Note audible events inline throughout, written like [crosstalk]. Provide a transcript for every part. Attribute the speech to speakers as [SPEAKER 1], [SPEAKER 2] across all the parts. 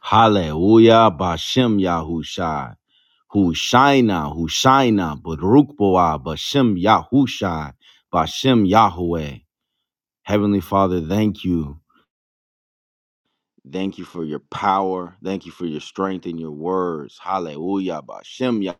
[SPEAKER 1] Hallelujah, Bashem Yahushai. Hushaina, Hushaina, Baruch Boah, Bashem Yahushai, Bashem Yahweh. Heavenly Father, thank you. Thank you for your power. Thank you for your strength and your words. Hallelujah, Bashem Yah.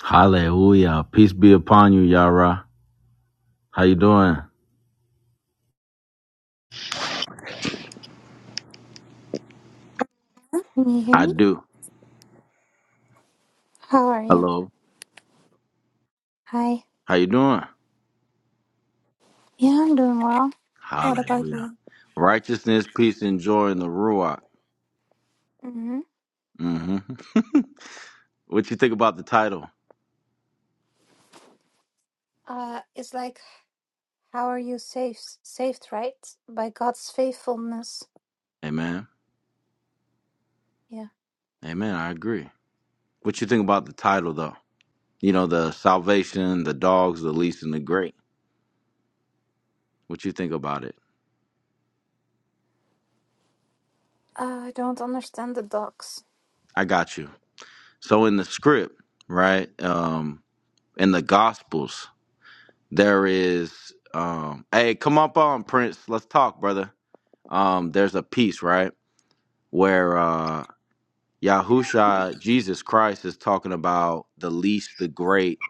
[SPEAKER 1] Hallelujah. Peace be upon you, Yara. How you doing?
[SPEAKER 2] Can you hear
[SPEAKER 1] I
[SPEAKER 2] me?
[SPEAKER 1] do.
[SPEAKER 2] How are you?
[SPEAKER 1] Hello.
[SPEAKER 2] Hi.
[SPEAKER 1] How you doing?
[SPEAKER 2] Yeah, I'm doing well. What about
[SPEAKER 1] Hallelujah.
[SPEAKER 2] you?
[SPEAKER 1] Righteousness, peace, and joy in the Ruach.
[SPEAKER 2] hmm
[SPEAKER 1] hmm [laughs] what you think about the title?
[SPEAKER 2] Uh, it's like, how are you saved? Saved, right? By God's faithfulness.
[SPEAKER 1] Amen.
[SPEAKER 2] Yeah.
[SPEAKER 1] Amen. I agree. What you think about the title though? You know, the salvation, the dogs, the least, and the great. What you think about it?
[SPEAKER 2] Uh, I don't understand the dogs.
[SPEAKER 1] I got you. So in the script, right? Um, in the gospels, there is um hey, come up on Prince, let's talk, brother. Um, there's a piece, right? Where uh Yahusha, Jesus Christ, is talking about the least, the great,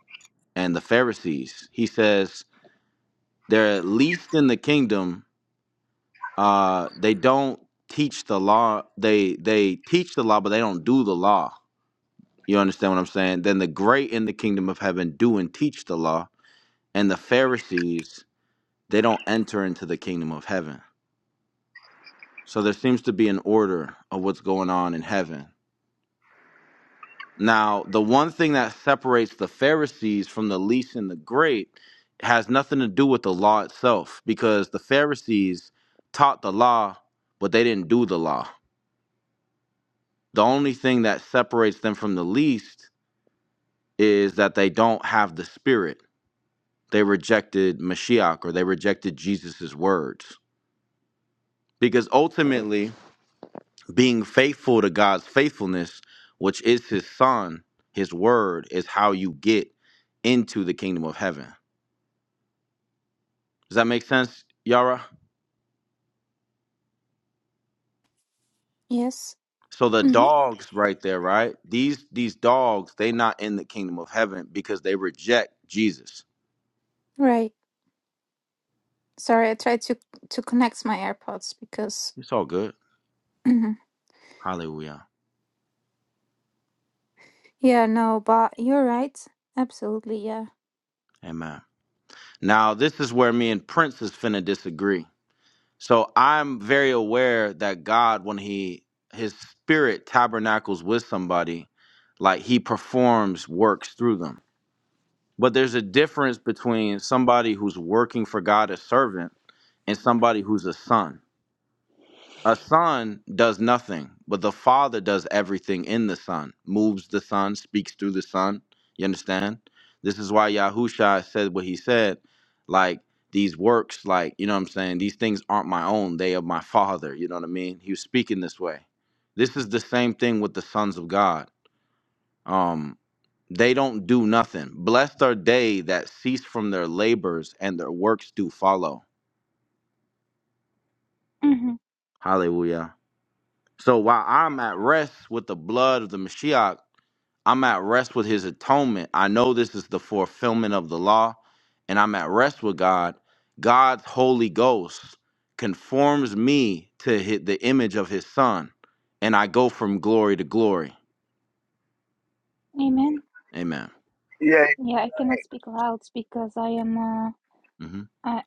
[SPEAKER 1] and the Pharisees. He says, They're least in the kingdom uh they don't teach the law they they teach the law but they don't do the law you understand what i'm saying then the great in the kingdom of heaven do and teach the law and the pharisees they don't enter into the kingdom of heaven so there seems to be an order of what's going on in heaven now the one thing that separates the pharisees from the least and the great has nothing to do with the law itself because the pharisees taught the law but they didn't do the law The only thing that separates them from the least is that they don't have the spirit. They rejected Mashiach or they rejected Jesus' words. Because ultimately, being faithful to God's faithfulness, which is his son, his word, is how you get into the kingdom of heaven. Does that make sense, Yara?
[SPEAKER 2] Yes.
[SPEAKER 1] So the
[SPEAKER 2] hmm
[SPEAKER 1] dogs right there, right? These these dogs, they not in the kingdom of heaven because they reject Jesus.
[SPEAKER 2] Right. Sorry, I tried to to connect my AirPods because.
[SPEAKER 1] It's all good.
[SPEAKER 2] Mhm.
[SPEAKER 1] Hallelujah.
[SPEAKER 2] Yeah. No, but you're right. Absolutely. Yeah.
[SPEAKER 1] Amen. Now, this is where me and Prince is finna disagree. So I'm very aware that God, when he his spirit tabernacles with somebody, like he performs works through them. But there's a difference between somebody who's working for God as servant and somebody who's a son. A son does nothing, but the father does everything in the son, moves the son, speaks through the son. You understand? This is why Yahusha said what he said, like these works, like, you know what I'm saying? These things aren't my own, they are my father. You know what I mean? He was speaking this way. This is the same thing with the sons of God. Um, they don't do nothing. Blessed are they that cease from their labors and their works do follow.
[SPEAKER 2] Mm-hmm.
[SPEAKER 1] Hallelujah. So while I'm at rest with the blood of the Mashiach, I'm at rest with his atonement. I know this is the fulfillment of the law, and I'm at rest with God. God's Holy Ghost conforms me to hi- the image of his Son, and I go from glory to glory.
[SPEAKER 2] Amen.
[SPEAKER 1] Amen.
[SPEAKER 3] Yeah,
[SPEAKER 2] Yeah, I cannot speak loud because I am uh,
[SPEAKER 1] hmm
[SPEAKER 2] I,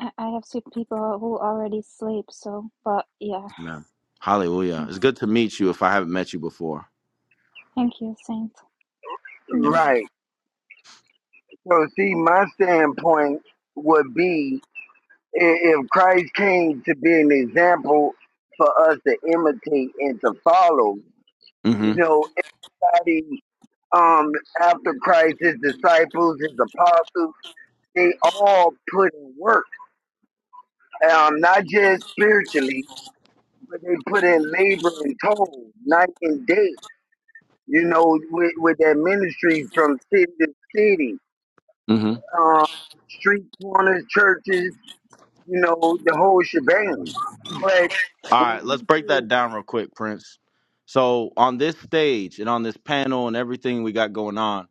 [SPEAKER 2] I, I have seen people who already sleep, so, but yeah.
[SPEAKER 1] Amen. Hallelujah.
[SPEAKER 2] Yeah.
[SPEAKER 1] It's good to meet you if I haven't met you before.
[SPEAKER 2] Thank you, Saint. Mm.
[SPEAKER 1] Amen.
[SPEAKER 3] right. So, see, my standpoint would be i- if Christ came to be an example for us to imitate and to follow,
[SPEAKER 1] hmm
[SPEAKER 3] you know, everybody um, after Christ, his disciples, his apostles, they all put in work, um, not just spiritually, but they put in labor and toil, night and day, you know, with, with their ministry from city to city.
[SPEAKER 1] hmm
[SPEAKER 3] Um, street corners, churches, you know, the whole shebang. But
[SPEAKER 1] All
[SPEAKER 3] when
[SPEAKER 1] right, let's
[SPEAKER 3] we
[SPEAKER 1] break that
[SPEAKER 3] say,
[SPEAKER 1] down real quick, Prince. So, on this stage and on this panel and everything we got going on,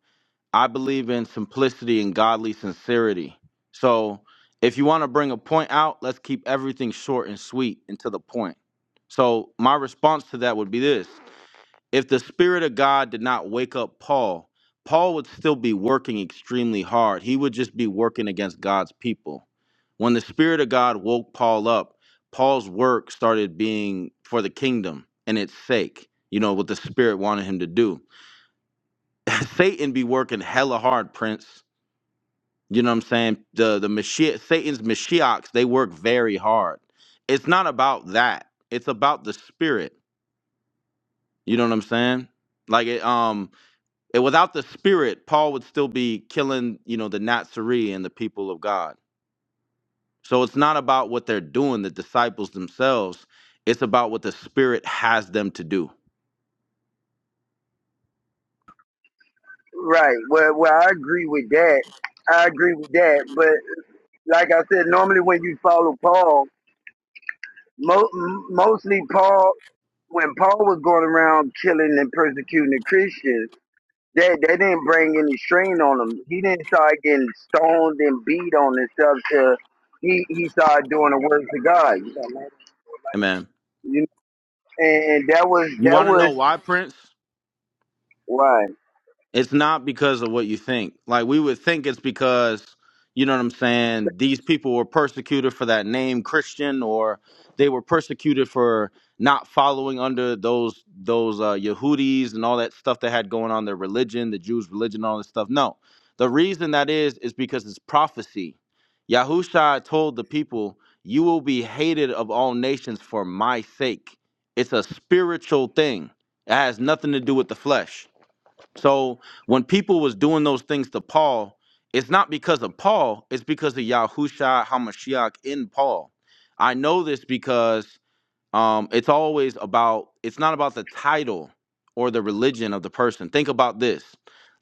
[SPEAKER 1] I believe in simplicity and godly sincerity. So, if you want to bring a point out, let's keep everything short and sweet and to the point. So, my response to that would be this if the Spirit of God did not wake up Paul, Paul would still be working extremely hard. He would just be working against God's people. When the Spirit of God woke Paul up, Paul's work started being for the kingdom and its sake, you know, what the Spirit wanted him to do. [laughs] Satan be working hella hard, Prince. You know what I'm saying? The the Mashiach, Satan's Mashiachs, they work very hard. It's not about that. It's about the spirit. You know what I'm saying? Like it um And without the spirit, Paul would still be killing, you know, the Nazarene and the people of God. So it's not about what they're doing, the disciples themselves. It's about what the spirit has them to do.
[SPEAKER 3] right, well, well, I agree with that. I agree with that. But like I said, normally when you follow Paul, mo- mostly Paul, when Paul was going around killing and persecuting the Christians, that they they didn't bring any strain on him. He didn't start getting stoned and beat on and stuff till he he started doing the works of God.
[SPEAKER 1] Amen.
[SPEAKER 3] You know, and that was
[SPEAKER 1] You
[SPEAKER 3] that
[SPEAKER 1] want to know
[SPEAKER 3] was
[SPEAKER 1] why, Prince?
[SPEAKER 3] why.
[SPEAKER 1] It's not because of what you think. Like we would think it's because you know what I'm saying. These people were persecuted for that name Christian, or they were persecuted for not following under those those uh, Yehudis and all that stuff they had going on their religion, the Jews' religion, all this stuff. No, the reason that is is because it's prophecy. Yahusha told the people, "You will be hated of all nations for my sake." It's a spiritual thing. It has nothing to do with the flesh. So when people was doing those things to Paul, it's not because of Paul, it's because of Yahushua HaMashiach in Paul. I know this because um, it's always about it's not about the title or the religion of the person think about this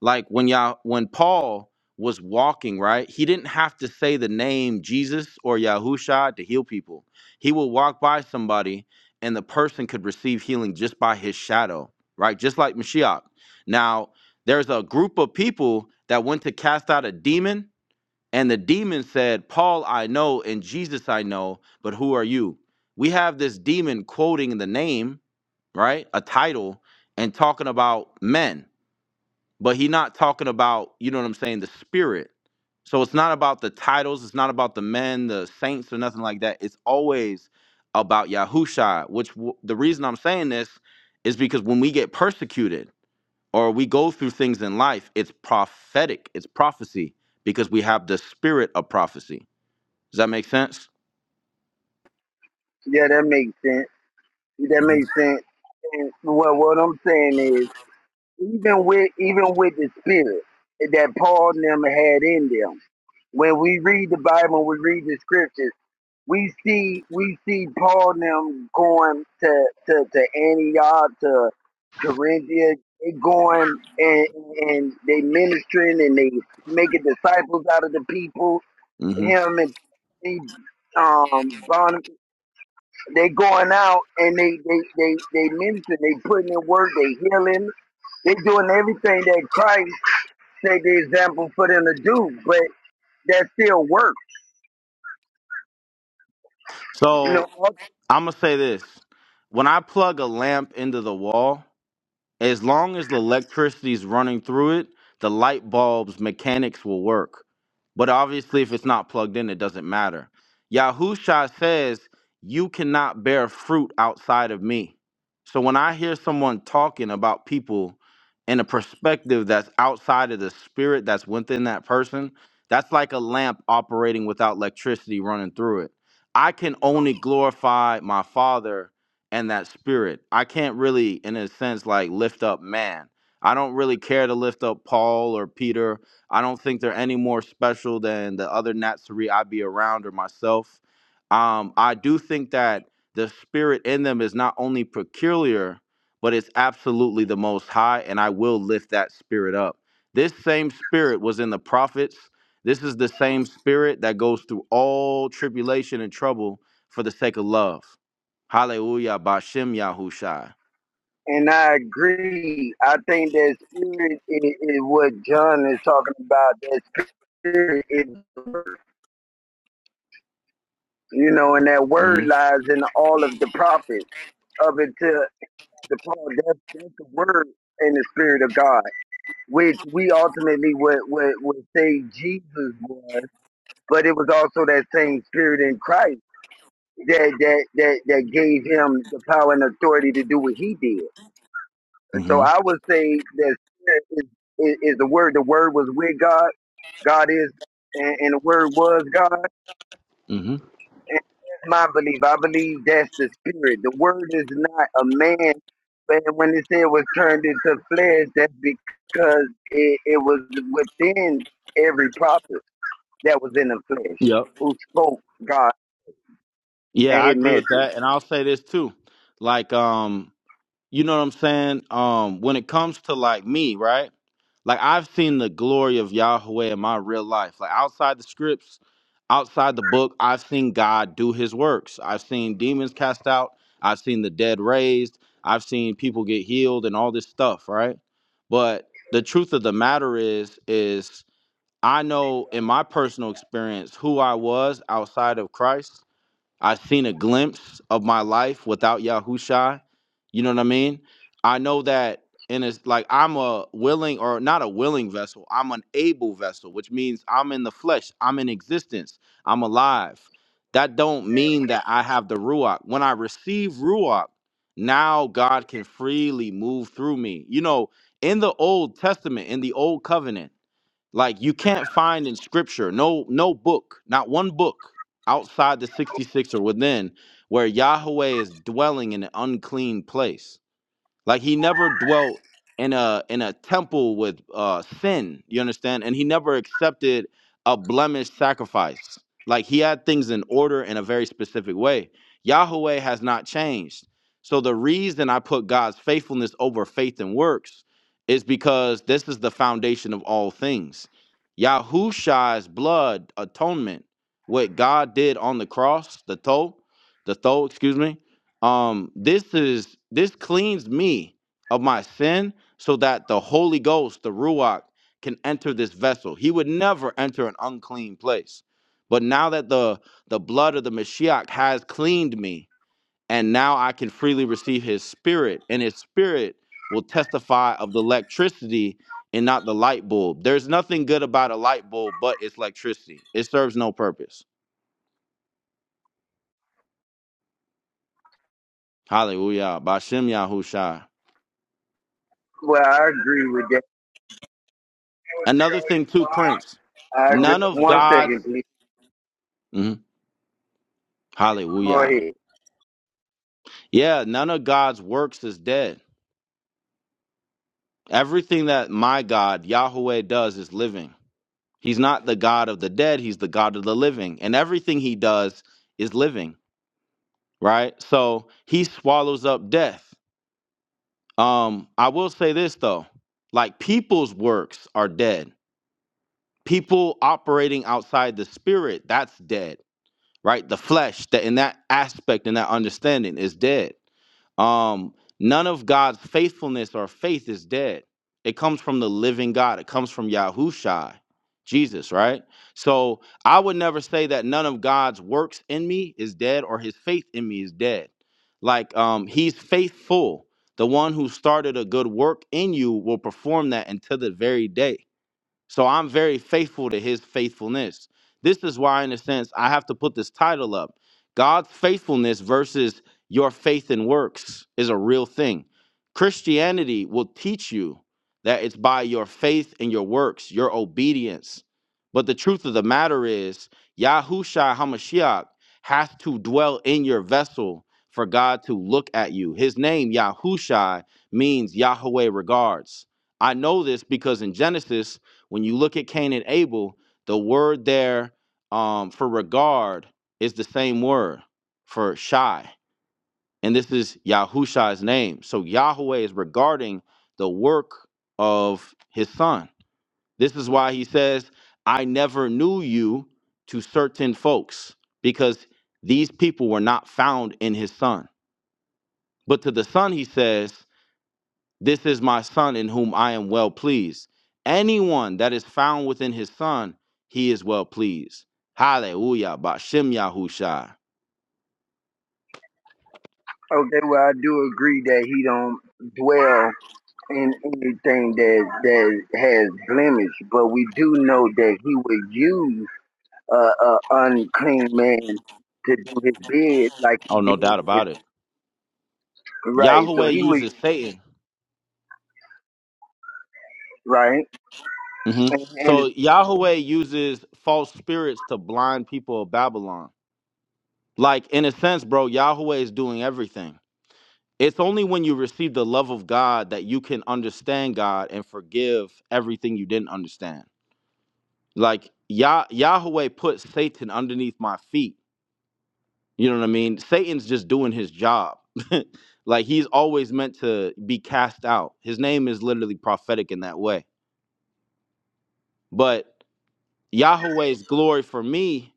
[SPEAKER 1] like when y'all when paul was walking right he didn't have to say the name jesus or yahusha to heal people he would walk by somebody and the person could receive healing just by his shadow right just like mashiach now there's a group of people that went to cast out a demon and the demon said, Paul I know and Jesus I know, but who are you? We have this demon quoting the name, right? A title and talking about men, but he not talking about, you know what I'm saying, the spirit. So it's not about the titles, it's not about the men, the saints or nothing like that. It's always about Yahusha, which w- the reason I'm saying this is because when we get persecuted or we go through things in life, it's prophetic, it's prophecy because we have the spirit of prophecy. Does that make sense?
[SPEAKER 3] Yeah, that makes sense. If that makes sense. And what what I'm saying is, even with even with the spirit that Paul and them had in them, when we read the Bible, we read the scriptures, we see we see Paul and them going to to, to Antioch, to Corinthia, they going and and they ministering and they making disciples out of the people.
[SPEAKER 1] hmm
[SPEAKER 3] Him and um, Barnabas they going out and they they they they minister. They putting in work. They healing. They doing everything that Christ set the example for them to do. But that still works, you know.
[SPEAKER 1] So I'm gonna say this: when I plug a lamp into the wall, As long as the electricity's running through it, the light bulb's mechanics will work. But obviously, if it's not plugged in, it doesn't matter. Yahusha says, You cannot bear fruit outside of me. So when I hear someone talking about people in a perspective that's outside of the spirit that's within that person, that's like a lamp operating without electricity running through it. I can only glorify my Father and that spirit. I can't really, in a sense, like lift up man. I don't really care to lift up Paul or Peter. I don't think they're any more special than the other Natsari I be around or myself. Um, I do think that the spirit in them is not only peculiar, but it's absolutely the most high, and I will lift that spirit up. This same spirit was in the prophets. This is the same spirit that goes through all tribulation and trouble for the sake of love. Hallelujah, Bashem Yahushai.
[SPEAKER 3] And I agree. I think that spirit is, is what John is talking about. That spirit is, you know, and that word
[SPEAKER 1] hmm
[SPEAKER 3] lies in all of the prophets up until the Paul. That's, that's the word and the spirit of God, which we ultimately would would, would say Jesus was. but it was also that same spirit in Christ that that that that gave him the power and authority to do what he did. And so
[SPEAKER 1] hmm
[SPEAKER 3] I would say that spirit is, is, is the word. The word was with God. God is, and, and the word was God. And
[SPEAKER 1] hmm
[SPEAKER 3] that's my belief. I believe that's the spirit. The word is not a man. But when it said it was turned into flesh, that's because it, it was within every prophet that was in the flesh
[SPEAKER 1] Yep.
[SPEAKER 3] who spoke God
[SPEAKER 1] Yeah,
[SPEAKER 3] and
[SPEAKER 1] I
[SPEAKER 3] his
[SPEAKER 1] agree with
[SPEAKER 3] message.
[SPEAKER 1] that. And I'll say this too. Like, um, you know what I'm saying? Um, when it comes to like me, right? Like I've seen the glory of Yahweh in my real life. Like outside the scripts, outside the book, I've seen God do his works. I've seen demons cast out, I've seen the dead raised, I've seen people get healed and all this stuff, right? But the truth of the matter is, is I know in my personal experience who I was outside of Christ. I've seen a glimpse of my life without Yahushua. You know what I mean? I know that, and it's like I'm a willing or not a willing vessel. I'm an able vessel, which means I'm in the flesh. I'm in existence. I'm alive. That don't mean that I have the ruach. When I receive ruach, now God can freely move through me. You know, in the Old Testament, in the Old Covenant. Like you can't find in scripture, no, no book, not one book outside the 66 or within where Yahweh is dwelling in an unclean place. Like he never dwelt in a in a temple with uh sin, you understand? And he never accepted a blemished sacrifice. Like he had things in order in a very specific way. Yahweh has not changed. So the reason I put God's faithfulness over faith and works is because this is the foundation of all things. Yahusha's blood atonement, what God did on the cross, the toe, the toe, excuse me, um this is this cleans me of my sin so that the holy ghost the ruach can enter this vessel he would never enter an unclean place but now that the the blood of the mashiach has cleaned me and now i can freely receive his spirit and his spirit will testify of the electricity and not the light bulb there's nothing good about a light bulb but it's electricity it serves no purpose hallelujah bashim yahushua
[SPEAKER 3] Well, I agree with that.
[SPEAKER 1] Another thing too, Prince.
[SPEAKER 3] I agree.
[SPEAKER 1] None of
[SPEAKER 3] One
[SPEAKER 1] God's
[SPEAKER 3] second, please.
[SPEAKER 1] Mhm.
[SPEAKER 3] Go
[SPEAKER 1] Hallelujah.
[SPEAKER 3] ahead.
[SPEAKER 1] Yeah, none of God's works is dead. Everything that my God, Yahweh, does is living. He's not the God of the dead, he's the God of the living. And everything he does is living, right? So he swallows up death. Um, I will say this though, like people's works are dead. People operating outside the spirit, that's dead right? The flesh that in that aspect and that understanding is dead. Um, none of God's faithfulness or faith is dead. It comes from the living God. It comes from Yahushai, Jesus, right? So I would never say that none of God's works in me is dead or his faith in me is dead. Like um, he's faithful. The one who started a good work in you will perform that until the very day. So I'm very faithful to his faithfulness. This is why, in a sense, I have to put this title up God's faithfulness versus your faith in works is a real thing. Christianity will teach you that it's by your faith and your works, your obedience. But the truth of the matter is, Yahushua HaMashiach has to dwell in your vessel for God to look at you. His name, Yahushua, means Yahweh regards. I know this because in Genesis, when you look at Cain and Abel, the word there um, for regard is the same word for shy. And this is Yahusha's name. So Yahweh is regarding the work of his son. This is why he says, I never knew you to certain folks, because these people were not found in his son. But to the son, he says, this is my son in whom I am well pleased. Anyone that is found within his son, he is well pleased. Hallelujah. Bashem Yahusha.
[SPEAKER 3] Okay, well, I do agree that he don't dwell in anything that that has blemish, but we do know that he would use uh, a unclean man to do his bid, like
[SPEAKER 1] Oh,
[SPEAKER 3] he
[SPEAKER 1] no
[SPEAKER 3] did
[SPEAKER 1] doubt
[SPEAKER 3] with
[SPEAKER 1] about it.
[SPEAKER 3] right. So
[SPEAKER 1] Yahweh
[SPEAKER 3] he was
[SPEAKER 1] uses Satan.
[SPEAKER 3] right,
[SPEAKER 1] hmm
[SPEAKER 3] and, and
[SPEAKER 1] So Yahweh uses false spirits to blind people of Babylon. Like, in a sense, bro, Yahweh is doing everything. It's only when you receive the love of God that you can understand God and forgive everything you didn't understand. like Yah- Yahweh put Satan underneath my feet. You know what I mean? Satan's just doing his job. [laughs] like he's always meant to be cast out. His name is literally prophetic in that way. But Yahweh's glory for me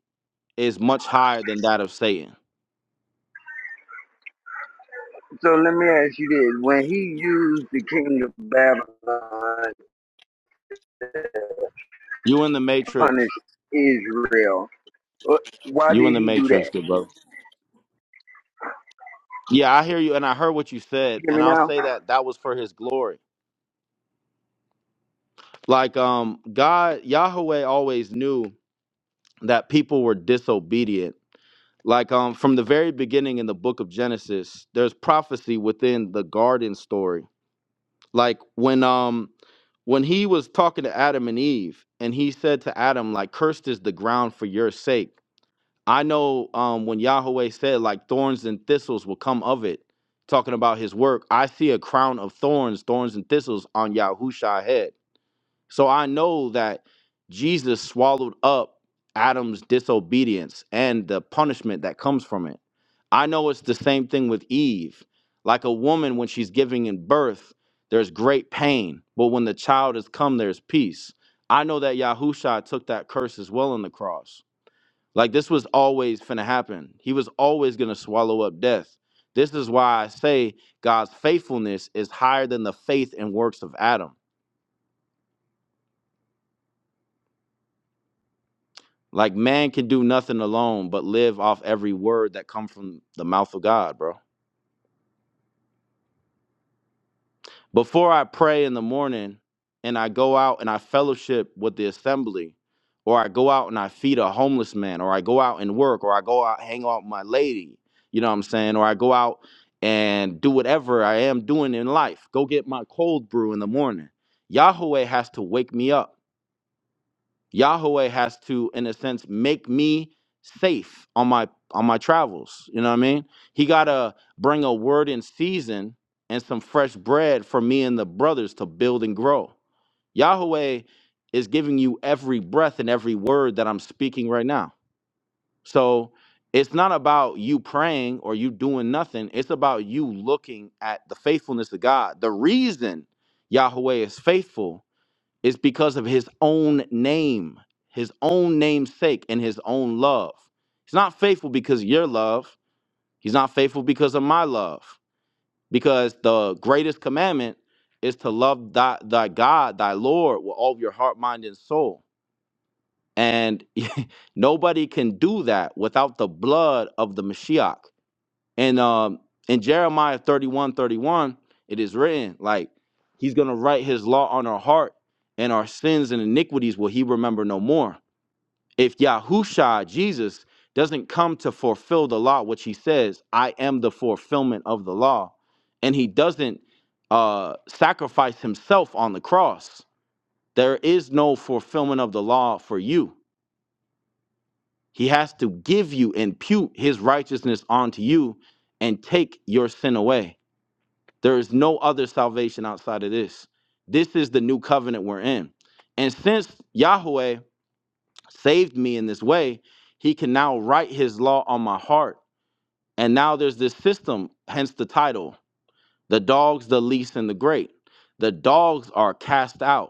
[SPEAKER 1] is much higher than that of Satan.
[SPEAKER 3] so let me ask you this: when he used the king of Babylon to
[SPEAKER 1] You in the
[SPEAKER 3] punish
[SPEAKER 1] matrix.
[SPEAKER 3] Israel, Uh, Why
[SPEAKER 1] You in
[SPEAKER 3] did
[SPEAKER 1] the
[SPEAKER 3] he do
[SPEAKER 1] matrix,
[SPEAKER 3] that?
[SPEAKER 1] good brother. Yeah, I hear you and I heard what you said
[SPEAKER 3] Hear
[SPEAKER 1] and
[SPEAKER 3] me
[SPEAKER 1] I'll
[SPEAKER 3] now?
[SPEAKER 1] say that that was for his glory. Like um God Yahweh always knew that people were disobedient Like um from the very beginning in the book of Genesis, there's prophecy within the garden story. Like when um when he was talking to Adam and Eve and he said to Adam like cursed is the ground for your sake. I know um when Yahweh said like thorns and thistles will come of it, talking about his work, I see a crown of thorns, thorns and thistles on Yahusha's head so I know that Jesus swallowed up Adam's disobedience and the punishment that comes from it. I know it's the same thing with Eve. Like a woman, when she's giving in birth, there's great pain, but when the child has come, there's peace. I know that Yahusha took that curse as well on the cross. Like this was always finna happen. He was always gonna swallow up death. This is why I say God's faithfulness is higher than the faith and works of Adam Like man can do nothing alone but live off every word that come from the mouth of God, bro. Before I pray in the morning and I go out and I fellowship with the assembly, or I go out and I feed a homeless man, or I go out and work, or I go out hang out with my lady, you know what I'm saying? Or I go out and do whatever I am doing in life. Go get my cold brew in the morning. Yahweh has to wake me up. Yahweh has to, in a sense, make me safe on my on my travels. You know what I mean? He gotta bring a word in season and some fresh bread for me and the brothers to build and grow. Yahweh is giving you every breath and every word that I'm speaking right now. So it's not about you praying or you doing nothing. It's about you looking at the faithfulness of God. The reason Yahweh is faithful it's because of his own name, his own name's sake, and his own love. He's not faithful because of your love. He's not faithful because of my love. Because the greatest commandment is to love thy, thy God, thy Lord, with all of your heart, mind, and soul. And [laughs] nobody can do that without the blood of the Mashiach. And um in Jeremiah 31, 31, it is written, like, he's gonna write his law on our heart, and our sins and iniquities will he remember no more. If Yahushua, Jesus, doesn't come to fulfill the law, which he says, I am the fulfillment of the law, and he doesn't uh sacrifice himself on the cross, there is no fulfillment of the law for you. He has to give you, impute his righteousness onto you, and take your sin away. There is no other salvation outside of this. This is the new covenant we're in. And since Yahweh saved me in this way, he can now write his law on my heart. And now there's this system, hence the title the dogs, the least, and the great. The dogs are cast out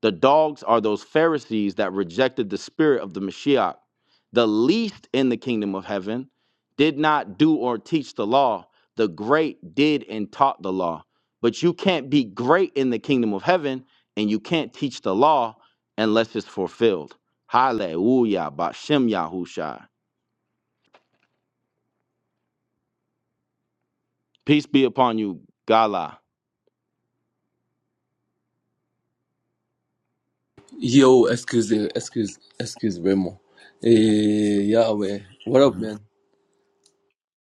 [SPEAKER 1] the dogs are those Pharisees that rejected the spirit of the Mashiach. The least in the kingdom of heaven did not do or teach the law. The great did and taught the law. But you can't be great in the kingdom of heaven and you can't teach the law unless it's fulfilled. Hallelujah. Bashem Yahusha. Peace be upon you, Gala.
[SPEAKER 4] Yo, excuse, excuse, excuse, Remo. Eh, yeah, way. What up,
[SPEAKER 1] Mhm.
[SPEAKER 4] man?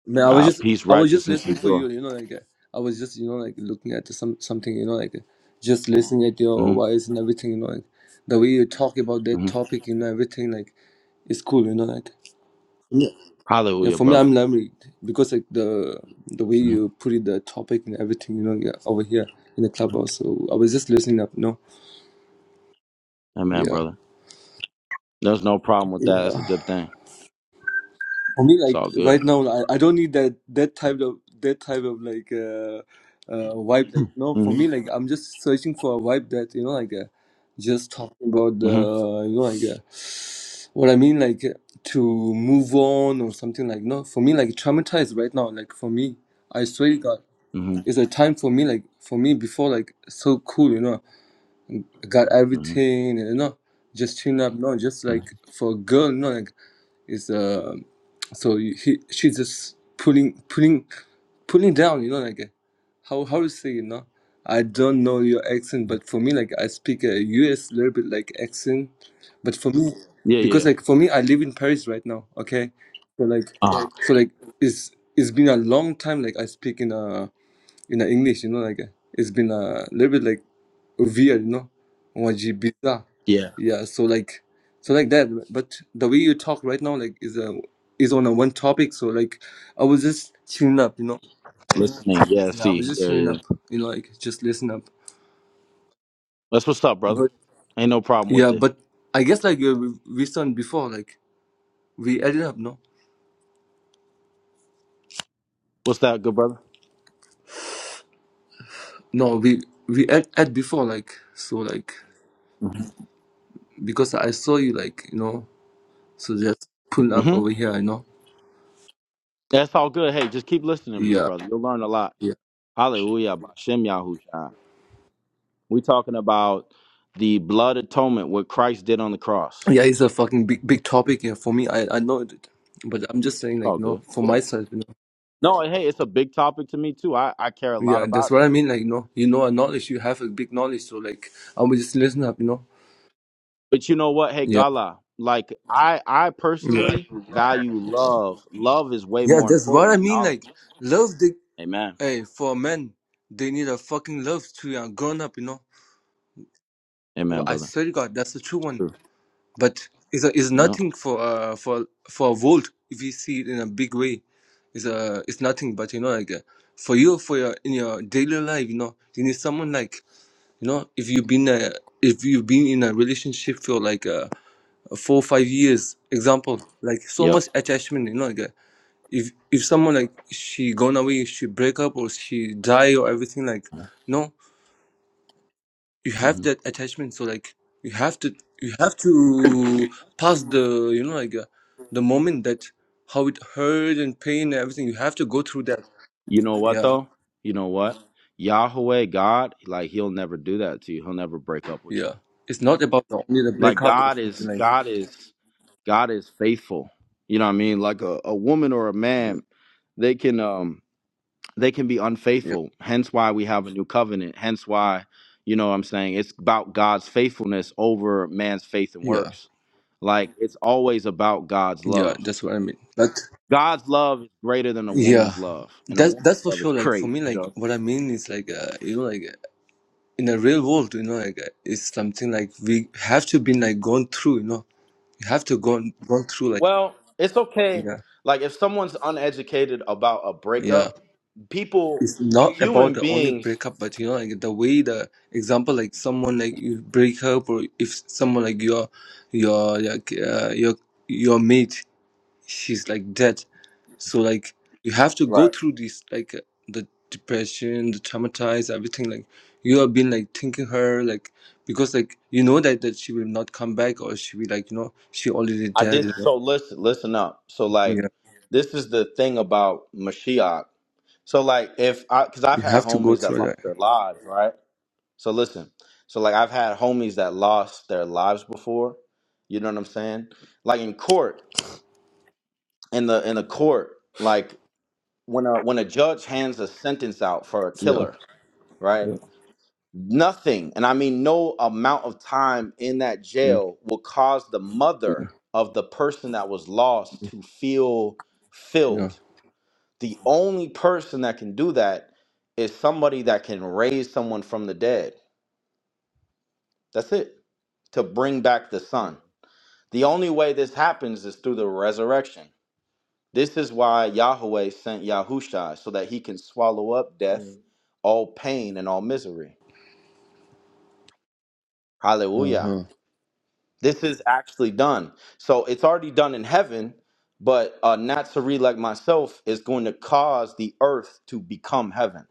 [SPEAKER 4] Man, I was
[SPEAKER 1] Ah,
[SPEAKER 4] just,
[SPEAKER 1] peace,
[SPEAKER 4] I was just
[SPEAKER 1] righteousness, you
[SPEAKER 4] listening for
[SPEAKER 1] do.
[SPEAKER 4] you. You know, like uh, I was just, you know, like looking at some something. You know, like uh, just listening at your
[SPEAKER 1] hmm
[SPEAKER 4] voice and everything. You know, like the way you talk about that topic. You know, everything like it's cool. You know, like yeah. Yeah,
[SPEAKER 1] Hallelujah,
[SPEAKER 4] for me,
[SPEAKER 1] brother.
[SPEAKER 4] I'm learning because like the the way
[SPEAKER 1] Mhm.
[SPEAKER 4] you put it, the topic and everything. You know, yeah, over here in the clubhouse. So I was just listening up. No,
[SPEAKER 1] Amen,
[SPEAKER 4] yeah,
[SPEAKER 1] brother. There's no problem with that.
[SPEAKER 4] yeah.
[SPEAKER 1] That's a good thing.
[SPEAKER 4] For me,
[SPEAKER 1] It's
[SPEAKER 4] like
[SPEAKER 1] all good.
[SPEAKER 4] right now, I, I don't need that that type of that type of like uh, uh vibe. Like no, for
[SPEAKER 1] hmm
[SPEAKER 4] me, like I'm just searching for a vibe that you know, like uh, just talking about the
[SPEAKER 1] hmm
[SPEAKER 4] you know, like uh, what I mean, like to move on or something. Like no, for me, like traumatized right now. Like for me, I swear to God,
[SPEAKER 1] hmm
[SPEAKER 4] it's a time for me. Like for me, before like so cool, you know, I got
[SPEAKER 1] hmm
[SPEAKER 4] everything, and you know, just tune up. No, just
[SPEAKER 1] hmm
[SPEAKER 4] like for a girl, you know, like is uh, so you- he she's just pulling pulling pulling down you know like uh, how how to say you know i don't know your accent but for me like i speak a us little bit like accent but for me Yeah.
[SPEAKER 1] Yeah, yeah.
[SPEAKER 4] because like for me i live in paris right now okay so like
[SPEAKER 1] Uh,
[SPEAKER 4] so like it's it's been a long time like i speak in a in a english you know like uh, it's been a little bit like weird, no? Or bizarre.
[SPEAKER 1] yeah.
[SPEAKER 4] Yeah, so like so like that. But the way you talk right now like is a is on a one topic, so like I was just chilling up, you know.
[SPEAKER 1] Listening. Yeah,
[SPEAKER 4] Yeah, I was
[SPEAKER 1] see.
[SPEAKER 4] just
[SPEAKER 1] Yeah,
[SPEAKER 4] chilling
[SPEAKER 1] yeah.
[SPEAKER 4] up, you know, like just listen up.
[SPEAKER 1] That's what's up, brother.
[SPEAKER 4] But
[SPEAKER 1] Ain't no problem with
[SPEAKER 4] yeah,
[SPEAKER 1] it.
[SPEAKER 4] but I guess like we we we done before, like we added up, no?
[SPEAKER 1] What's that, good brother?
[SPEAKER 4] No, we we add add before, like so like because I saw you like, you know, so just pull up
[SPEAKER 1] hmm
[SPEAKER 4] over here, you know.
[SPEAKER 1] That's all good. Hey, just keep listening, good
[SPEAKER 4] Yeah.
[SPEAKER 1] brother. You'll learn a lot.
[SPEAKER 4] yeah.
[SPEAKER 1] Hallelujah. Bashem Yahushua. We talking about the blood atonement, what Christ did on the cross.
[SPEAKER 4] Yeah,
[SPEAKER 1] It's
[SPEAKER 4] it's a fucking big big topic here for me. I I know it, but I'm just saying
[SPEAKER 1] all
[SPEAKER 4] like no
[SPEAKER 1] good.
[SPEAKER 4] for
[SPEAKER 1] Yeah.
[SPEAKER 4] myself, you know.
[SPEAKER 1] No, hey, it's a big topic to me too. I, I care a lot
[SPEAKER 4] Yeah, that's
[SPEAKER 1] about it.
[SPEAKER 4] what I mean. Like no, you know, a knowledge you have a big knowledge, so like I will just listen up, you know.
[SPEAKER 1] But you know what? Hey,
[SPEAKER 4] Yeah,
[SPEAKER 1] Gala, like I I
[SPEAKER 4] yeah,
[SPEAKER 1] personally value love. Love is way
[SPEAKER 4] yeah.
[SPEAKER 1] more
[SPEAKER 4] That's what
[SPEAKER 1] important
[SPEAKER 4] I
[SPEAKER 1] than
[SPEAKER 4] mean.
[SPEAKER 1] knowledge.
[SPEAKER 4] Like love, the
[SPEAKER 1] Amen.
[SPEAKER 4] hey for men, they need a fucking love to a grown up, you know.
[SPEAKER 1] Amen,
[SPEAKER 4] Well, I
[SPEAKER 1] brother.
[SPEAKER 4] swear to God, that's the true one.
[SPEAKER 1] True.
[SPEAKER 4] but is is
[SPEAKER 1] Yeah.
[SPEAKER 4] nothing for uh, for for a world if you see it in a big way is a it's nothing but you know like uh, for you for your in your daily life you know you need someone like you know if you've been uh, if you've been in a relationship for like uh, four or five years example like so
[SPEAKER 1] Yep.
[SPEAKER 4] much attachment you know like uh, if if someone like she gone away she break up or she die or everything like no you have
[SPEAKER 1] hmm
[SPEAKER 4] that attachment so like you have to you have to pass the you know like uh, the moment that how it hurt and pain and everything you have to go through that
[SPEAKER 1] You know what
[SPEAKER 4] yeah
[SPEAKER 1] though? You know what? Yahweh God, like he'll never do that to you. He'll never break up with you.
[SPEAKER 4] yeah it's not about only the
[SPEAKER 1] Like
[SPEAKER 4] breakup or
[SPEAKER 1] God is
[SPEAKER 4] something like
[SPEAKER 1] God is God is faithful. You know what I mean? Like a, a woman or a man, they can um they can be
[SPEAKER 4] yeah
[SPEAKER 1] unfaithful. Hence why we have a new covenant. Hence why, you know what I'm saying? It's about God's faithfulness over man's faith and
[SPEAKER 4] yeah
[SPEAKER 1] works. Like it's always about God's
[SPEAKER 4] yeah
[SPEAKER 1] love.
[SPEAKER 4] that's what i mean but
[SPEAKER 1] God's love is greater than a
[SPEAKER 4] yeah
[SPEAKER 1] woman's love, and a
[SPEAKER 4] that
[SPEAKER 1] woman's
[SPEAKER 4] that's for
[SPEAKER 1] love is
[SPEAKER 4] sure like for
[SPEAKER 1] great.
[SPEAKER 4] me like
[SPEAKER 1] Joe.
[SPEAKER 4] what i mean is like
[SPEAKER 1] Yeah.
[SPEAKER 4] uh, you know like uh, in the real world you know like uh, it's something like we have to be like gone through you know you have to gone gone through like
[SPEAKER 1] Well, it's okay.
[SPEAKER 4] yeah
[SPEAKER 1] Like if someone's uneducated about a
[SPEAKER 4] yeah
[SPEAKER 1] breakup, people,
[SPEAKER 4] it's not
[SPEAKER 1] human
[SPEAKER 4] about the only
[SPEAKER 1] beings,
[SPEAKER 4] breakup but you know like the way the example like someone like you break up or if someone like your your like uh, your your mate she's like dead so like you have to go
[SPEAKER 1] right?
[SPEAKER 4] through this like uh, the depression the traumatized everything like you have been like thinking her like because like you know that that she will not come back or she will like you know she already
[SPEAKER 1] I
[SPEAKER 4] dead
[SPEAKER 1] did
[SPEAKER 4] you know?
[SPEAKER 1] so. Listen, listen up. So like,
[SPEAKER 4] yeah
[SPEAKER 1] this is the thing about Mashiach. So like if I because I've
[SPEAKER 4] you
[SPEAKER 1] had
[SPEAKER 4] have to go
[SPEAKER 1] homies that
[SPEAKER 4] through
[SPEAKER 1] lost
[SPEAKER 4] that
[SPEAKER 1] their lives, right? So listen, so like I've had homies that lost their lives before. You know what I'm saying? Like in court, in the in the court, like when a when a judge hands a sentence out for a
[SPEAKER 4] yeah
[SPEAKER 1] killer, right?
[SPEAKER 4] yeah
[SPEAKER 1] Nothing, and I mean no amount of time in that
[SPEAKER 4] yeah
[SPEAKER 1] jail will cause the
[SPEAKER 4] yeah,
[SPEAKER 1] mother of the person that was lost to feel
[SPEAKER 4] yeah.
[SPEAKER 1] filled The only person that can do that is somebody that can raise someone from the dead. That's it. To bring back the son. The only way this happens is through the resurrection. This is why Yahweh sent Yahushua so that he can swallow up death, all pain, and all misery. Hallelujah.
[SPEAKER 4] uh-huh
[SPEAKER 1] This is actually done. So it's already done in heaven, but a Nazarene like myself is going to cause the earth to become heaven.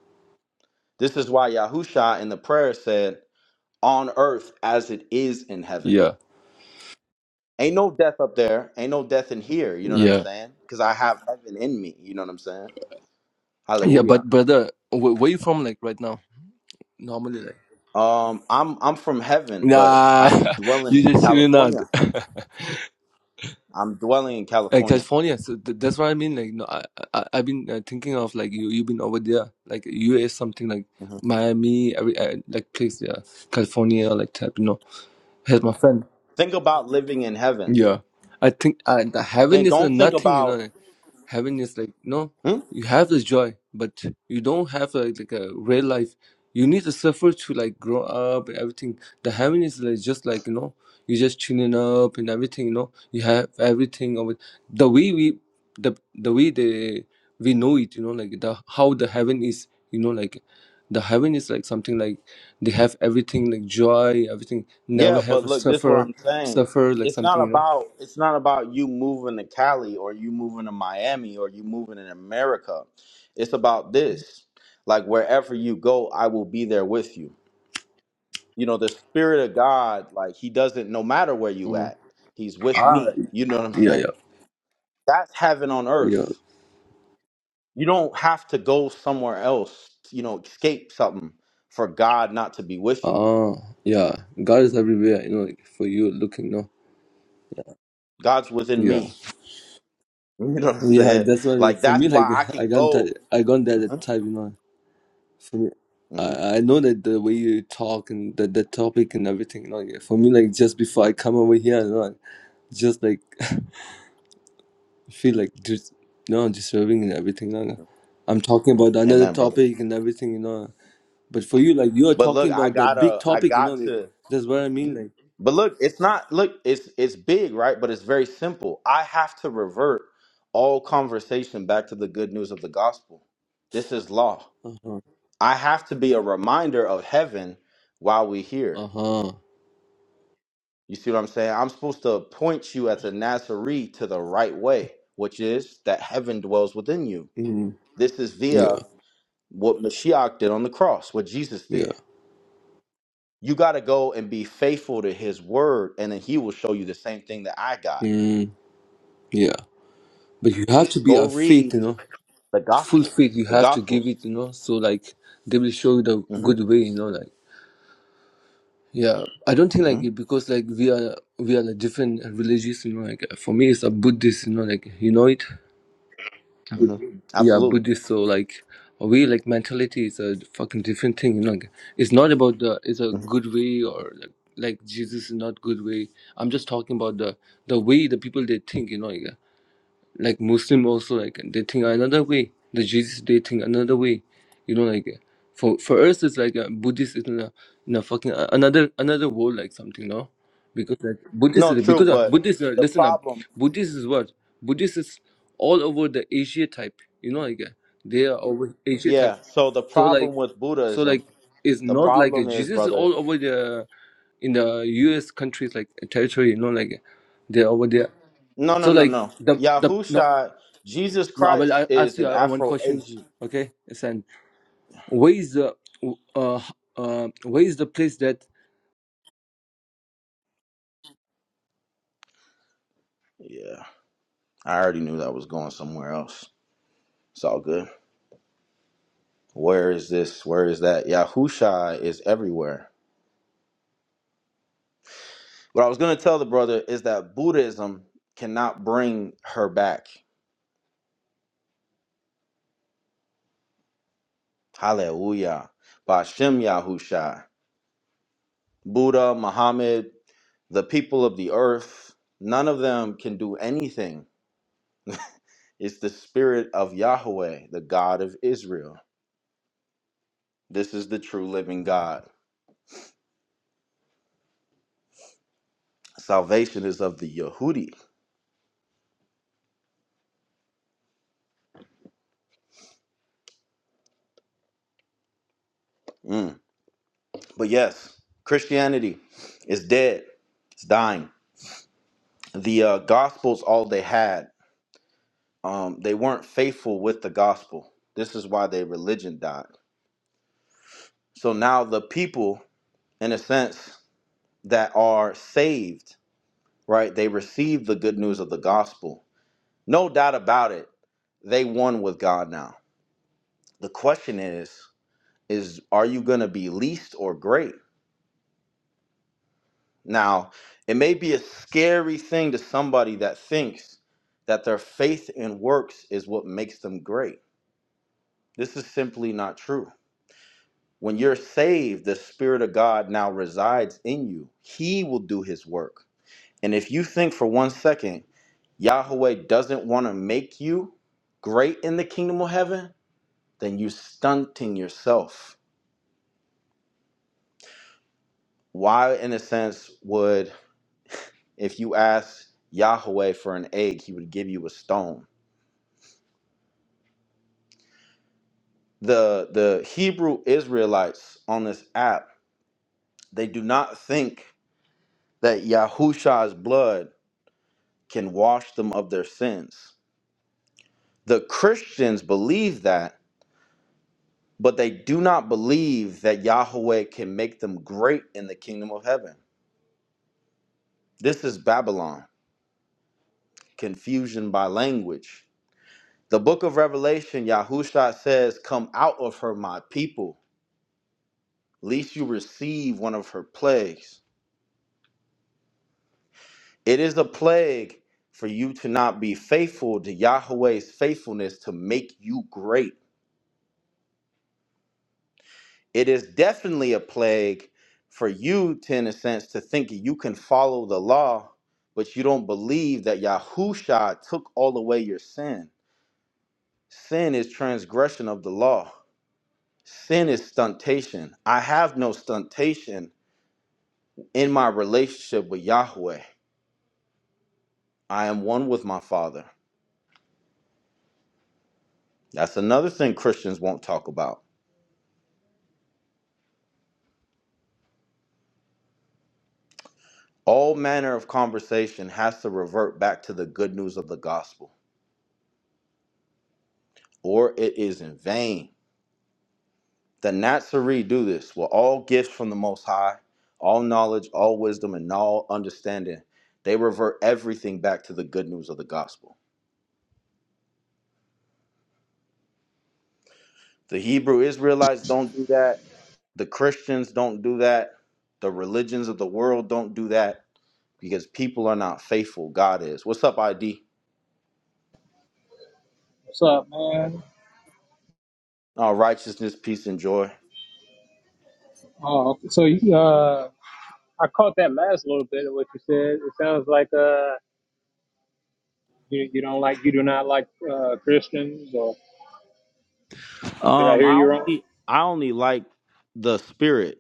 [SPEAKER 1] This is why Yahusha in the prayer said, on earth as it is in heaven.
[SPEAKER 4] yeah
[SPEAKER 1] Ain't no death up there. Ain't no death in here. You know what I'm
[SPEAKER 4] Yeah.
[SPEAKER 1] saying? Because I have heaven in me. You know what I'm saying?
[SPEAKER 4] Yeah,
[SPEAKER 1] Hallelujah.
[SPEAKER 4] but brother, wh- where you from like right now? Normally like
[SPEAKER 1] Um, I'm I'm from heaven, but I
[SPEAKER 4] Nah,
[SPEAKER 1] be
[SPEAKER 4] [laughs]
[SPEAKER 1] dwelling
[SPEAKER 4] you
[SPEAKER 1] in
[SPEAKER 4] just chilling out.
[SPEAKER 1] California.
[SPEAKER 4] [laughs]
[SPEAKER 1] I'm dwelling in
[SPEAKER 4] Uh,
[SPEAKER 1] California.
[SPEAKER 4] California, so th- that's what I mean. Like, no, I, I, I've been uh, thinking of like you, you've been over there, like U.S. something like
[SPEAKER 1] Mhm.
[SPEAKER 4] Miami, every uh, like place, yeah, California, like type, you know. has my friend.
[SPEAKER 1] Think about living in heaven.
[SPEAKER 4] Yeah, I think I, the
[SPEAKER 1] Then
[SPEAKER 4] heaven is uh,
[SPEAKER 1] don't think
[SPEAKER 4] nothing, you
[SPEAKER 1] about.
[SPEAKER 4] know. Heaven is like no,
[SPEAKER 1] hmm?
[SPEAKER 4] you have this joy, but you don't have like, like a real life. You need to suffer to like grow up and everything. The heaven is like just like you know, you just chilling up and everything. You know, you have everything of it. The way we, the the way they we know it. You know, like the how the heaven is. You know, like the heaven is like something like they have everything like joy, everything. Never
[SPEAKER 1] Yeah,
[SPEAKER 4] have
[SPEAKER 1] but
[SPEAKER 4] a
[SPEAKER 1] look, this is what
[SPEAKER 4] suffer,
[SPEAKER 1] I'm saying.
[SPEAKER 4] suffer like
[SPEAKER 1] It's not
[SPEAKER 4] something. You know.
[SPEAKER 1] about it's not about you moving to Cali or you moving to Miami or you moving in America. It's about this. Like wherever you go, I will be there with you. You know, the spirit of God, like he doesn't no matter where you
[SPEAKER 4] Mm.
[SPEAKER 1] at, he's with
[SPEAKER 4] Ah,
[SPEAKER 1] me. You know what I'm
[SPEAKER 4] yeah,
[SPEAKER 1] saying?
[SPEAKER 4] yeah,
[SPEAKER 1] That's heaven on
[SPEAKER 4] yeah.
[SPEAKER 1] earth. You don't have to go somewhere else, you know, escape something for God not to be with you.
[SPEAKER 4] Ah, yeah. God is everywhere, you know, like for you looking, you know.
[SPEAKER 1] God's within
[SPEAKER 4] Yeah.
[SPEAKER 1] me. [laughs] You know what I'm
[SPEAKER 4] Yeah,
[SPEAKER 1] saying?
[SPEAKER 4] that's why
[SPEAKER 1] Like
[SPEAKER 4] for me,
[SPEAKER 1] that's why
[SPEAKER 4] like,
[SPEAKER 1] I
[SPEAKER 4] [laughs]
[SPEAKER 1] can
[SPEAKER 4] I got
[SPEAKER 1] go.
[SPEAKER 4] that, I got
[SPEAKER 1] hmm
[SPEAKER 4] that type, you know. For me,
[SPEAKER 1] hmm
[SPEAKER 4] I, I know that the way you talk and the, the topic and everything, you know. like, For me, like, just before I come over here, you know, like, just like, [laughs] feel like just, you know, disturbing and everything, you know. like, I'm talking about another
[SPEAKER 1] Amen, brother.
[SPEAKER 4] topic and everything, you know. But for you, like, you are
[SPEAKER 1] But
[SPEAKER 4] talking
[SPEAKER 1] look, I
[SPEAKER 4] about the big
[SPEAKER 1] gotta, I
[SPEAKER 4] topic, you know,
[SPEAKER 1] got
[SPEAKER 4] like,
[SPEAKER 1] to.
[SPEAKER 4] that's what I mean, like,
[SPEAKER 1] But look, it's not. Look, it's it's big, right? But it's very simple. I have to revert all conversation back to the good news of the gospel. This is law.
[SPEAKER 4] uh huh,
[SPEAKER 1] I have to be a reminder of heaven while we here.
[SPEAKER 4] uh huh.
[SPEAKER 1] You see what I'm saying? I'm supposed to point you as a Nazarene to the right way, which is that heaven dwells within you.
[SPEAKER 4] Mm,
[SPEAKER 1] This is via
[SPEAKER 4] yeah,
[SPEAKER 1] what Mashiach did on the cross, what Jesus
[SPEAKER 4] yeah.
[SPEAKER 1] did. You got to go and be faithful to his word, and then he will show you the same thing that I got.
[SPEAKER 4] Mm, yeah, but you have to be
[SPEAKER 1] Go
[SPEAKER 4] a faith,
[SPEAKER 1] read
[SPEAKER 4] you know,
[SPEAKER 1] the
[SPEAKER 4] full
[SPEAKER 1] gospel,
[SPEAKER 4] faith. You
[SPEAKER 1] the
[SPEAKER 4] have to give
[SPEAKER 1] gospels.
[SPEAKER 4] it, you know, so like they will show you the
[SPEAKER 1] hmm
[SPEAKER 4] good way, you know, like yeah. I don't think
[SPEAKER 1] hmm
[SPEAKER 4] like it because like we are we are like different religious, you know. Like uh, for me, it's a Buddhist, you know, like you know it.
[SPEAKER 1] hmm
[SPEAKER 4] Yeah,
[SPEAKER 1] Absolutely.
[SPEAKER 4] Buddhist. So like we like mentality is a fucking different thing, you know. Like, it's not about the it's a
[SPEAKER 1] hmm
[SPEAKER 4] good way or like like Jesus is not good way. I'm just talking about the the way the people they think, you know. Like, like Muslim also like they think another way. The Jesus they think another way. You know, like for for us it's like uh, Buddhist is in a in a fucking uh, another another world like something, no? Because like Buddhist
[SPEAKER 1] No,
[SPEAKER 4] is
[SPEAKER 1] true,
[SPEAKER 4] because of
[SPEAKER 1] but
[SPEAKER 4] Buddhist uh,
[SPEAKER 1] the
[SPEAKER 4] listen up.
[SPEAKER 1] problem,
[SPEAKER 4] Buddhist is what? Buddhist is all over the Asia type. You know, like uh, they are over Asia type.
[SPEAKER 1] yeah. So the
[SPEAKER 4] So like
[SPEAKER 1] problem with
[SPEAKER 4] so
[SPEAKER 1] Buddhism,
[SPEAKER 4] like it's
[SPEAKER 1] the
[SPEAKER 4] not like a
[SPEAKER 1] problem is,
[SPEAKER 4] Jesus is
[SPEAKER 1] brother.
[SPEAKER 4] all over the in the U.S. countries like territory, you know, like they're over there.
[SPEAKER 1] No, no,
[SPEAKER 4] So
[SPEAKER 1] no,
[SPEAKER 4] like
[SPEAKER 1] no.
[SPEAKER 4] the the no
[SPEAKER 1] Yahusha, Jesus
[SPEAKER 4] no, well,
[SPEAKER 1] Christ
[SPEAKER 4] I ask
[SPEAKER 1] is
[SPEAKER 4] you
[SPEAKER 1] an
[SPEAKER 4] uh, one question.
[SPEAKER 1] Afro-Asian.
[SPEAKER 4] Okay, Sen, where is the uh, uh, where is the place that
[SPEAKER 1] Yeah, I already knew that was going somewhere else. It's all good. Where is this? Where is that? Yahusha is everywhere. What I was going to tell the brother is that Buddhism cannot bring her back. Hallelujah. By Shem Yahushai. Buddha, Muhammad, the people of the earth, none of them can do anything. It's the spirit of Yahweh, the God of Israel. This is the true living God. Salvation is of the Yehudi. Mm. But yes, Christianity is dead, it's dying. The uh, Gospels, all they had. um, they weren't faithful with the gospel. This is why their religion died. So now the people, in a sense, that are saved, right? They receive the good news of the gospel. No doubt about it. They won with God now. The question is, is are you going to be least or great? Now, it may be a scary thing to somebody that thinks that their faith and works is what makes them great. This is simply not true When you're saved, the Spirit of God now resides in you. He will do His work. And if you think for one second Yahweh doesn't want to make you great in the kingdom of heaven, then you stunting yourself. Why, in a sense, would if you ask Yahweh for an egg, he would give you a stone? The the Hebrew Israelites on this app, they do not think that Yahusha's blood can wash them of their sins. The Christians believe that, but they do not believe that Yahweh can make them great in the kingdom of heaven. This is Babylon, confusion by language. The book of Revelation, Yahusha says, Come out of her, my people, lest you receive one of her plagues. It is a plague for you to not be faithful to Yahweh's faithfulness to make you great. It is definitely a plague for you, to, in a sense, to think you can follow the law, but you don't believe that Yahusha took all away your sin. Sin is transgression of the law. Sin is stuntation. I have no stuntation in my relationship with Yahweh. I am one with my Father. That's another thing Christians won't talk about. All manner of conversation has to revert back to the good news of the gospel, or it is in vain. The Nazarene do this with all gifts from the Most High, all knowledge, all wisdom, and all understanding. They revert everything back to the good news of the gospel. The Hebrew Israelites don't do that. The Christians don't do that. The religions of the world don't do that because people are not faithful. God is. What's up, ID?
[SPEAKER 5] What's up, man?
[SPEAKER 1] Oh, righteousness, peace, and joy.
[SPEAKER 5] Oh, okay. so you, uh, I caught that last little bit of what you said. It sounds like uh, you you don't like you do not like uh, Christians, or or did I
[SPEAKER 1] Um,
[SPEAKER 5] hear
[SPEAKER 1] I
[SPEAKER 5] you wrong?
[SPEAKER 1] only I only like the spirit.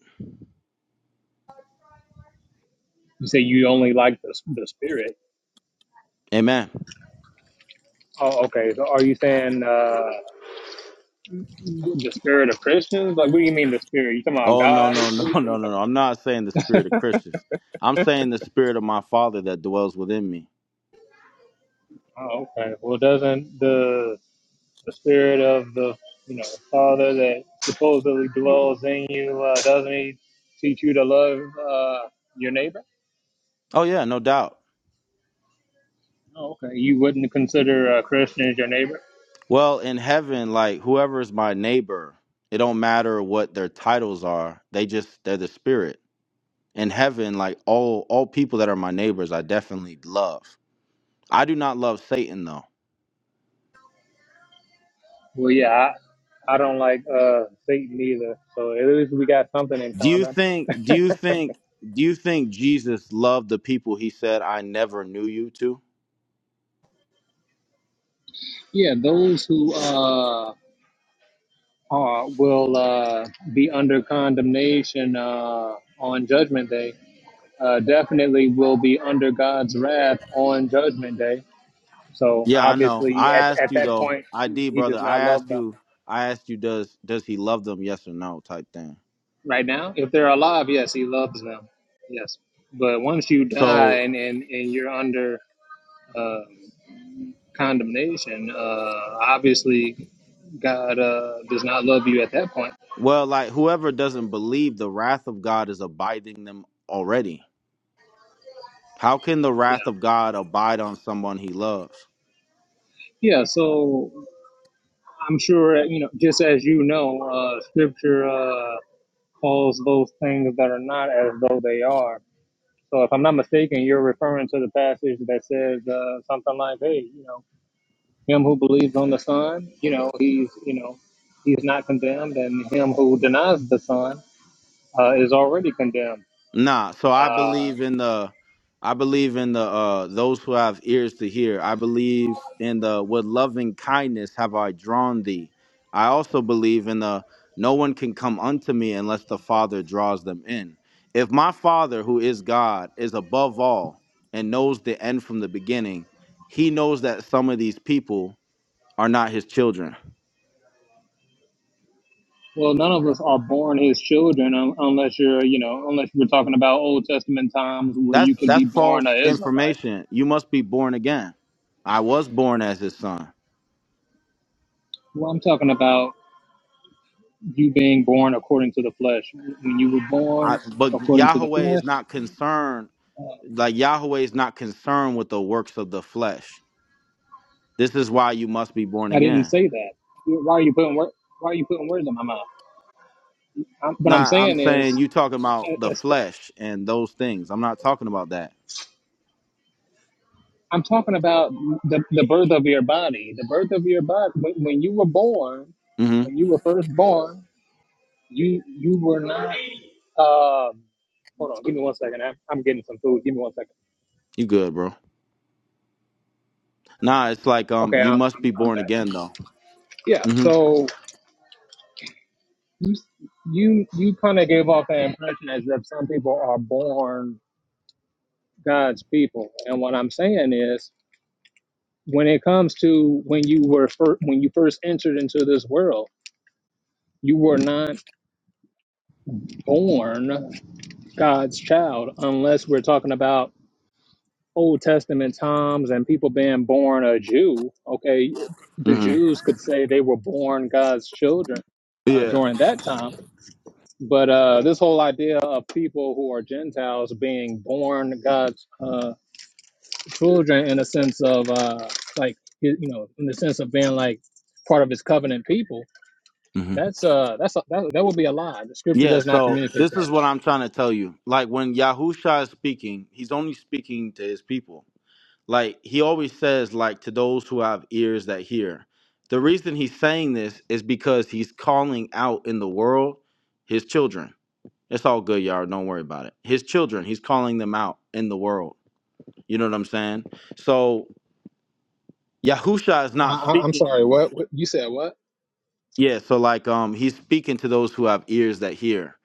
[SPEAKER 5] You say you only like the the spirit.
[SPEAKER 1] Amen.
[SPEAKER 5] Oh, okay. So are you saying uh, the spirit of Christians? Like, what do you mean the spirit? You talking about
[SPEAKER 1] Oh no
[SPEAKER 5] God? What
[SPEAKER 1] no [laughs]
[SPEAKER 5] are
[SPEAKER 1] no
[SPEAKER 5] you
[SPEAKER 1] no
[SPEAKER 5] what are
[SPEAKER 1] no
[SPEAKER 5] you talking
[SPEAKER 1] no! I'm not saying the spirit of Christians. I'm saying the spirit of my Father that dwells within me.
[SPEAKER 5] about? Oh, okay. Well, doesn't the the spirit of the you know Father that supposedly dwells in you uh, doesn't he teach you to love uh, your neighbor?
[SPEAKER 1] Oh yeah, no doubt.
[SPEAKER 5] Oh, okay. You wouldn't consider a Christian as your neighbor?
[SPEAKER 1] Well, in heaven, like whoever is my neighbor, it don't matter what their titles are. They just they're the spirit. In heaven, like all all people that are my neighbors, I definitely love. I do not love Satan though.
[SPEAKER 5] Well, yeah, I, I don't like uh, Satan either. So at least we got something in
[SPEAKER 1] Do you
[SPEAKER 5] common.
[SPEAKER 1] think? Do you think? Do you think Jesus loved the people he said I never knew you to?
[SPEAKER 5] Yeah, those who uh, are, will uh, be under condemnation uh, on Judgment Day uh, definitely will be under God's wrath on Judgment Day. So
[SPEAKER 1] Yeah, I know.
[SPEAKER 5] obviously,
[SPEAKER 1] I
[SPEAKER 5] at,
[SPEAKER 1] asked
[SPEAKER 5] at
[SPEAKER 1] you
[SPEAKER 5] that
[SPEAKER 1] though.
[SPEAKER 5] point, he
[SPEAKER 1] ID
[SPEAKER 5] he
[SPEAKER 1] brother,
[SPEAKER 5] does
[SPEAKER 1] I
[SPEAKER 5] not love
[SPEAKER 1] asked
[SPEAKER 5] them.
[SPEAKER 1] you I asked you does does he love them, yes or no type thing.
[SPEAKER 5] Right now, if they're alive, yes, he loves them. Yes. But once you die
[SPEAKER 1] So
[SPEAKER 5] and, and, and you're under uh, condemnation, uh, obviously God uh, does not love you at that point.
[SPEAKER 1] well like whoever doesn't believe the wrath of God is abiding them already. How can the
[SPEAKER 5] Yeah.
[SPEAKER 1] wrath of God abide on someone he loves?
[SPEAKER 5] Yeah. So I'm sure, you know, just as you know, uh, scripture uh, calls those things that are not as though they are. So if I'm not mistaken, you're referring to the passage that says uh, something like, hey, you know, him who believes on the Son, you know, he's, you know, he's not condemned, and him who denies the Son uh, is already condemned.
[SPEAKER 1] Nah, so I
[SPEAKER 5] Uh,
[SPEAKER 1] believe in the I believe in the uh those who have ears to hear. I believe in the with loving kindness have I drawn thee. I also believe in the no one can come unto me unless the Father draws them in. If my Father who is God is above all and knows the end from the beginning, he knows that some of these people are not his children.
[SPEAKER 5] Well, none of us are born his children un- unless you're, you know, unless we're talking about Old Testament times where
[SPEAKER 1] That's
[SPEAKER 5] you could be
[SPEAKER 1] that's
[SPEAKER 5] born
[SPEAKER 1] false
[SPEAKER 5] an Israelite.
[SPEAKER 1] information. You must be born again. I was born as his son.
[SPEAKER 5] Well, I'm talking about you being born according to the flesh. When you were
[SPEAKER 1] I,
[SPEAKER 5] born
[SPEAKER 1] but
[SPEAKER 5] according to the
[SPEAKER 1] Yahweh is
[SPEAKER 5] flesh,
[SPEAKER 1] not concerned. Like Yahweh is not concerned with the works of the flesh. This is why you must be born
[SPEAKER 5] I didn't
[SPEAKER 1] again.
[SPEAKER 5] say that. Why are you putting wor- Why are you putting words in my mouth? I'm, what I'm
[SPEAKER 1] Nah, I'm
[SPEAKER 5] saying is,
[SPEAKER 1] saying you talking about the
[SPEAKER 5] as-
[SPEAKER 1] flesh and those things. I'm not talking about that.
[SPEAKER 5] I'm talking about the, the birth of your body. The birth of your body. When, when you were born,
[SPEAKER 1] hmm
[SPEAKER 5] when you were first born. You you were not. Um, hold on, give me one second. I'm, I'm getting some food. Give me one second.
[SPEAKER 1] You good, bro? Nah, it's like um,
[SPEAKER 5] Okay,
[SPEAKER 1] you
[SPEAKER 5] I'm
[SPEAKER 1] must
[SPEAKER 5] I'm,
[SPEAKER 1] be
[SPEAKER 5] I'm
[SPEAKER 1] born
[SPEAKER 5] back.
[SPEAKER 1] again though.
[SPEAKER 5] Yeah.
[SPEAKER 1] hmm
[SPEAKER 5] So you you you kind of gave off the impression as if some people are born God's people, and what I'm saying is, when it comes to when you were fir- when you first entered into this world, you were not born God's child, unless we're talking about. Old Testament times and people being born a Jew, okay, the
[SPEAKER 1] hmm
[SPEAKER 5] Jews could say they were born God's children uh,
[SPEAKER 1] Yeah.
[SPEAKER 5] during that time. But uh, this whole idea of people who are Gentiles being born God's uh, children in a sense of uh, like, you you know, in the sense of being like part of his covenant people,
[SPEAKER 1] hmm
[SPEAKER 5] that's uh, that's a, that, that would be a lie. The scripture
[SPEAKER 1] Yeah.
[SPEAKER 5] does not
[SPEAKER 1] So
[SPEAKER 5] communicate
[SPEAKER 1] this
[SPEAKER 5] that.
[SPEAKER 1] is what I'm trying to tell you. Like when Yahusha is speaking, he's only speaking to his people. like he always says like to those who have ears that hear the reason he's saying this is because he's calling out in the world his children it's all good y'all don't worry about it his children he's calling them out in the world you know what i'm saying so yahusha is
[SPEAKER 5] I,
[SPEAKER 1] not
[SPEAKER 5] I, I'm
[SPEAKER 1] speaking
[SPEAKER 5] sorry, what, what you said? What?
[SPEAKER 1] Yeah, so like um he's speaking to those who have ears that hear.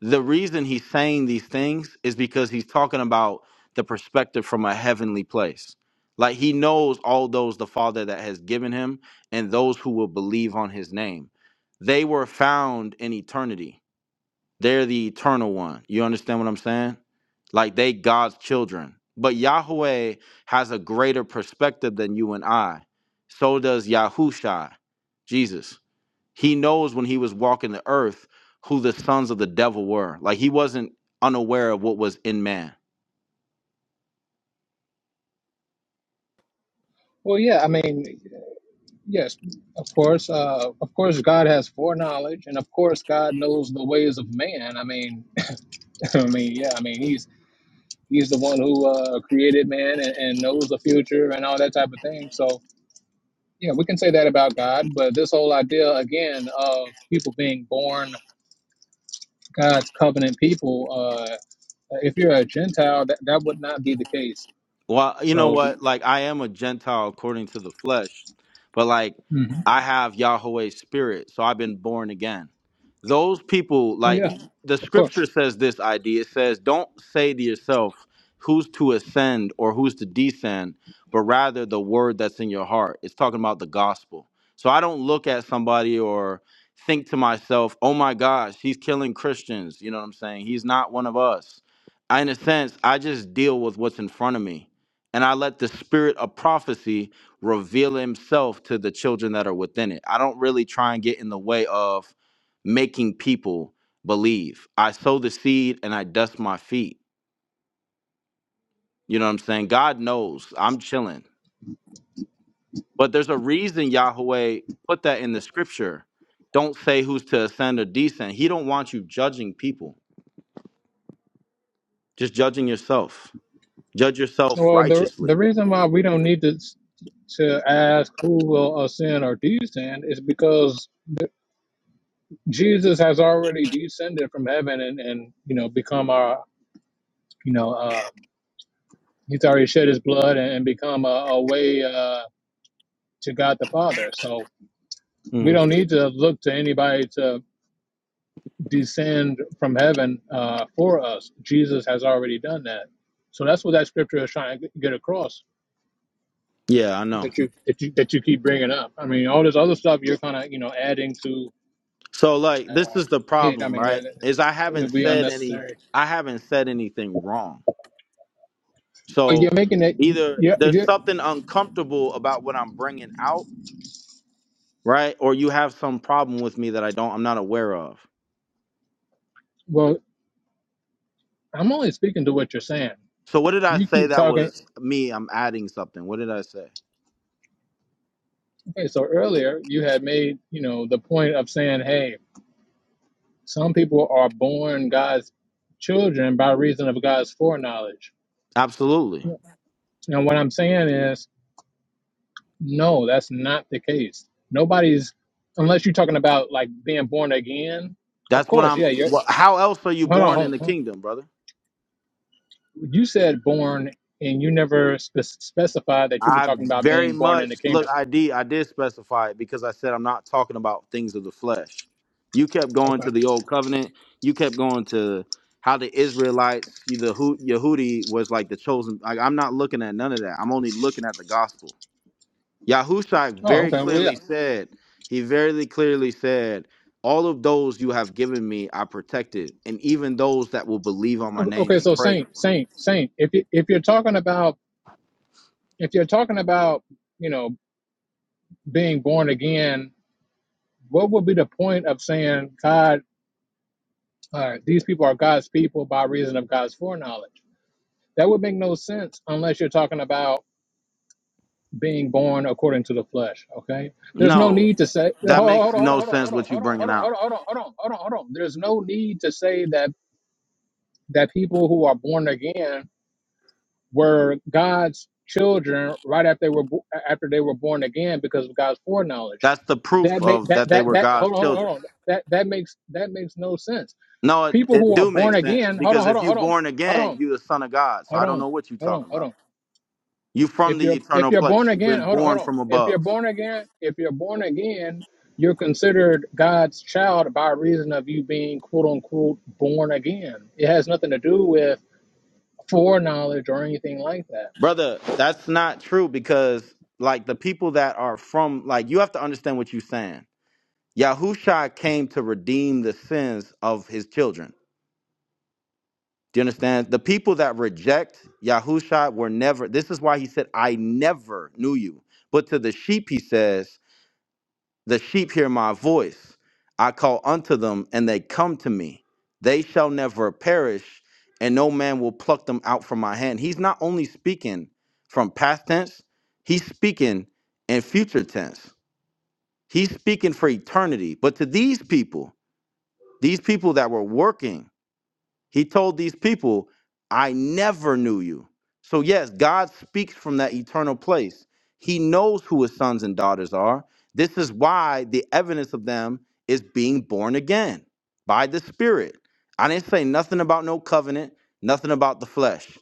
[SPEAKER 1] The reason he's saying these things is because he's talking about the perspective from a heavenly place. Like he knows all those the Father that has given him and those who will believe on his name. They were found in eternity. They're the eternal one. You understand what I'm saying? Like they God's children. But Yahweh has a greater perspective than you and I. So does Yahusha, Jesus. He knows when he was walking the earth who the sons of the devil were. Like he wasn't unaware of what was in man.
[SPEAKER 5] Well, yeah, I mean. Yes, of course. Uh, of course, God has foreknowledge, and of course, God knows the ways of man. I mean, [laughs] I mean, yeah, I mean, he's he's the one who uh, created man and, and knows the future and all that type of thing. So, yeah, we can say that about God. But this whole idea again of people being born God's covenant people, uh, if you're a Gentile, that that would not be the case.
[SPEAKER 1] Well, you know
[SPEAKER 5] So,
[SPEAKER 1] what? Like I am a Gentile according to the flesh, but like
[SPEAKER 5] mhm.
[SPEAKER 1] I have Yahweh's spirit, so I've been born again. Those people,
[SPEAKER 5] well,
[SPEAKER 1] like
[SPEAKER 5] yeah,
[SPEAKER 1] the
[SPEAKER 5] of course.
[SPEAKER 1] scripture says this idea. It says, Don't say to yourself who's to ascend or who's to descend, but rather the word that's in your heart. It's talking about the gospel. So I don't look at somebody or think to myself, oh my gosh, he's killing Christians. You know what I'm saying? He's not one of us. I- in a sense, I just deal with what's in front of me and I let the spirit of prophecy reveal himself to the children that are within it. I don't really try and get in the way of making people believe. I sow the seed and I dust my feet. You know what I'm saying? God knows I'm chilling. But there's a reason Yahweh put that in the scripture. Don't say who's to ascend or descend. He don't want you judging people. Just judging yourself. Judge yourself
[SPEAKER 5] Well, the the
[SPEAKER 1] righteously.
[SPEAKER 5] reason why we don't need to s- to ask who will ascend or descend is because the, Jesus has already descended from heaven and and you know become our you know uh, he's already shed his blood and, and become a, a way uh, to God the Father. So we
[SPEAKER 1] Mhm.
[SPEAKER 5] don't need to look to anybody to descend from heaven uh, for us. Jesus has already done that. So that's what that scripture is trying to get across.
[SPEAKER 1] Yeah, I know.
[SPEAKER 5] that you that you that you keep bringing up. I mean, all this other stuff you're kind of you know adding to
[SPEAKER 1] So like
[SPEAKER 5] uh,
[SPEAKER 1] this is the
[SPEAKER 5] it. I
[SPEAKER 1] problem,
[SPEAKER 5] mean,
[SPEAKER 1] right?
[SPEAKER 5] that,
[SPEAKER 1] Is
[SPEAKER 5] that's,
[SPEAKER 1] I
[SPEAKER 5] it'll
[SPEAKER 1] haven't
[SPEAKER 5] be
[SPEAKER 1] said any
[SPEAKER 5] unnecessary.
[SPEAKER 1] I haven't said anything wrong.
[SPEAKER 5] Well, you're
[SPEAKER 1] So
[SPEAKER 5] making it.
[SPEAKER 1] either
[SPEAKER 5] Yeah,
[SPEAKER 1] there's
[SPEAKER 5] yeah.
[SPEAKER 1] something uncomfortable about what I'm bringing out, right? Or you have some problem with me that I don't I'm not aware of.
[SPEAKER 5] Well, I'm only speaking to what you're saying.
[SPEAKER 1] So what did I
[SPEAKER 5] You
[SPEAKER 1] say
[SPEAKER 5] keep
[SPEAKER 1] that
[SPEAKER 5] talking.
[SPEAKER 1] was me I'm adding something? What did I say?
[SPEAKER 5] Okay, so earlier you had made you know the point of saying, hey, some people are born God's children by reason of God's foreknowledge.
[SPEAKER 1] Absolutely.
[SPEAKER 5] Yeah. And what I'm saying is No, that's not the case. Nobody's, unless you're talking about like being born again. Of
[SPEAKER 1] That's what
[SPEAKER 5] course,
[SPEAKER 1] I'm
[SPEAKER 5] yeah. You're
[SPEAKER 1] what, how else are you
[SPEAKER 5] hold on.
[SPEAKER 1] born in
[SPEAKER 5] Hold
[SPEAKER 1] the
[SPEAKER 5] on.
[SPEAKER 1] kingdom, brother?
[SPEAKER 5] You said born, and you never spe- specified that you were
[SPEAKER 1] I
[SPEAKER 5] talking about
[SPEAKER 1] very
[SPEAKER 5] being born in the
[SPEAKER 1] much look.
[SPEAKER 5] kingdom.
[SPEAKER 1] I did. I did specify it because I said I'm not talking about things of the flesh. You kept going
[SPEAKER 5] Okay.
[SPEAKER 1] to the old covenant. You kept going to how the Israelites, you- the Hu- Yehudi, was like the chosen. Like I'm not looking at none of that. I'm only looking at the gospel. Yahushua
[SPEAKER 5] Oh,
[SPEAKER 1] very
[SPEAKER 5] okay. Well, yeah.
[SPEAKER 1] clearly said. He very clearly said, "All of those you have given me, I protected, and even those that will believe on my
[SPEAKER 5] O-
[SPEAKER 1] name,
[SPEAKER 5] Okay.
[SPEAKER 1] He
[SPEAKER 5] So
[SPEAKER 1] prayed."
[SPEAKER 5] saint, saint, saint. If you if you're talking about if you're talking about you know being born again, what would be the point of saying God? Uh, these people are God's people by reason of God's foreknowledge. That would make no sense unless you're talking about being born according to the flesh. Okay, there's no
[SPEAKER 1] No,
[SPEAKER 5] need to say hold
[SPEAKER 1] that
[SPEAKER 5] on, hold
[SPEAKER 1] makes
[SPEAKER 5] on,
[SPEAKER 1] no
[SPEAKER 5] hold on, hold
[SPEAKER 1] sense.
[SPEAKER 5] on,
[SPEAKER 1] What you
[SPEAKER 5] hold on, hold
[SPEAKER 1] bringing
[SPEAKER 5] on, hold
[SPEAKER 1] out?
[SPEAKER 5] on, hold on, hold on, hold on, hold on. There's no need to say that that people who are born again were God's children right after they were bo- after they were born again because of God's foreknowledge.
[SPEAKER 1] That's the proof
[SPEAKER 5] That make
[SPEAKER 1] of
[SPEAKER 5] that
[SPEAKER 1] that they
[SPEAKER 5] that
[SPEAKER 1] were
[SPEAKER 5] that
[SPEAKER 1] God's
[SPEAKER 5] hold on, hold on,
[SPEAKER 1] children.
[SPEAKER 5] hold on. That that makes that makes no sense.
[SPEAKER 1] No, it,
[SPEAKER 5] People
[SPEAKER 1] it
[SPEAKER 5] who are
[SPEAKER 1] do make
[SPEAKER 5] born
[SPEAKER 1] sense
[SPEAKER 5] again, hold on,
[SPEAKER 1] because
[SPEAKER 5] hold
[SPEAKER 1] if
[SPEAKER 5] on,
[SPEAKER 1] you
[SPEAKER 5] hold on,
[SPEAKER 1] born
[SPEAKER 5] hold
[SPEAKER 1] again,
[SPEAKER 5] on,
[SPEAKER 1] you the son of God. So
[SPEAKER 5] hold
[SPEAKER 1] I don't
[SPEAKER 5] on,
[SPEAKER 1] know what you
[SPEAKER 5] hold on,
[SPEAKER 1] talking
[SPEAKER 5] hold on.
[SPEAKER 1] about. You from
[SPEAKER 5] if
[SPEAKER 1] the
[SPEAKER 5] you're if
[SPEAKER 1] eternal
[SPEAKER 5] you're
[SPEAKER 1] place.
[SPEAKER 5] born
[SPEAKER 1] You've
[SPEAKER 5] again
[SPEAKER 1] been
[SPEAKER 5] hold on hold
[SPEAKER 1] born
[SPEAKER 5] on
[SPEAKER 1] from
[SPEAKER 5] if you're
[SPEAKER 1] above.
[SPEAKER 5] born again if you're born again you're considered god's child by reason of you being quote unquote born again it has nothing to do with foreknowledge or anything like that
[SPEAKER 1] Brother, that's not true because like the people that are from like you have to understand what you're saying. Yahusha came to redeem the sins of his children. Do you understand? The people that reject Yahusha were never this is why he said, I never knew you. But to the sheep, he says, The sheep hear my voice. I call unto them, and they come to me. They shall never perish, and no man will pluck them out from my hand. He's not only speaking from past tense, he's speaking in future tense. He's speaking for eternity. But to these people, these people that were working he told these people, I never knew you. So, yes, God speaks from that eternal place. He knows who his sons and daughters are. This is why the evidence of them is being born again by the Spirit. I didn't say nothing about no covenant, nothing about the flesh.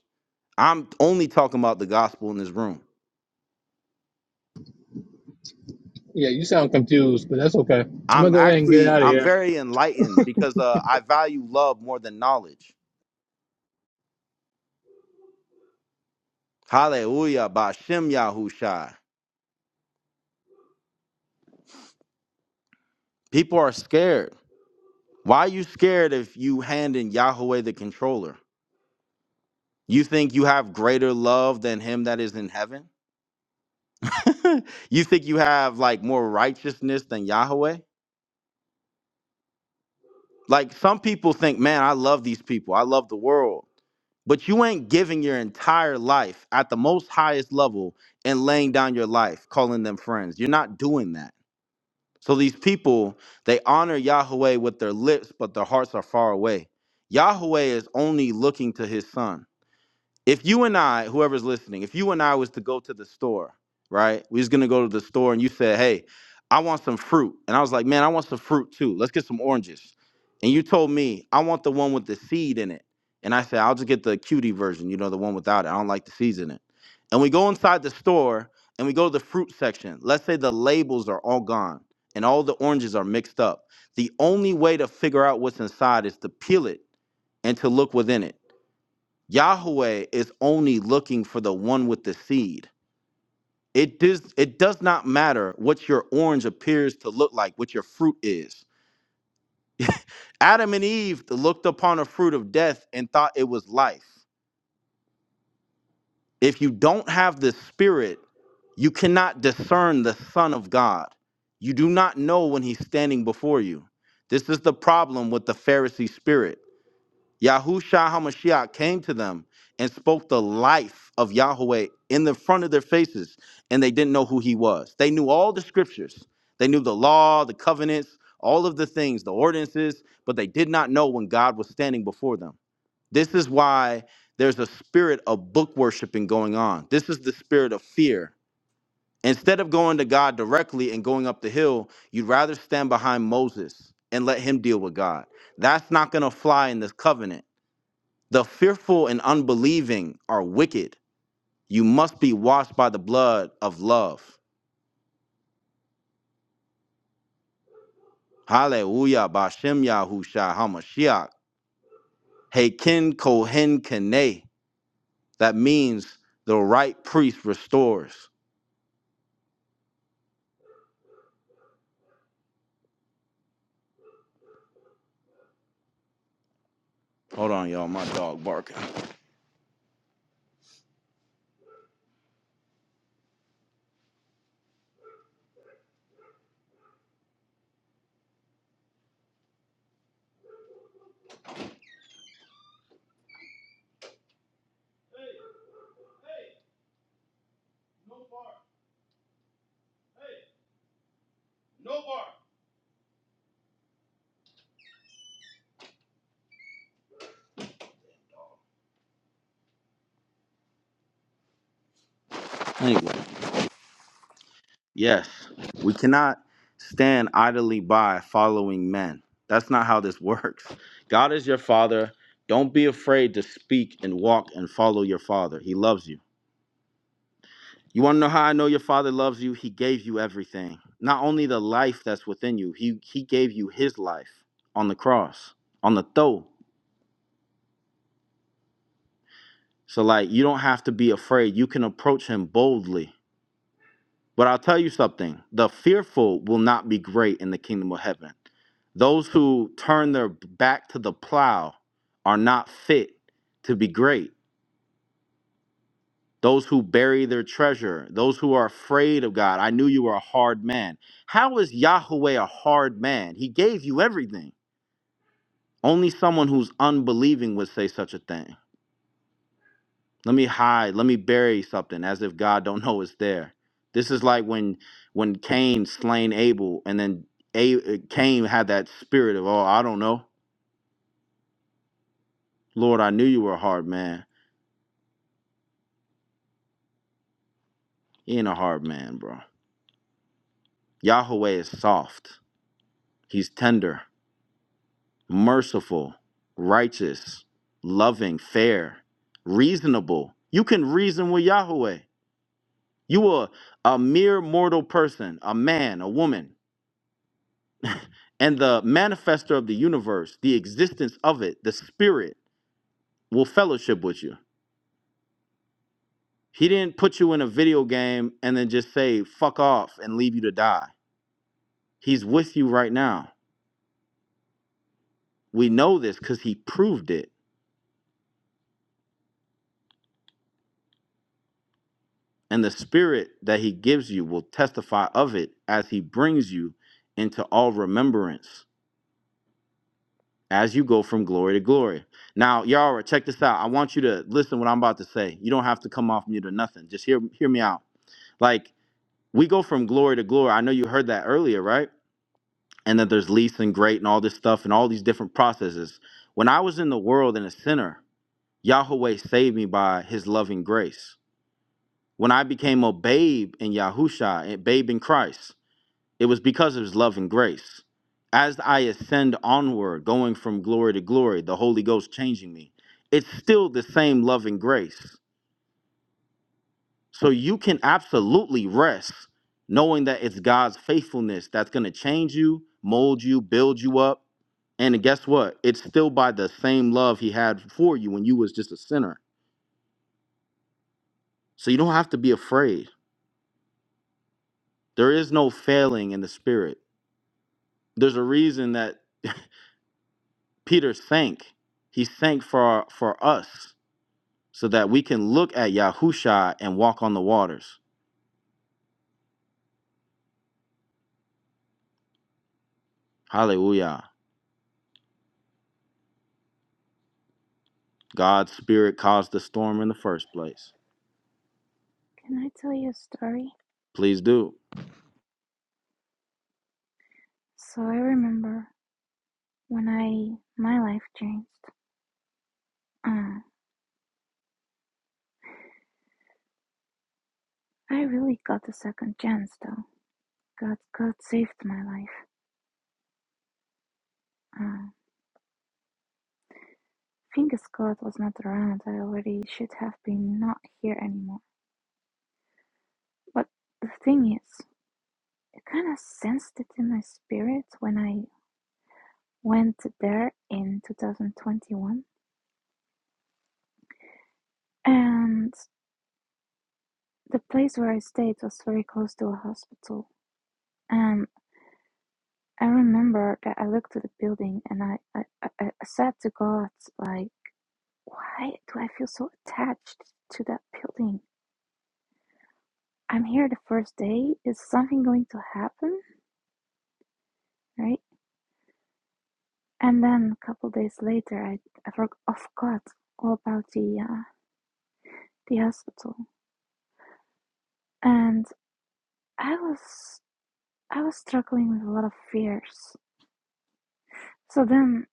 [SPEAKER 1] I'm only talking about the gospel in this room.
[SPEAKER 5] yeah you sound confused but that's okay i'm gonna
[SPEAKER 1] I'm
[SPEAKER 5] go ahead and get
[SPEAKER 1] actually,
[SPEAKER 5] out of
[SPEAKER 1] I'm
[SPEAKER 5] here
[SPEAKER 1] very enlightened because uh, I value love more than knowledge. Hallelujah, Bashem Yahushai. People are scared. Why are you scared if you hand in Yahweh the controller? You think you have greater love than him that is in heaven? [laughs] you think you have like more righteousness than Yahweh? Like some people think, man, I love these people. I love the world. But you ain't giving your entire life at the most highest level and laying down your life, calling them friends. You're not doing that. So these people, they honor Yahweh with their lips, but their hearts are far away. Yahweh is only looking to his son. if you and I, whoever's listening, if you and I was to go to the store, right? We was gonna go to the store and you said, Hey, I want some fruit. And I was like, Man, I want some fruit too. Let's get some oranges. And you told me, I want the one with the seed in it. And I said, I'll just get the cutie version, you know, the one without it. I don't like the seeds in it. And we go inside the store and we go to the fruit section. Let's say the labels are all gone and all the oranges are mixed up. The only way to figure out what's inside is to peel it and to look within it. Yahweh is only looking for the one with the seed. It does it does not matter what your orange appears to look like, what your fruit is. [laughs] Adam and Eve looked upon a fruit of death and thought it was life. If you don't have the spirit, you cannot discern the son of God. You do not know when he's standing before you. This is the problem with the Pharisee spirit. Yahusha HaMashiach came to them and spoke the life of Yahweh in the front of their faces, and they didn't know who he was. They knew all the scriptures, they knew the law, the covenants, all of the things, the ordinances, but they did not know when God was standing before them. This is why there's a spirit of book worshiping going on. This is the spirit of fear. Instead of going to God directly and going up the hill, you'd rather stand behind Moses and let him deal with God. That's not going to fly in this covenant the fearful and unbelieving are wicked. You must be washed by the blood of love. Hallelujah. Bashem Yahusha HaMashiach. Hakin Kohen Kene. That means the right priest restores. Hold on, y'all. My dog barking. Anyway, yes, we cannot stand idly by following men. That's not how this [laughs] works. God is your father. Don't be afraid to speak and walk and follow your father. He loves you. You want to know how I know your father loves you? He gave you everything. Not only the life that's within you, he he gave you his life on the cross, on the throw. So like you don't have to be afraid. You can approach him boldly. But I'll tell you something. The fearful will not be great in the kingdom of heaven. Those who turn their back to the plow are not fit to be great. those who bury their treasure, those who are afraid of God. I knew you were a hard man. How is Yahweh a hard man? He gave you everything. Only someone who's unbelieving would say such a thing. Let me hide, let me bury something as if God don't know it's there. This is like when when Cain slain Abel and then A- uh, Cain had that spirit of, "Oh, I don't know. Lord, I knew you were a hard man." He ain't a hard man, bro. Yahweh is soft. He's tender. merciful, righteous, loving, fair, reasonable. You can reason with Yahweh. You are a mere mortal person, a man, a woman. And the manifester of the universe, the existence of it, the spirit, will fellowship with you. He didn't put you in a video game and then just say, fuck off and leave you to die. He's with you right now. We know this because he proved it. and the spirit that he gives you will testify of it as he brings you into all remembrance as you go from glory to glory. Now, Yara, check this out. I want you to listen what I'm about to say. You don't have to come off mute or nothing. Just hear hear me out. Like we go from glory to glory. I know you heard that earlier, right? And that there's least and great and all this stuff and all these different processes. When I was in the world and a sinner, Yahweh saved me by his loving grace. When I became a babe in Yahusha, a babe in Christ, It was because of his love and grace. As I ascend onward, going from glory to glory, the Holy Ghost changing me, it's still the same love and grace. So you can absolutely rest knowing that it's God's faithfulness that's going to change you, mold you, build you up. And guess what? It's still by the same love he had for you when you was just a sinner. So you don't have to be afraid. There is no failing in the spirit. There's a reason that [laughs] Peter sank. He sank for for us so that we can look at Yahusha and walk on the waters. Hallelujah. God's spirit caused the storm in the first place.
[SPEAKER 2] Can I tell you a story?
[SPEAKER 1] Please do.
[SPEAKER 2] So I remember when I my life changed. Uh, I really got a second chance though. God God saved my life. Uh, I think as God was not around. I already should have been not here anymore. But the thing is, I kind of sensed it in my spirit when I went there in 2021, and The place where I stayed was very close to a hospital. And I remember that I looked at the building and I, I, I, I said to God, like, why do I feel so attached to that building? I'm here the first day. Is something going to happen? Right? And then a couple days later, I, I forgot all about the, uh, the hospital. And I was, I was struggling with a lot of fears. So then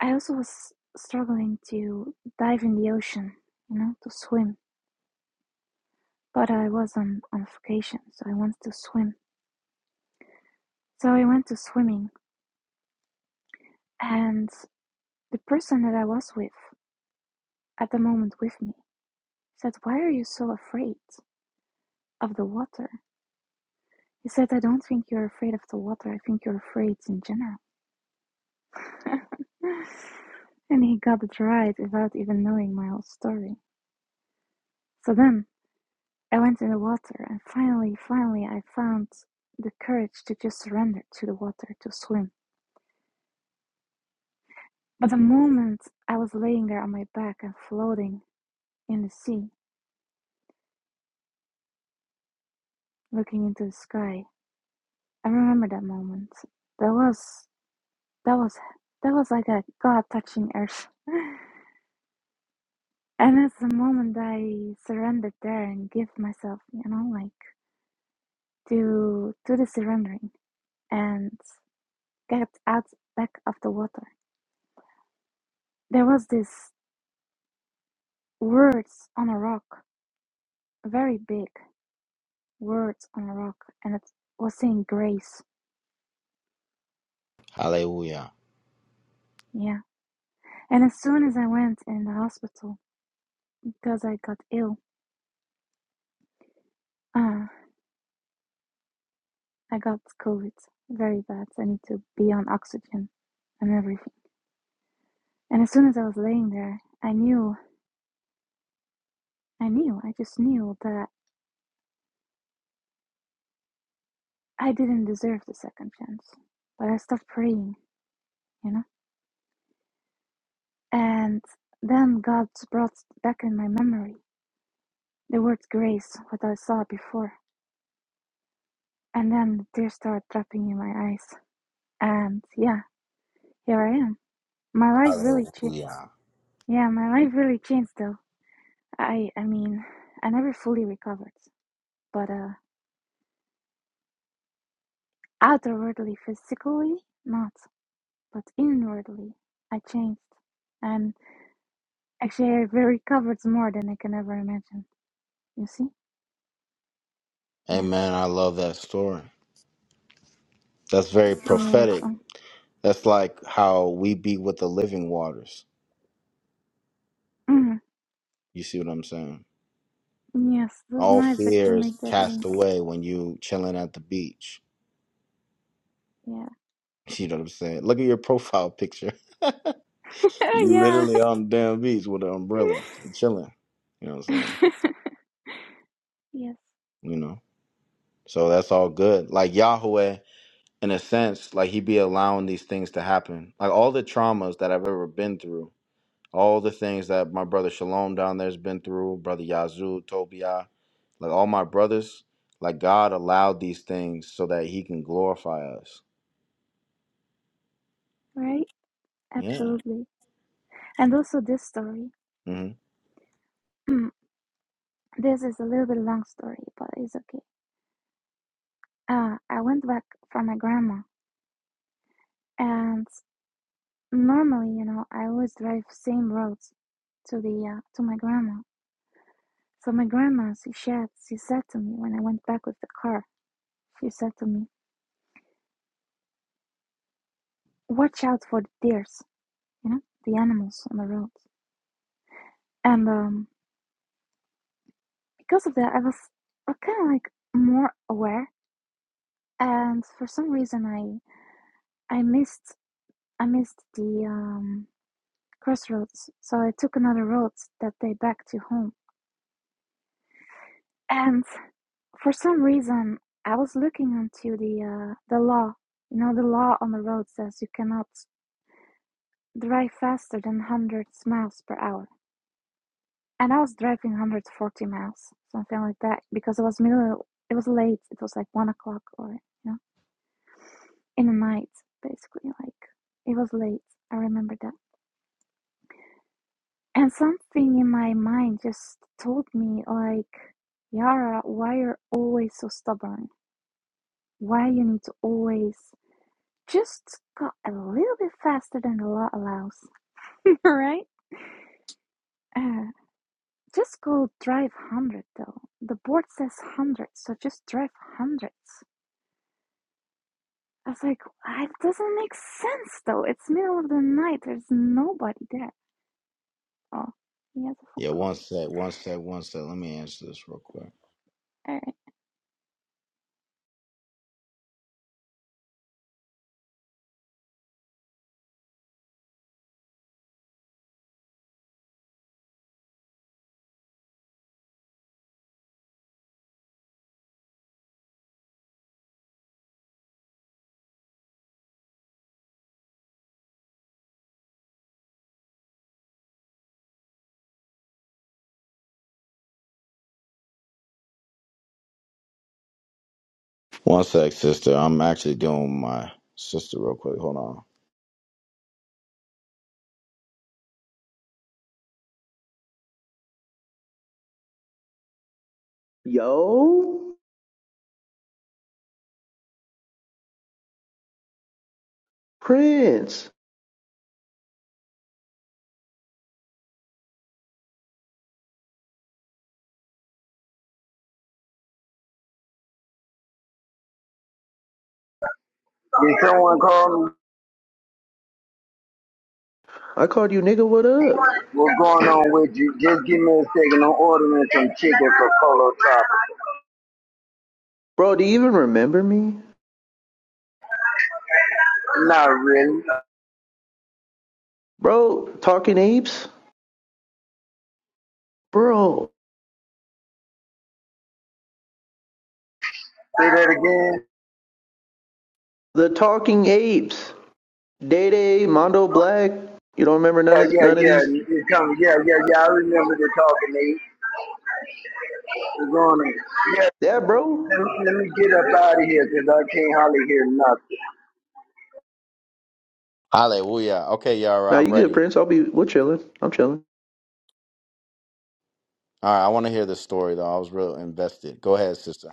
[SPEAKER 2] I also was struggling to dive in the ocean, you know, to swim. But I was on, on vacation, so I wanted to swim. So I went to swimming, and the person that I was with at the moment with me said, Why are you so afraid of the water? He said, I don't think you're afraid of the water. I think you're afraid in general. [laughs] and he got it right without even knowing my whole story. So then I went in the water and finally, finally I found the courage to just surrender to the water to swim. But the moment I was laying there on my back and floating in the sea, looking into the sky, I remember that moment. That was that was that was like a God touching earth. [laughs] and it's the moment I surrendered there and give myself, you know, like to to the surrendering and get out back of the water. There was this Words on a Rock, very big Words on a Rock, and it was saying Grace.
[SPEAKER 1] Hallelujah.
[SPEAKER 2] Yeah. And as soon as I went in the hospital because I got ill, uh, I got COVID very bad. I need to be on oxygen and everything. And as soon as I was laying there, I knew, I knew, I just knew that I didn't deserve the second chance. But I stopped praying, you know? And then God brought back in my memory the word grace, what I saw before And then the tears started dropping in my eyes. And yeah, here I am. My life really changed.
[SPEAKER 1] Hallelujah.
[SPEAKER 2] Yeah, my life really changed though. I I mean, I never fully recovered, but uh outwardly physically not, but inwardly I changed. And actually I recovered more than I can ever imagine. You see? Yeah.
[SPEAKER 1] Amen. I love that story. That's very
[SPEAKER 2] You look
[SPEAKER 1] prophetic.
[SPEAKER 2] on.
[SPEAKER 1] That's like how we be with the living waters.
[SPEAKER 2] Mhm.
[SPEAKER 1] You see what I'm saying?
[SPEAKER 2] Yes, that's
[SPEAKER 1] All
[SPEAKER 2] nice that you
[SPEAKER 1] fear is
[SPEAKER 2] make that
[SPEAKER 1] cast
[SPEAKER 2] link.
[SPEAKER 1] away when you chilling at the beach.
[SPEAKER 2] Yeah.
[SPEAKER 1] [laughs] You know what I'm saying? Look at your profile picture.
[SPEAKER 2] [laughs]
[SPEAKER 1] You
[SPEAKER 2] yeah.
[SPEAKER 1] literally on the damn beach with an umbrella, and chilling. You know what I'm saying?
[SPEAKER 2] [laughs] yes,
[SPEAKER 1] You know, so that's all good. Like Yahweh, in a sense, like he be allowing these things to happen. Like all the traumas that I've ever been through, all the things that my brother Shalom down there's been through, brother Yazoo, Tobiah, like all my brothers, like God allowed these things so that He can glorify us.
[SPEAKER 2] right?
[SPEAKER 1] Yeah.
[SPEAKER 2] Absolutely. And also this story.
[SPEAKER 1] hmm
[SPEAKER 2] [clears throat] this is a little bit long story, but it's okay. Uh, I went back for my grandma, and normally, you know, I always drive same roads to the uh, to my grandma. So my grandma, she said, she said to me when I went back with the car, she said to me, "Watch out for the deers, you know, the animals on the road." And um, because of that, I was kind of like more aware, and for some reason, I I missed I missed the um, crossroads, so I took another road that day back to home. And for some reason, I was looking into the uh, the law. You know, the law on the road says you cannot drive faster than 100 miles per hour. And I was driving 140 miles, something like that, because it was middle. It was late. It was like one o'clock, or you know, in the night, basically. Like it was late. I remember that. And something in my mind just told me, like, Yara, why you're always so stubborn? Why you need to always just go a little bit faster than the law allows, [laughs] right? Uh, just go drive 100 though. The board says 100, so just drive hundreds. I was like, "Ah, it doesn't make sense though. It's middle of the night. There's nobody there. Oh, he has a phone
[SPEAKER 1] Yeah.
[SPEAKER 2] call.
[SPEAKER 1] One sec. One sec. One sec. Let me answer this real quick.
[SPEAKER 2] All right,
[SPEAKER 1] One sec, sister. I'm actually doing my sister real quick. Hold on.
[SPEAKER 6] Yo, Prince.
[SPEAKER 3] Did someone call me?
[SPEAKER 6] I called you nigga, what up?
[SPEAKER 3] What's going on with you? Just give me a second. I'm ordering some chicken for Polo Top.
[SPEAKER 6] Bro, do you even remember me?
[SPEAKER 3] Not really.
[SPEAKER 6] Bro, Talking Apes? Bro,
[SPEAKER 3] Say that again.
[SPEAKER 6] the Talking Apes. Day Day, Mondo Black. You don't remember none
[SPEAKER 3] Yeah,
[SPEAKER 6] of
[SPEAKER 3] yeah,
[SPEAKER 6] none of
[SPEAKER 3] yeah.
[SPEAKER 6] these?
[SPEAKER 3] It's coming. Yeah, yeah, yeah. I remember the talking, Nate. What's going on? Yeah,
[SPEAKER 6] Yeah, bro.
[SPEAKER 3] let me, let me get up out of here because I can't hardly hear nothing.
[SPEAKER 1] Hallelujah. Okay, Yara,
[SPEAKER 6] Now
[SPEAKER 1] I'm
[SPEAKER 6] you good,
[SPEAKER 1] ready.
[SPEAKER 6] Prince. I'll be we're chilling. I'm chilling.
[SPEAKER 1] All right, I want to hear the story though. I was real invested. Go ahead, sister.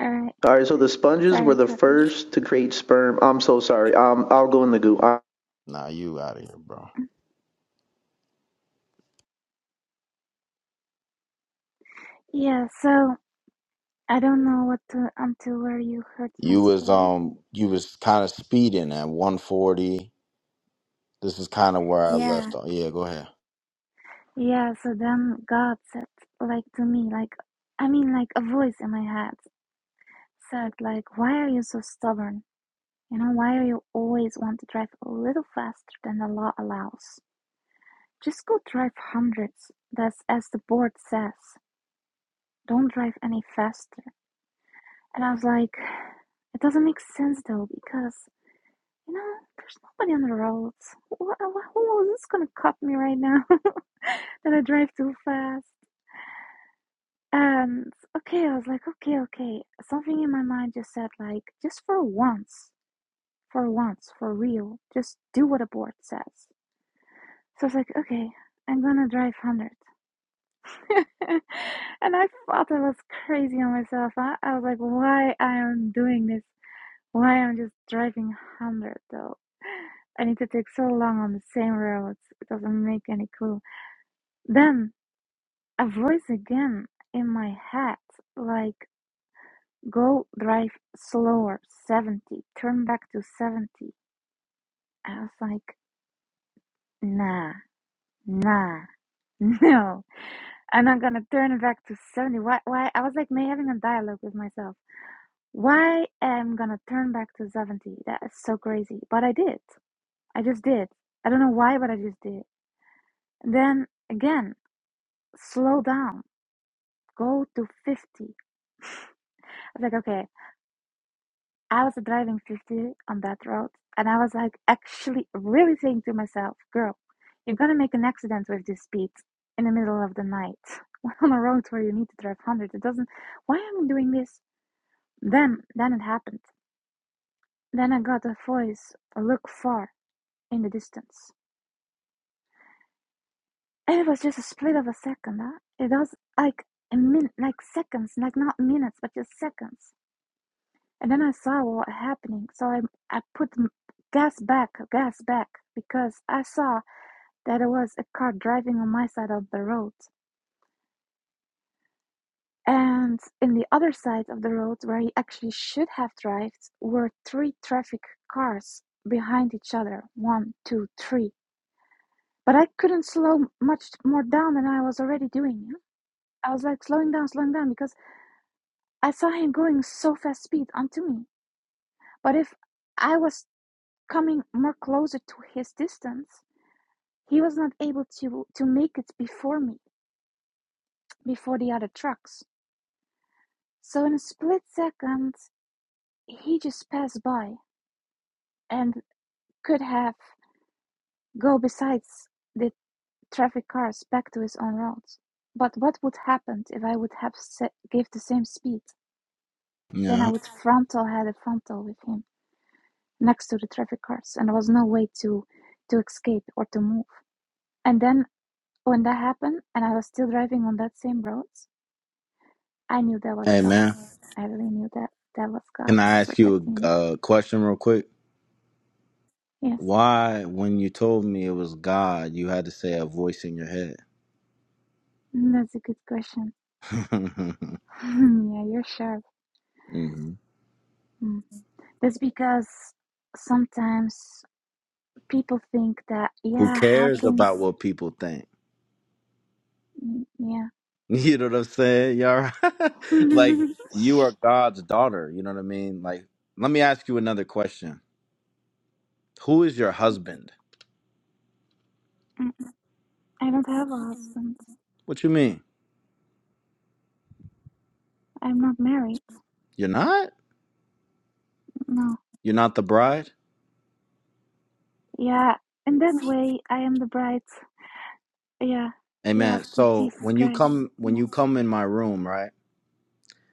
[SPEAKER 2] all right.
[SPEAKER 6] All right, so the sponges were
[SPEAKER 2] Sorry,
[SPEAKER 6] the
[SPEAKER 2] Tate.
[SPEAKER 6] first to create sperm. I'm so sorry. Um, I'll go in the goo. I,
[SPEAKER 1] Nah, you out of here, bro.
[SPEAKER 2] Yeah, so I don't know what to, until where you heard my
[SPEAKER 1] You was
[SPEAKER 2] story.
[SPEAKER 1] um, you was kind of speeding at 140. This is kind of where I
[SPEAKER 2] Yeah,
[SPEAKER 1] left off. Yeah, go ahead.
[SPEAKER 2] yeah. So then God said, like to me, like I mean, like a voice in my head said, like, why are you so stubborn? You know, why are you always want to drive a little faster than the law allows? Just go drive hundreds. That's as the board says. Don't drive any faster. And I was like, it doesn't make sense though because you know there's nobody on the roads. Who, who who is this gonna cut me right now? [laughs] and I drive too fast. And okay, I was like, okay, okay. Something in my mind just said, like, just for once, for once, for real, just do what a board says. So I was like, okay, I'm gonna drive 100. [laughs] and I thought I was crazy on myself. I, I was like, why I am doing this? Why I'm just driving 100 though? I need to take so long on the same roads. It doesn't make any clue. Then a voice again in my head, like. go drive slower 70 turn back to 70 i was like nah nah [laughs] no i'm not gonna turn it back to 70 why why i was like may having a dialogue with myself why am i gonna turn back to 70 that is so crazy but i did i just did i don't know why but i just did then again slow down go to 50 i was like okay I was driving 50 on that road, and I was like, actually, really saying to myself, girl, you're gonna make an accident with this speed in the middle of the night [laughs] on a road where you need to drive 100. It doesn't, why am I doing this? Then, then it happened. Then I got a voice, look far in the distance. And it was just a split of a second. Huh? It was like a minute, like seconds, like not minutes, but just seconds. And then I saw what happening, so I I put m- gas back, gas back, because I saw that there was a car driving on my side of the road. And in the other side of the road, where he actually should have drived, were three traffic cars behind each other. One, two, three. But I couldn't slow much more down than I was already doing. yeah. I was like slowing down, slowing down, because I saw him going so fast speed onto me. But if I was coming more closer to his distance, He was not able to to make it before me, before the other trucks. So in a split second, he just passed by and could have go besides the traffic cars back to his own roads. But what would happen if I would have se- gave the same speed? Then I
[SPEAKER 1] Yeah.
[SPEAKER 2] would frontal had a frontal with him next to the traffic cars, and there was no way to to escape or to move. And then when that happened, and I was still driving on that same road, I knew that was
[SPEAKER 1] Hey,
[SPEAKER 2] God.
[SPEAKER 1] man.
[SPEAKER 2] I really knew that that was God
[SPEAKER 1] Can I ask you
[SPEAKER 2] protecting
[SPEAKER 1] a
[SPEAKER 2] me.
[SPEAKER 1] uh, question real quick?
[SPEAKER 2] Yes,
[SPEAKER 1] Why, when you told me it was God, you had to say a voice in your head?
[SPEAKER 2] Mm, that's a good question.
[SPEAKER 1] [laughs] hmm
[SPEAKER 2] [laughs] yeah, you're sharp.
[SPEAKER 1] Who
[SPEAKER 2] Mm. That's because sometimes people think that, yeah, how
[SPEAKER 1] cares
[SPEAKER 2] can,
[SPEAKER 1] about what people think?
[SPEAKER 2] mm, yeah.
[SPEAKER 1] [laughs] You know what I'm saying? Y'all right?
[SPEAKER 2] [laughs]
[SPEAKER 1] [laughs] like you are God's daughter, you know what I mean? Like let me ask you another question. Who is your husband?
[SPEAKER 2] I don't have a husband.
[SPEAKER 1] What you mean?
[SPEAKER 2] I'm not married.
[SPEAKER 1] You're not?
[SPEAKER 2] No.
[SPEAKER 1] You're not the bride?
[SPEAKER 2] Yeah, in that way, I am the bride. Yeah, yeah, of
[SPEAKER 1] Amen.
[SPEAKER 2] the
[SPEAKER 1] So
[SPEAKER 2] Jesus
[SPEAKER 1] when you
[SPEAKER 2] Christ.
[SPEAKER 1] come when
[SPEAKER 2] Yeah.
[SPEAKER 1] you come in my room, right?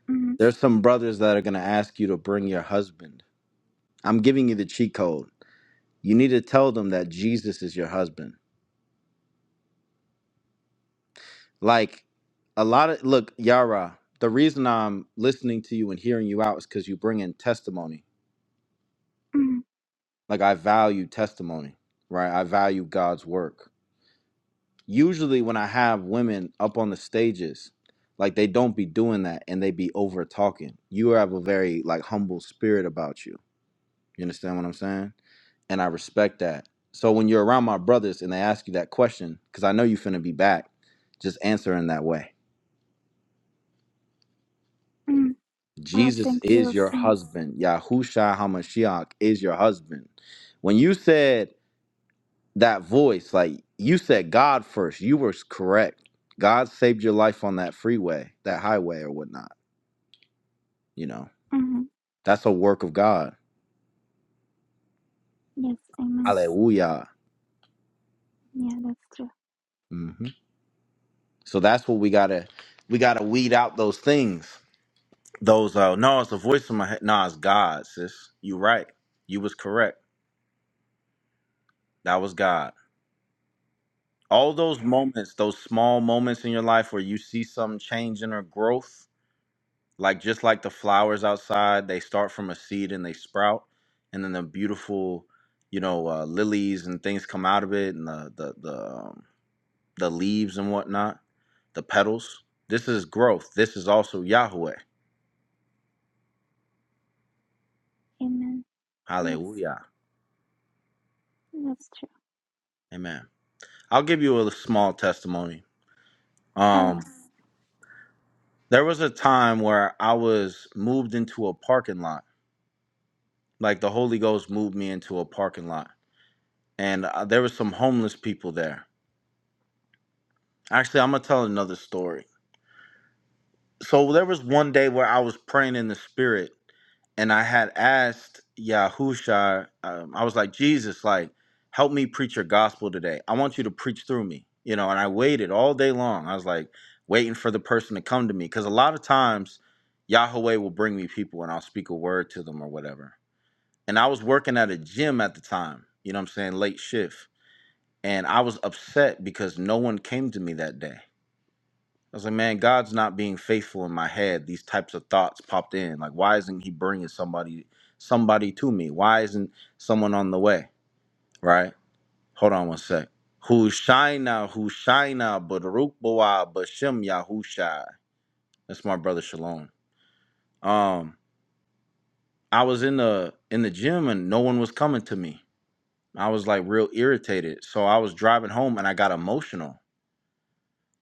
[SPEAKER 2] Mm,
[SPEAKER 1] There's some brothers that are going to ask you to bring your husband. I'm giving you the cheat code. You need to tell them that Jesus is your husband. Like a lot of look, Yara, the reason I'm listening to you and hearing you out is cuz you bring in testimony
[SPEAKER 2] mm,
[SPEAKER 1] Like I value testimony, right? I value God's work. Usually when I have women up on the stages, like they don't be doing that and they be over talking. You have a very like humble spirit about you. You understand what I'm saying? And I respect that. So when you're around my brothers and they ask you that question, because I know you finna be back, just answer in that way.
[SPEAKER 2] Hmm. Well,
[SPEAKER 1] Jesus
[SPEAKER 2] thank
[SPEAKER 1] is
[SPEAKER 2] you,
[SPEAKER 1] your
[SPEAKER 2] Saint.
[SPEAKER 1] husband. Yahushua HaMashiach is your husband. When you said that voice like you said god first you were correct god saved your life on that freeway that highway or whatnot you know
[SPEAKER 2] hmm
[SPEAKER 1] that's a work of god
[SPEAKER 2] Yes, amen.
[SPEAKER 1] hallelujah
[SPEAKER 2] Yeah, that's true.
[SPEAKER 1] hmm so that's what we gotta we gotta weed out those things those uh no it's a voice in my head no it's god sis you right you was correct that was god all those moments those small moments in your life where you see something changing or growth like just like the flowers outside they start from a seed and they sprout and then the beautiful you know uh, lilies and things come out of it and the the the, um, the leaves and whatnot the petals this is growth this is also yahweh
[SPEAKER 2] Amen. Yes,
[SPEAKER 1] hallelujah
[SPEAKER 2] that's true.
[SPEAKER 1] amen i'll give you a small testimony
[SPEAKER 2] All
[SPEAKER 1] um
[SPEAKER 2] right.
[SPEAKER 1] there was a time where i was moved into a parking lot like the holy ghost moved me into a parking lot and uh, there was some homeless people there actually i'm gonna tell another story so there was one day where I was praying in the spirit, and I had asked Yahusha, um, I was like, Jesus, like, help me preach your gospel today. I want you to preach through me, you know. And I waited all day long. I was like waiting for the person to come to me because a lot of times Yahweh will bring me people, and I'll speak a word to them or whatever. And I was working at a gym at the time, you know what I'm saying, late shift, and I was upset because no one came to me that day I was like, man, God's not being faithful in my head. These types of thoughts popped in. Like, why isn't He bringing somebody, somebody to me? Why isn't someone on the way? Right? Hold on one sec. Hushaina, Hushaina, Baruch Boa, Bashem Yahusha. That's my brother Shalom. Um, I was in the in the gym and no one was coming to me. I was like real irritated. So I was driving home and I got emotional.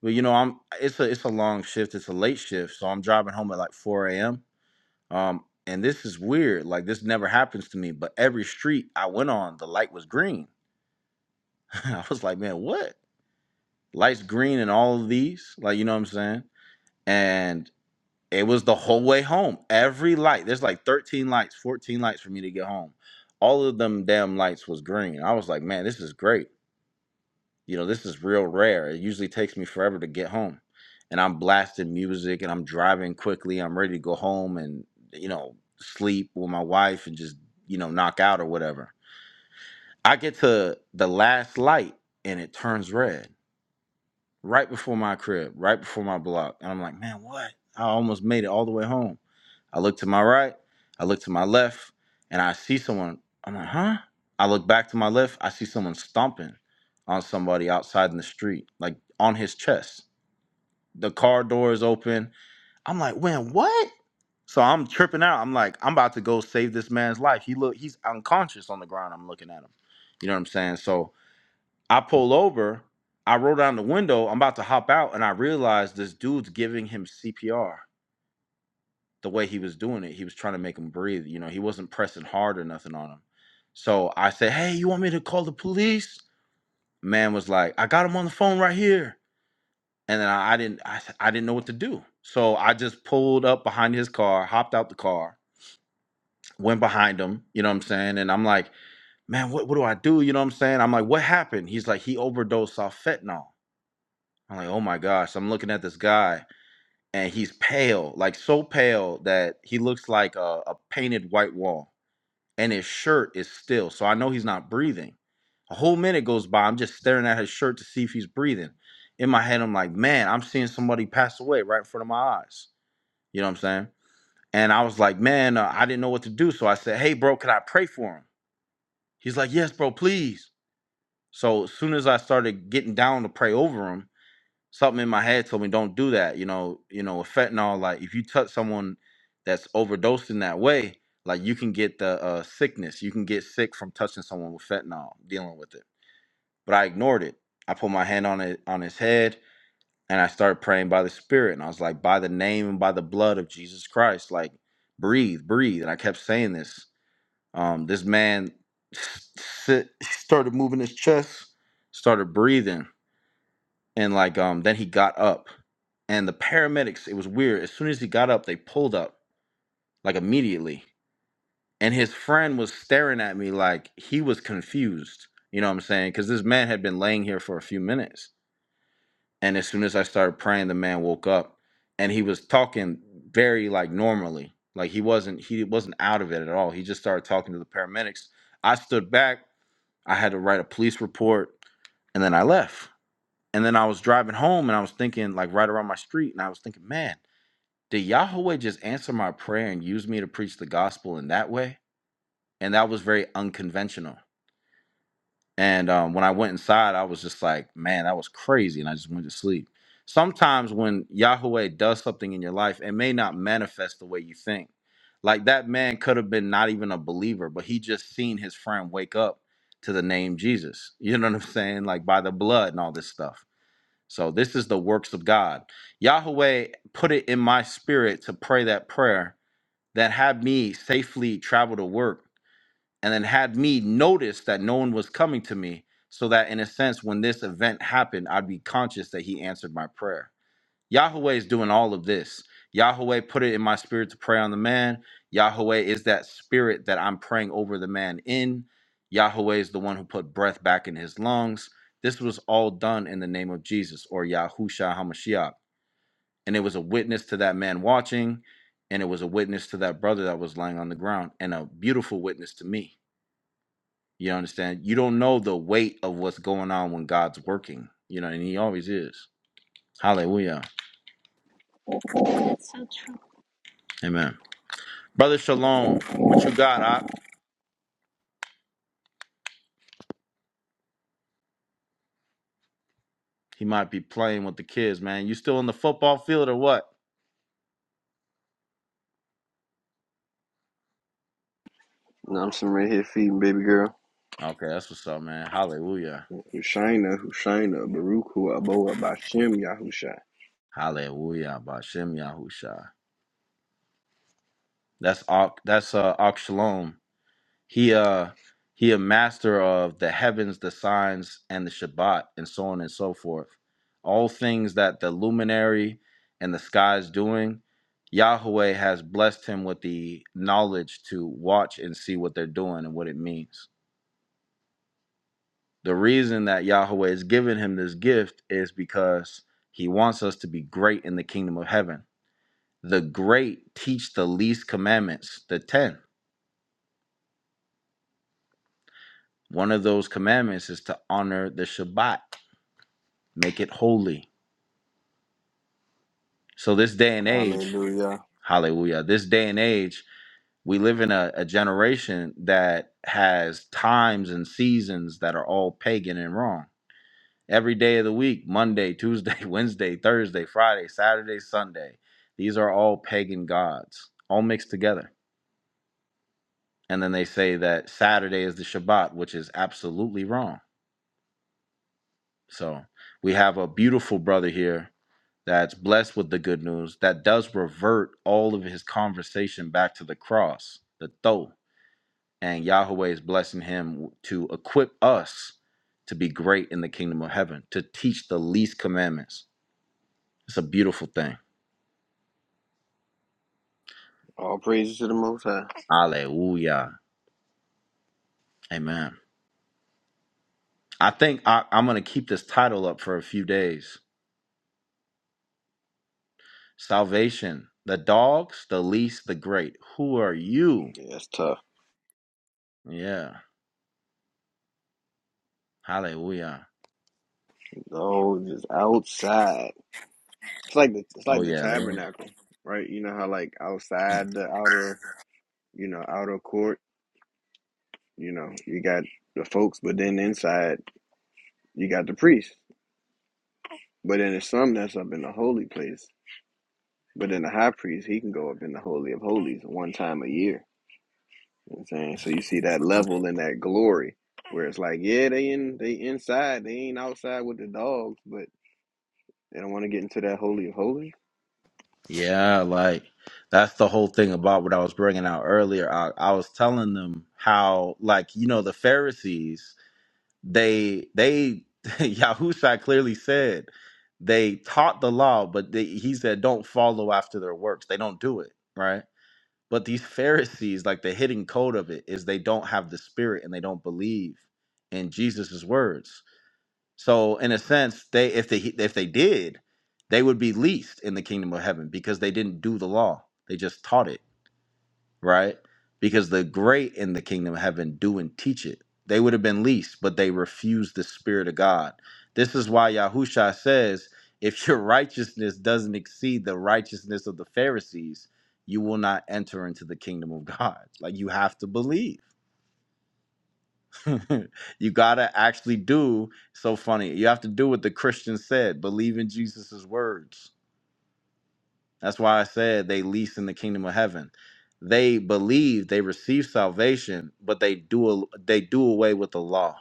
[SPEAKER 1] But you know, I'm it's a it's a long shift, it's a late shift. So I'm driving home at like 4 a.m Um, and this is weird. Like this never happens to me. But every street I went on, the light was green. [laughs] I was like, man, what? Lights green in all of these? Like, you know what I'm saying? And it was the whole way home. Every light. There's like 13 lights, 14 lights for me to get home. All of them damn lights was green. I was like, man, this is great. You know, this is real rare. It usually takes me forever to get home. And I'm blasting music and I'm driving quickly. I'm ready to go home and, you know, sleep with my wife and just, you know, knock out or whatever. I get to the last light and it turns red right before my crib, right before my block. And I'm like, man, what? I almost made it all the way home I look to my right, I look to my left, and I see someone. I'm like, huh? I look back to my left, I see someone stomping on somebody outside in the street, like on his chest. The car door is open. I'm like, when what? So I'm tripping out. I'm like, I'm about to go save this man's life. He look, he's unconscious on the ground. I'm looking at him. You know what I'm saying? So I pull over, I roll down the window, I'm about to hop out, and I realize this dude's giving him CPR the way he was doing it, he was trying to make him breathe. You know, he wasn't pressing hard or nothing on him. So I said, Hey, you want me to call the police? Man was like, I got him on the phone right here. And then I, I didn't I, I I didn't know what to do. So I just pulled up behind his car, hopped out the car, went behind him, you know what I'm saying? And I'm like, man, what, what do I do? You know what I'm saying? I'm like, what happened? He's like, he overdosed off fentanyl. I'm like, oh my gosh. I'm looking at this guy and he's pale, like so pale that he looks like a, a painted white wall and his shirt is still. So I know he's not breathing. A whole minute goes by. I'm just staring at his shirt to see if he's breathing. In my head, I'm like, man, I'm seeing somebody pass away right in front of my eyes. You know what I'm saying? And I was like, man, uh, I didn't know what to do. So I said, hey, bro, can I pray for him? He's like, yes, bro, please. So as soon as I started getting down to pray over him, something in my head told me don't do that. You know, you know, with fentanyl, like if you touch someone that's overdosed in that way, like you can get the uh, sickness. You can get sick from touching someone with fentanyl, dealing with it. But I ignored it. I put my hand on it on his head and I started praying by the spirit. And I was like, by the name and by the blood of Jesus Christ, like breathe, breathe. And I kept saying this. Um, this man s- sit, [laughs] started moving his chest, started breathing, and like um, then he got up and the paramedics it was weird as soon as he got up they pulled up like immediately and his friend was staring at me like he was confused you know what i'm saying because this man had been laying here for a few minutes and as soon as i started praying the man woke up and he was talking very like normally like he wasn't he wasn't out of it at all he just started talking to the paramedics i stood back i had to write a police report and then i left and then i was driving home and i was thinking like right around my street and i was thinking man Did Yahweh just answer my prayer and use me to preach the gospel in that way? And that was very unconventional. And um, when I went inside, I was just like, man, that was crazy. And I just went to sleep. Sometimes when Yahweh does something in your life, it may not manifest the way you think. Like that man could have been not even a believer, but he just seen his friend wake up to the name Jesus. You know what I'm saying? Like by the blood and all this stuff. So this is the works of God. Yahweh put it in my spirit to pray that prayer that had me safely travel to work and then had me notice that no one was coming to me so that in a sense when this event happened i'd be conscious that he answered my prayer yahweh is doing all of this yahweh put it in my spirit to pray on the man yahweh is that spirit that i'm praying over the man in yahweh is the one who put breath back in his lungs this was all done in the name of jesus or yahushua hamashiach and it was a witness to that man watching and it was a witness to that brother that was lying on the ground and a beautiful witness to me you understand you don't know the weight of what's going on when god's working you know and he always is hallelujah
[SPEAKER 2] That's so true.
[SPEAKER 1] amen brother shalom what you got Op? he might be playing with the kids man you still in the football field or what
[SPEAKER 7] And I'm some right here feeding baby girl.
[SPEAKER 1] okay that's what's up man hallelujah
[SPEAKER 7] Hushaina, Hushaina, Baruch Hu Aboa Bashem Yahusha.
[SPEAKER 1] hallelujah Bashem yahusha that's Ak- that's uh Ak Shalom He uh he a master of the heavens, the signs, and the Shabbat, and so on and so forth. All things that the luminary and the sky is doing, Yahweh has blessed him with the knowledge to watch and see what they're doing and what it means. The reason that Yahweh has given him this gift is because he wants us to be great in the kingdom of heaven. The great teach the least commandments, the 10. One of those commandments is to honor the Shabbat make it holy. So this day and age,
[SPEAKER 7] Hallelujah.
[SPEAKER 1] hallelujah, this day and age, we live in a, a generation that has times and seasons that are all pagan and wrong. Every day of the week, Monday, Tuesday, [laughs] Wednesday, Thursday, Friday, Saturday, Sunday, these are all pagan gods, all mixed together. And then they say that Saturday is the Shabbat, which is absolutely wrong. So we have a beautiful brother here that's blessed with the good news that does revert all of his conversation back to the cross, the though. And Yahweh is blessing him to equip us to be great in the kingdom of heaven, to teach the least commandments. It's a beautiful thing.
[SPEAKER 7] All praises to the Most High.
[SPEAKER 1] Hallelujah. Amen. I think I, I'm going to keep this title up for a few days. Salvation, the dogs, the least, the great. Who are you?
[SPEAKER 7] Yeah, it's tough.
[SPEAKER 1] Yeah. Hallelujah.
[SPEAKER 7] No, just outside. It's like the it's
[SPEAKER 1] Oh,
[SPEAKER 7] like the
[SPEAKER 1] yeah. They,
[SPEAKER 7] tabernacle, right? You know how like outside the outer, you know, outer court, you know, you got the folks, but then inside you got the priest. But then there's some that's up in the holy place. But then the high priest, he can go up in the holy of holies one time a year. You know what I'm saying? So you see that level and that glory where it's like, yeah, they in they inside, they ain't outside with the dogs, but they don't want to get into that holy of holies.
[SPEAKER 1] Yeah, like that's the whole thing about what I was bringing out earlier. I, I was telling them how, like, you know, the Pharisees, they, they, [laughs] Yahusha clearly said they taught the law, but they, he said don't follow after their works. They don't do it, right? But these Pharisees, like the hidden code of it is they don't have the spirit and they don't believe in Jesus's words. So in a sense, they if they if they did, they would be least in the kingdom of heaven because they didn't do the law. They just taught it, right? Because the great in the kingdom of heaven do and teach it. They would have been least, but they refused the spirit of God. This is why Yahusha says, if your [laughs] righteousness doesn't exceed the righteousness of the Pharisees, you will not enter into the kingdom of God. Like you have to believe [laughs] you gotta actually do so funny. You have to do what the Christian said, believe in Jesus' words. That's why I said they least in the kingdom of heaven. They believe they receive salvation, but they do a, they do away with the law.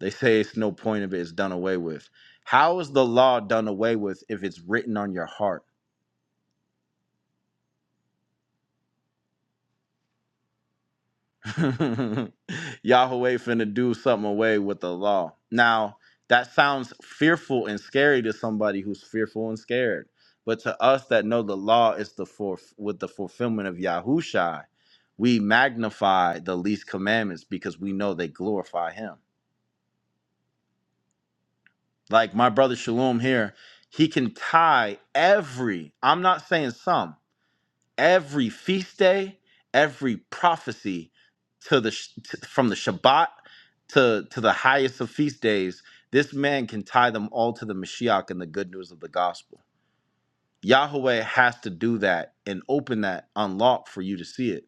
[SPEAKER 1] They say it's no point of it, it's done away with. How is the law done away with if it's written on your heart? [laughs] Yahweh finna do something away with the law. Now, that sounds fearful and scary to somebody who's fearful and scared. But to us that know the law is the for with the fulfillment of Yahushai, we magnify the least commandments because we know they glorify him. Like my brother Shalom here, he can tie every, I'm not saying some. every feast day, every prophecy to the sh- t- from the Shabbat to to the highest of feast days, this man can tie them all to the Mashiach and the good news of the gospel. Yahweh has to do that and open that unlock for you to see it.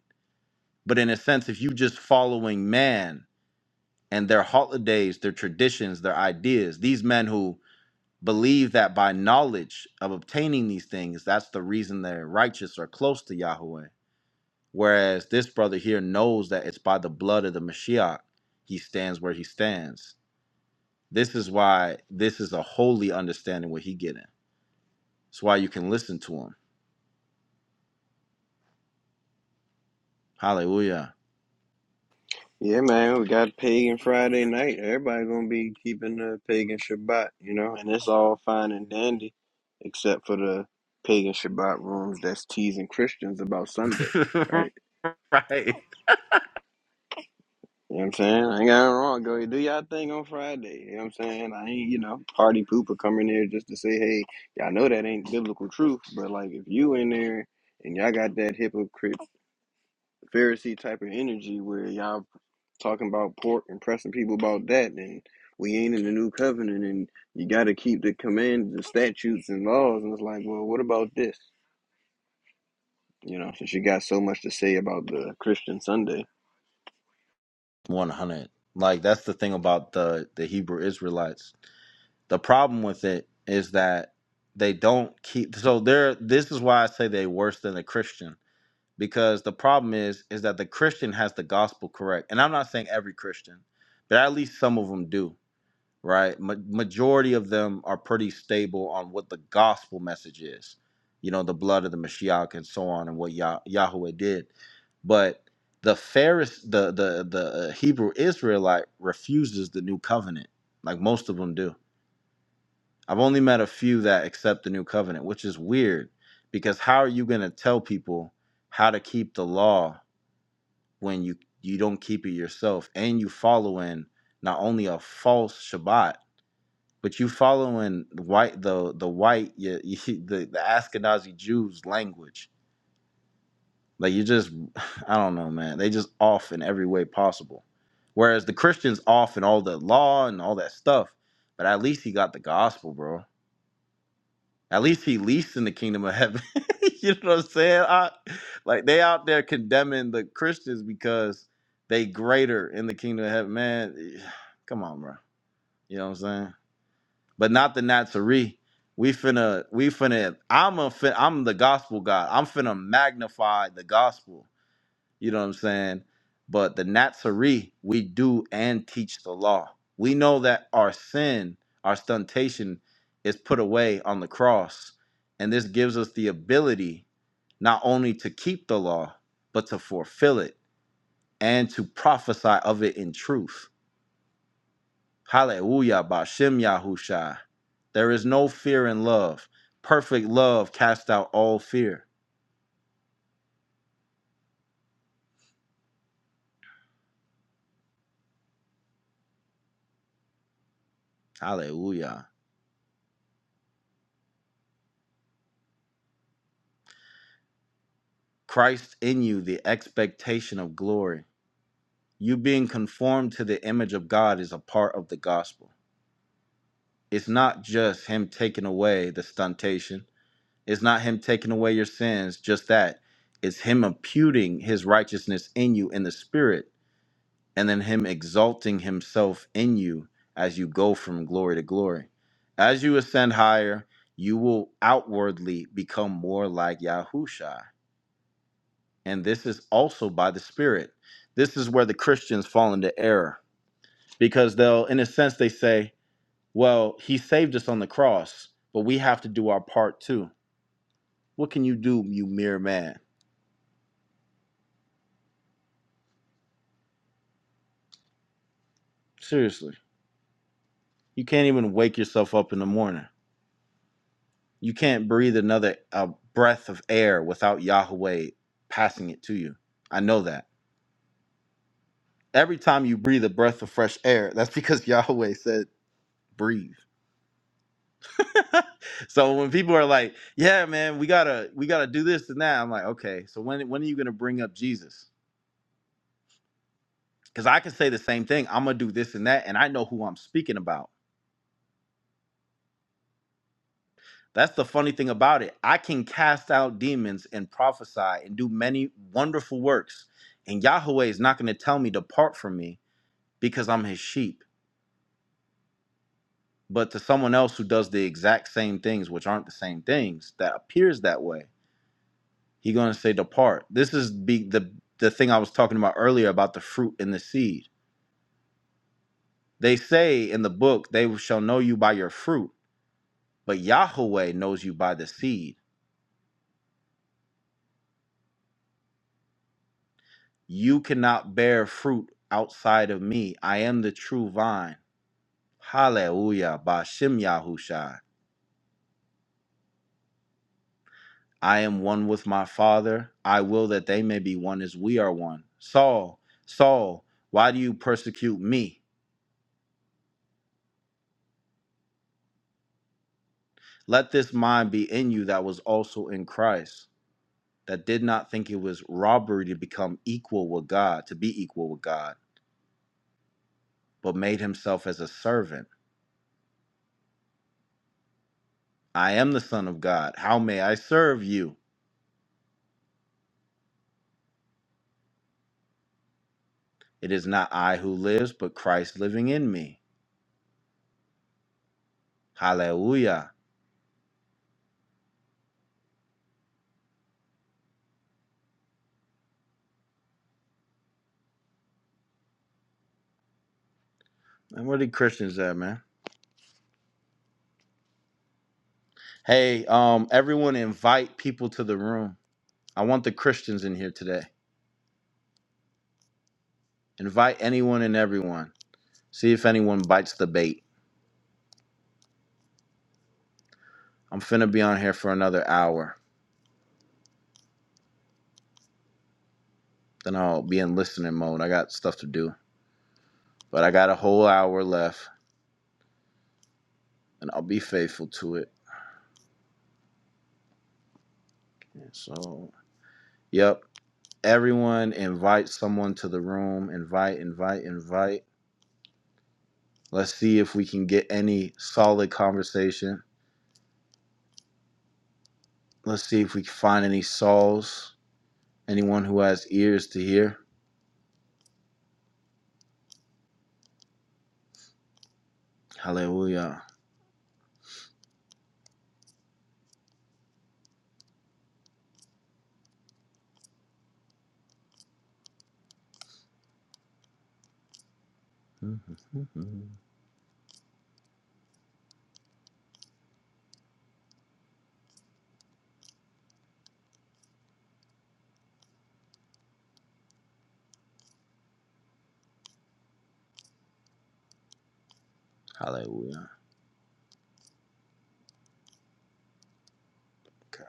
[SPEAKER 1] But in a sense, if you just following man and their holidays, their traditions, their ideas, these men who believe that by knowledge of obtaining these things, that's the reason they're righteous or close to Yahweh Whereas this brother here knows that it's by the blood of the Mashiach he stands where he stands. This is why this is a holy understanding what he getting. It's why you can listen to him. Hallelujah.
[SPEAKER 7] Yeah, man, we got pagan Friday night. Everybody gonna be keeping the pagan Shabbat, you know, and it's all fine and dandy, except for the pagan Shabbat rooms that's teasing Christians about Sunday,
[SPEAKER 1] [laughs]
[SPEAKER 7] right?
[SPEAKER 1] right.
[SPEAKER 7] You know what I'm saying? I ain't got nothing wrong. Go do y'all thing on Friday. You know what I'm saying? I ain't, you know, party pooper coming there just to say, hey, y'all know that ain't biblical truth, but like if you in there and y'all got that hypocrite Pharisee type of energy where y'all talking about pork and pressing people about that, then we ain't in the new covenant and you got to keep the commands, the statutes, and laws. And it's like, well, what about this? You know, since you got so much to say about the Christian Sunday.
[SPEAKER 1] One hundred. Like that's the thing about the the Hebrew Israelites. The problem with it is that they don't keep. So they're. This is why I say they worse than a Christian because the problem is is that the christian has the gospel correct and i'm not saying every christian but at least some of them do right Ma- majority of them are pretty stable on what the gospel message is you know the blood of the mashiach and so on and what Yah- yahweh did but the Pharis, the the the uh, Hebrew Israelite refuses the new covenant, like most of them do. I've only met a few that accept the new covenant, which is weird, because how are you going to tell people how to keep the law when you you don't keep it yourself and you following not only a false Shabbat but you following white the the white [laughs] you, you, the the Ashkenazi Jews language like you just [sighs] I don't know man they just off in every way possible whereas the Christians off in all the law and all that stuff but at least he got the gospel bro At least he least in the kingdom of heaven. [laughs] you know what I'm saying? I, like they out there condemning the Christians because they greater in the kingdom of heaven. Man, [sighs] come on, bro. You know what I'm saying? But not the Nazarene. We finna, we finna. I'm a, fin- I'm the gospel guy. I'm finna magnify the gospel. You know what I'm saying? But the Natsari, we do and teach the law. We know that our sin, our stuntation, is put away on the cross. And this gives us the ability not only to keep the law, but to fulfill it and to prophesy of it in truth. Hallelujah, Bashem Yahusha. There is no fear in love. Perfect love casts out all fear. Hallelujah. Christ in you, the expectation of glory. you being conformed to the image of God is a part of the gospel. It's not just him taking away the stuntation. It's not him taking away your sins, just that. It's him imputing his righteousness in you in the spirit and then him exalting himself in you as you go from glory to glory. As you ascend higher, you will outwardly become more like Yahusha. And this is also by the spirit. This is where the Christians fall into error because they'll in a sense they say well he saved us on the cross but we have to do our part too what can you do you mere man seriously you can't even wake yourself up in the morning you can't breathe another a breath of air without yahweh passing it to you i know that every time you breathe a breath of fresh air that's because [laughs] yahweh said breathe [laughs] so when people are like yeah man we gotta we gotta do this and that i'm like okay so when when are you gonna bring up jesus Because I can say the same thing. I'm going to do this and that, and I know who I'm speaking about. That's the funny thing about it. I can cast out demons and prophesy and do many wonderful works. And Yahweh is not going to tell me, depart from me, because I'm his sheep. But to someone else who does the exact same things, which aren't the same things, that appears that way, he's going to say, depart. This is be the, the thing I was talking about earlier about the fruit and the seed. They say in the book, they shall know you by your fruit, but Yahweh knows you by the seed. You cannot bear fruit outside of me. I am the true vine. Hallelujah. Bashem Yahushai. I am one with my Father. I will that they may be one as we are one. Saul, Saul, why do you persecute me? Let this mind be in you that was also in Christ, that did not think it was robbery to become equal with God, to be equal with God, but made himself as a servant. I am the Son of God. How may I serve you? It is not I who lives, but Christ living in me. Hallelujah. And where the Christians at, man? Hey, um, everyone invite people to the room. I want the Christians in here today. Invite anyone and everyone. See if anyone bites the bait. I'm finna be on here for another hour. Then I'll be in listening mode. I got stuff to do. But I got a whole hour left and I'll be faithful to it. So, yep. Everyone invite someone to the room. Invite, invite, invite. Let's see if we can get any solid conversation. Let's see if we can find any souls, anyone who has ears to hear. Hallelujah. [laughs] Hallelujah. Okay.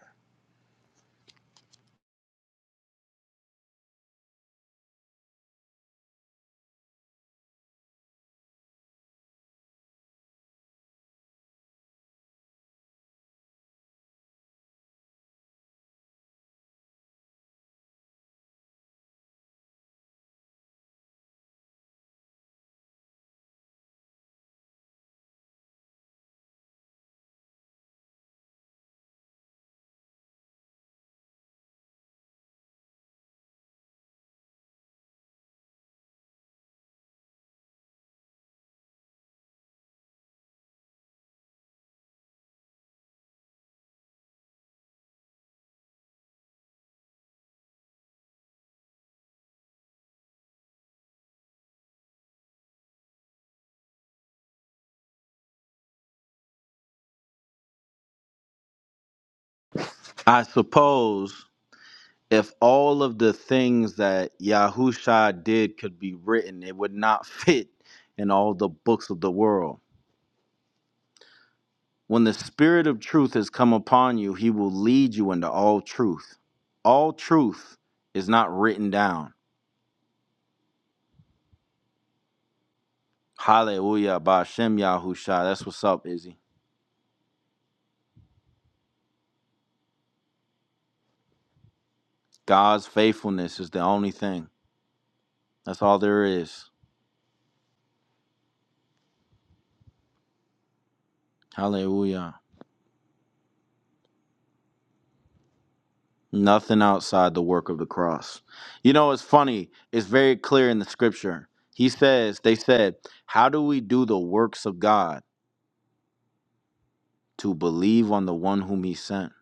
[SPEAKER 1] I suppose if all of the things that Yahusha did could be written, it would not [laughs] fit in all the books of the world. When the Spirit of truth has come upon you, he will lead you into all truth. All truth is not written down. Hallelujah. Bashem Yahusha. That's what's up, Izzy. God's faithfulness is the only thing. That's all there is. Hallelujah. Nothing outside the work of the cross. You know, it's funny. It's very clear in the scripture. He says, they said, How do we do the works of God? To believe on the one whom he sent.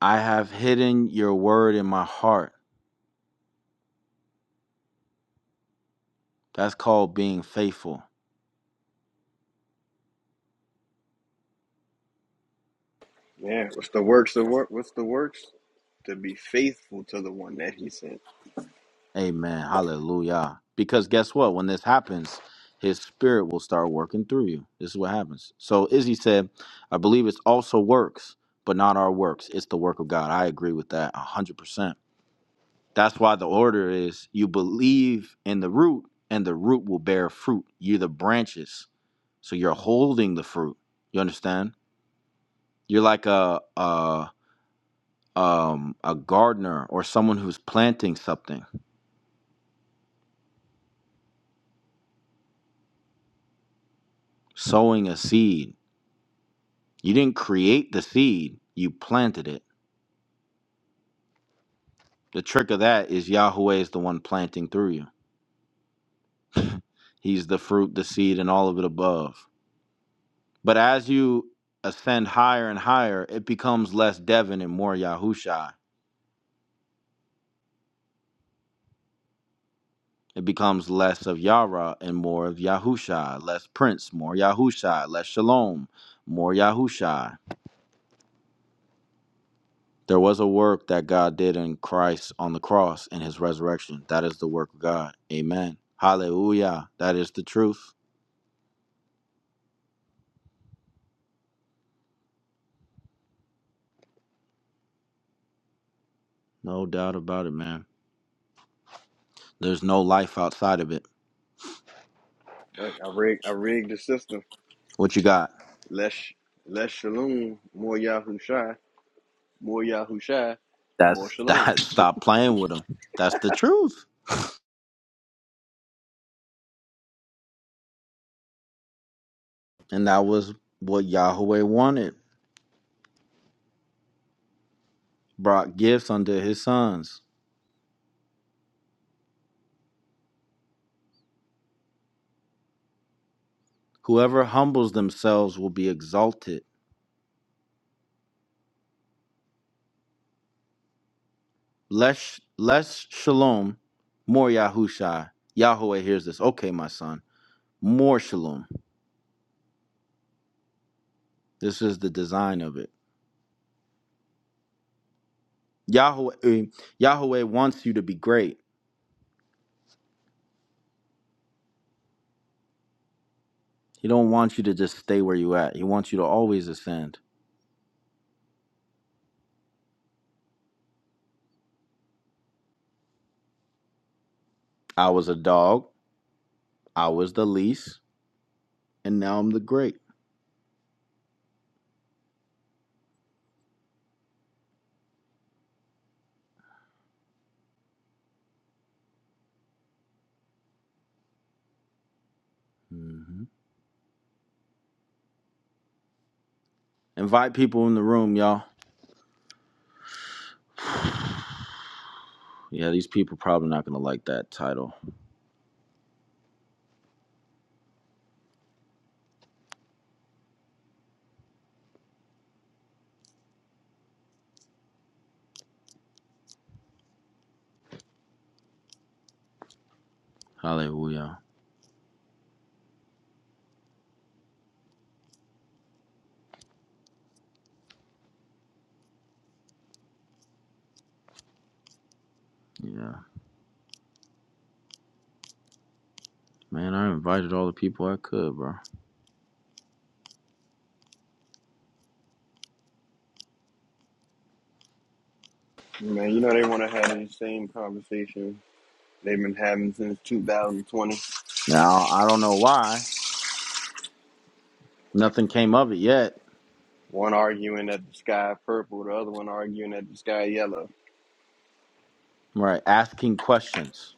[SPEAKER 1] I have hidden your word in my heart. That's called being faithful.
[SPEAKER 7] Yeah, what's the works? The work. What's the works? To be faithful to the one that he sent.
[SPEAKER 1] Amen. Hallelujah. Because guess what? When this happens, his spirit will start working through you. This is what happens. So Izzy said, I believe it's also works, but not our works. It's the work of God. I agree with that 100%. That's why the order is you believe in the root, and the root will bear fruit. You're the branches. So you're holding the fruit. You understand? You're like a, a, um, a gardener or someone who's planting something, sowing a seed You didn't create the seed, you planted it. The trick of that is Yahweh is the one planting through you. [laughs] He's the fruit, the seed, and all of it above. But as you ascend higher and higher, it becomes less Devin and more Yahusha. It becomes less of Yara and more of Yahusha, less Prince, more Yahusha, less Shalom, more Yahusha. There was a work that God did in Christ on the cross and his resurrection. That is the work of God. Amen. Hallelujah. That is the truth. No doubt about it, man. There's no life outside of it.
[SPEAKER 7] Look, I rigged. I rigged the system.
[SPEAKER 1] What you got?
[SPEAKER 7] Less, less shalom, more Yahusha, more Yahusha, more
[SPEAKER 1] That's
[SPEAKER 7] shalom.
[SPEAKER 1] that. [laughs] Stop playing with them. That's the truth. And that was what Yahweh wanted. Brought gifts unto his sons. Whoever humbles themselves will be exalted. Less, less shalom, more Yahushai. Yahweh hears this. Okay, my son. More shalom. This is the design of it. Yahweh, eh, Yahweh wants you to be great. He don't want you to just stay where you at. He wants you to always ascend. I was a dog. I was the least, and now I'm the great. hmm Invite people in the room, y'all. [sighs] Yeah, these people probably not gonna like that title. Hallelujah. Yeah, man, I invited all the people I could, bro.
[SPEAKER 7] Man, you know they want to have the same conversation they've been having since 2020.
[SPEAKER 1] Now I don't know why nothing came of it yet.
[SPEAKER 7] One arguing that the sky purple, the other one arguing that the sky yellow.
[SPEAKER 1] Right, asking questions.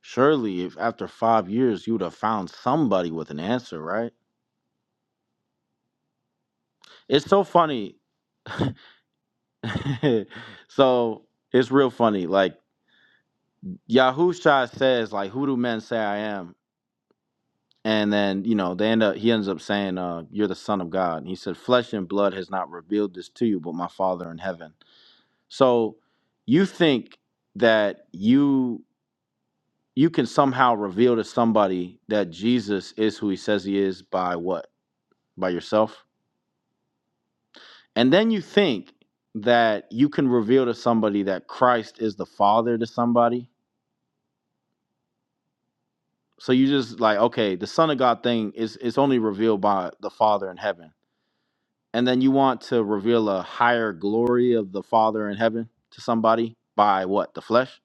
[SPEAKER 1] Surely, if after five years you would have found somebody with an answer, right? It's so funny [laughs] so it's real funny. Like Yahusha says, like, who do men say I am? And then, you know, they end up he ends up saying, uh, you're the son of God. And he said, Flesh and blood has not revealed this to you, but my father in heaven. So you think that you you can somehow reveal to somebody that Jesus is who he says he is by what? By yourself? And then you think that you can reveal to somebody that Christ is the Father to somebody So you just like, okay, the Son of God thing is is only revealed by the Father in heaven. And then you want to reveal a higher glory of the Father in heaven to somebody by what? The flesh?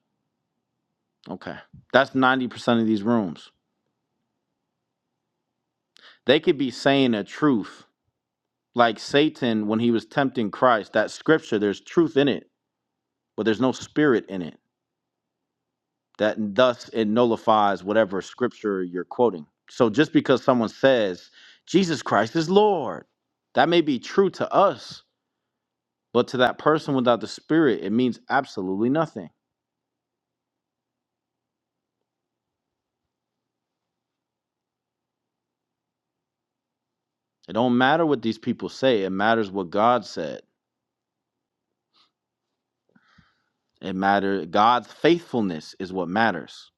[SPEAKER 1] Okay. That's 90% of these rooms. They could be saying a truth. Like Satan when he was tempting Christ, that scripture, there's truth in it, but there's no spirit in it. That thus it nullifies whatever scripture you're quoting. So just because someone says Jesus Christ is Lord, that may be true to us, But to that person without the spirit, it means absolutely nothing. It don't matter what these people say. It matters what God said. It matters God's faithfulness is what matters.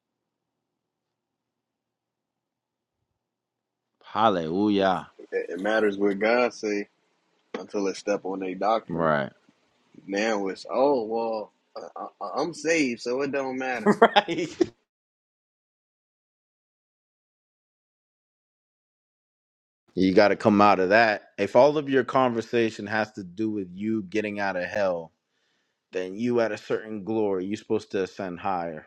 [SPEAKER 1] Hallelujah.
[SPEAKER 7] It, it matters what God say until they step on their doctrine.
[SPEAKER 1] Right.
[SPEAKER 7] Now it's oh well, I, I, I'm saved, so it don't
[SPEAKER 1] [laughs]
[SPEAKER 7] matter.
[SPEAKER 1] right. You got to come out of that. If all of your conversation has to do with you getting out of hell, then you at a certain glory, you're supposed to ascend higher.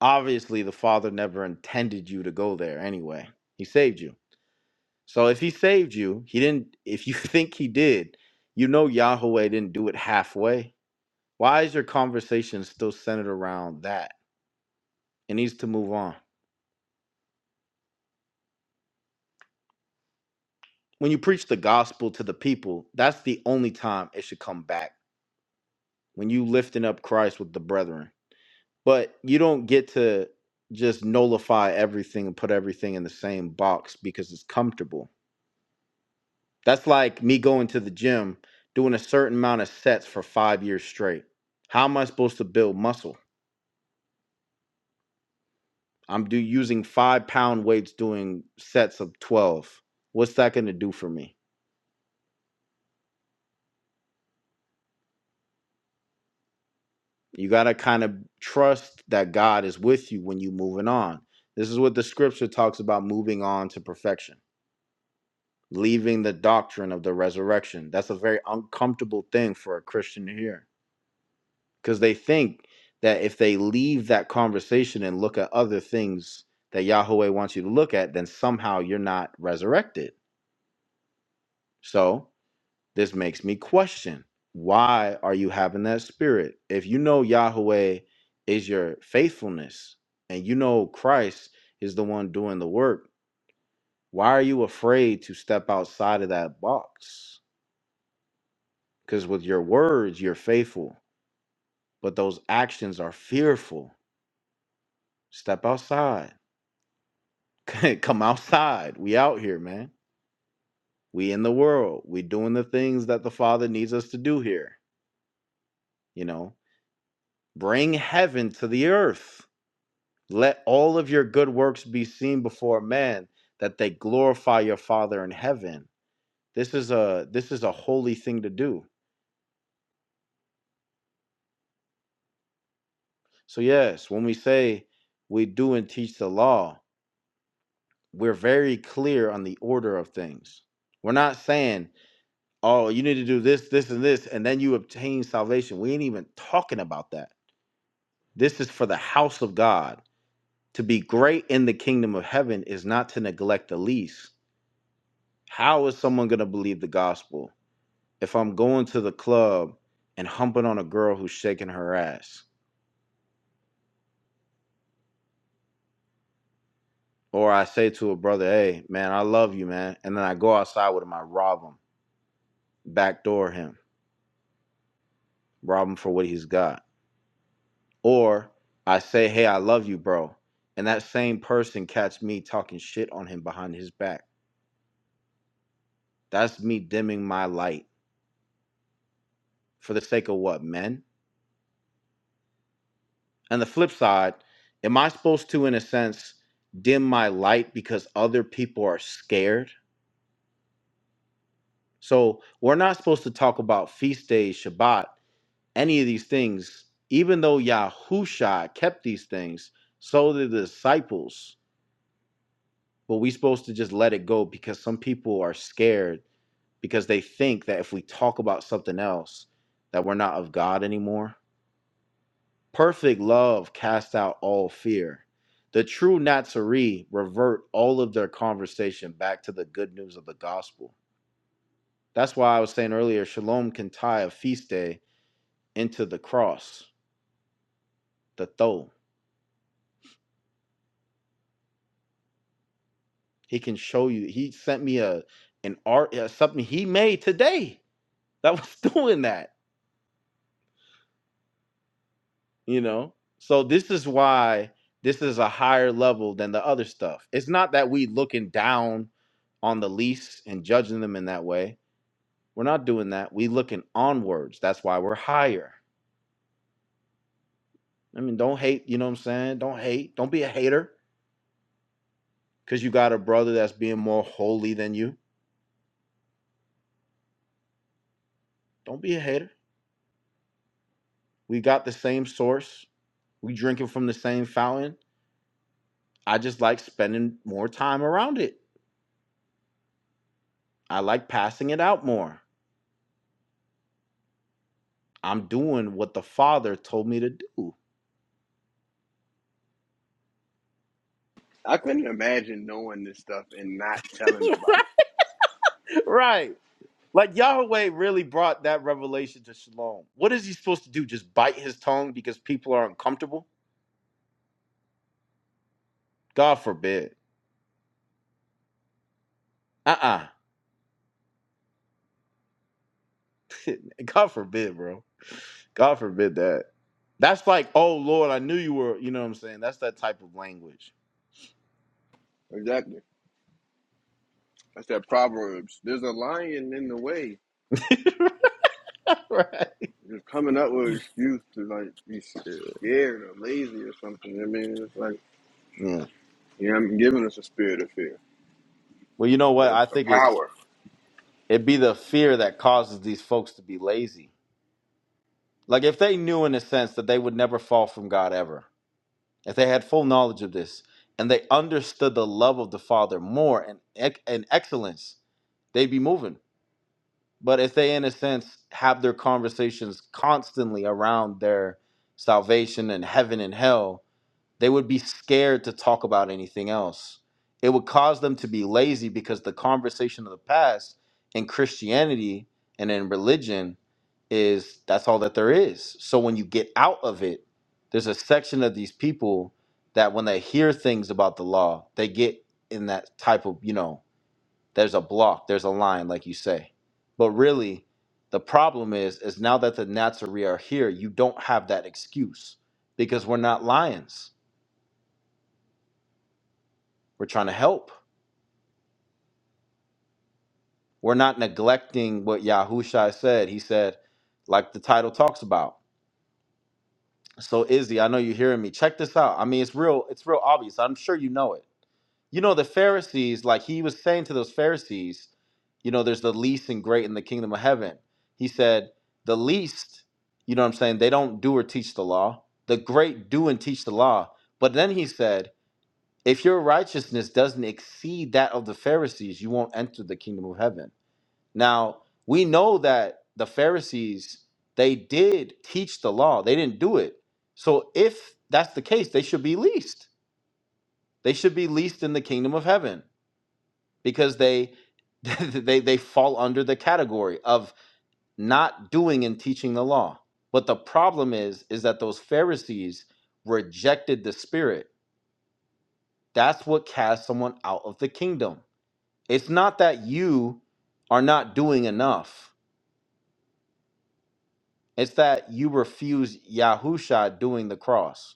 [SPEAKER 1] Obviously, the Father never intended you to go there anyway. He saved you. So if he saved you, he didn't if you [laughs] think he did, you know Yahweh didn't do it halfway. Why is your conversation still centered around that? It needs to move on. When you preach the gospel to the people, that's the only time it should come back. When you lifting up Christ with the brethren. But you don't get to just nullify everything and put everything in the same box because it's comfortable. That's like me going to the gym, doing a certain amount of sets for 5 years straight. How am I supposed to build muscle? I'm do using five pound weights doing sets of 12. What's that going to do for me? You got to kind of trust that God is with you when you're moving on. This is what the scripture talks about moving on to perfection, leaving the doctrine of the resurrection. That's a very uncomfortable thing for a Christian to hear because they think that if they leave that conversation and look at other things that Yahweh wants you to look at, then somehow you're not resurrected. So This makes me question why are you having that spirit? If you know Yahweh is your faithfulness and you know Christ is the one doing the work, why are you afraid to step outside of that box? Because with your words, you're faithful, but those actions are fearful. Step outside. [laughs] Come outside. We out here, man. We in the world. We doing the things that the Father needs us to do here. You know, bring heaven to the earth Let all of your good works be seen before men, that they glorify your Father in heaven. This is a this is a holy thing to do. So yes, when we say we do and teach the law, we're very clear on the order of things. We're not saying, "Oh, you need to do this, this, and this, and then you obtain salvation." We ain't even talking about that. This is for the house of God. To be great in the kingdom of heaven is not to neglect the least. How is someone going to believe the gospel? if I'm going to the club and humping on a girl who's shaking her ass, or I say to a brother, "Hey, man, I love you, man," and then I go outside with him, I rob him, backdoor him, rob him for what he's got, or I say, "Hey, I love you, bro," and that same person catch me talking shit on him behind his back. That's me dimming my light for the sake of what men. And the flip side, am I supposed to, in a sense, dim my light because other people are scared? So we're not supposed to talk about feast days, Shabbat, any of these things, even though Yahushua kept these things, so did the disciples. But we supposed to just let it go because some people are scared because they think that if we talk about something else, that we're not of God anymore. Perfect love casts out all fear. The true Nazarene revert all of their conversation back to the good news of the gospel. That's why I was saying earlier, Shalom can tie a feast day into the cross, the throw. He can show you. He sent me a an art uh, something he made today that was [laughs] doing that. You know, so this is why this is a higher level than the other stuff. It's not that we looking down on the least and judging them in that way. We're not doing that. We looking onwards. That's why we're higher. I mean, don't hate. You know what I'm saying? Don't hate. Don't be a hater because you got a brother that's being more holy than you. Don't be a hater. We got the same source. We drinking from the same fountain. I just like spending more time around it. I like passing it out more. I'm doing what the Father told me to do.
[SPEAKER 7] I couldn't imagine knowing this stuff and not
[SPEAKER 1] [laughs]
[SPEAKER 7] telling nobody.
[SPEAKER 1] right. right. Like Yahweh really brought that revelation to Shalom. What is he supposed to do? Just bite his tongue because people are uncomfortable? God forbid. Uh uh [laughs] God forbid, bro. God forbid that. That's like, oh Lord, I knew you were, you know what I'm saying? That's that type of language.
[SPEAKER 7] Exactly. That's that Proverbs. There's a lion in the way.
[SPEAKER 1] [laughs] Right.
[SPEAKER 7] just coming up with an excuse to like be scared or lazy or something. I mean, it's like
[SPEAKER 1] Yeah.
[SPEAKER 7] yeah, I'm giving us a spirit of fear,
[SPEAKER 1] Well, you know what?
[SPEAKER 7] but a,
[SPEAKER 1] I
[SPEAKER 7] a
[SPEAKER 1] think it's
[SPEAKER 7] power.
[SPEAKER 1] It be the fear that causes these folks to be lazy. Like if they knew in a sense that they would never fall from God ever, if they had full knowledge of this and they understood the love of the Father more and ec- and excellence, they'd be moving. But if they in a sense have their conversations constantly around their salvation and heaven and hell, they would be scared to talk about anything else. It would cause them to be lazy because the conversation of the past in Christianity and in religion is that's all that there is. So when you get out of it, there's a section of these people that when they hear things about the law, they get in that type of, you know, there's a block, there's a line, like you say. But really, the problem is, is now that the Nazarene are here, you don't have that excuse because we're not lions We're trying to help. We're not neglecting what Yahushua said. He said, like the title talks about. So Izzy, I know you're hearing me. Check this out. I mean, it's real, it's real obvious. I'm sure you know it. You know, the Pharisees, like he was saying to those Pharisees, you know, there's the least and great in the kingdom of heaven. He said, the least, you know what I'm saying? They don't do or teach the law. The great do and teach the law. But then he said, if your righteousness doesn't exceed that of the Pharisees, you won't enter the kingdom of heaven. Now, we know that the Pharisees, they did teach the law. They didn't do it. So if that's the case, they should be least. They should be least in the kingdom of heaven because they [laughs] they they fall under the category of not doing and teaching the law. But the problem is is that those Pharisees rejected the spirit. That's what casts someone out of the kingdom. It's not that you are not doing enough It's that you refuse Yahusha doing the cross.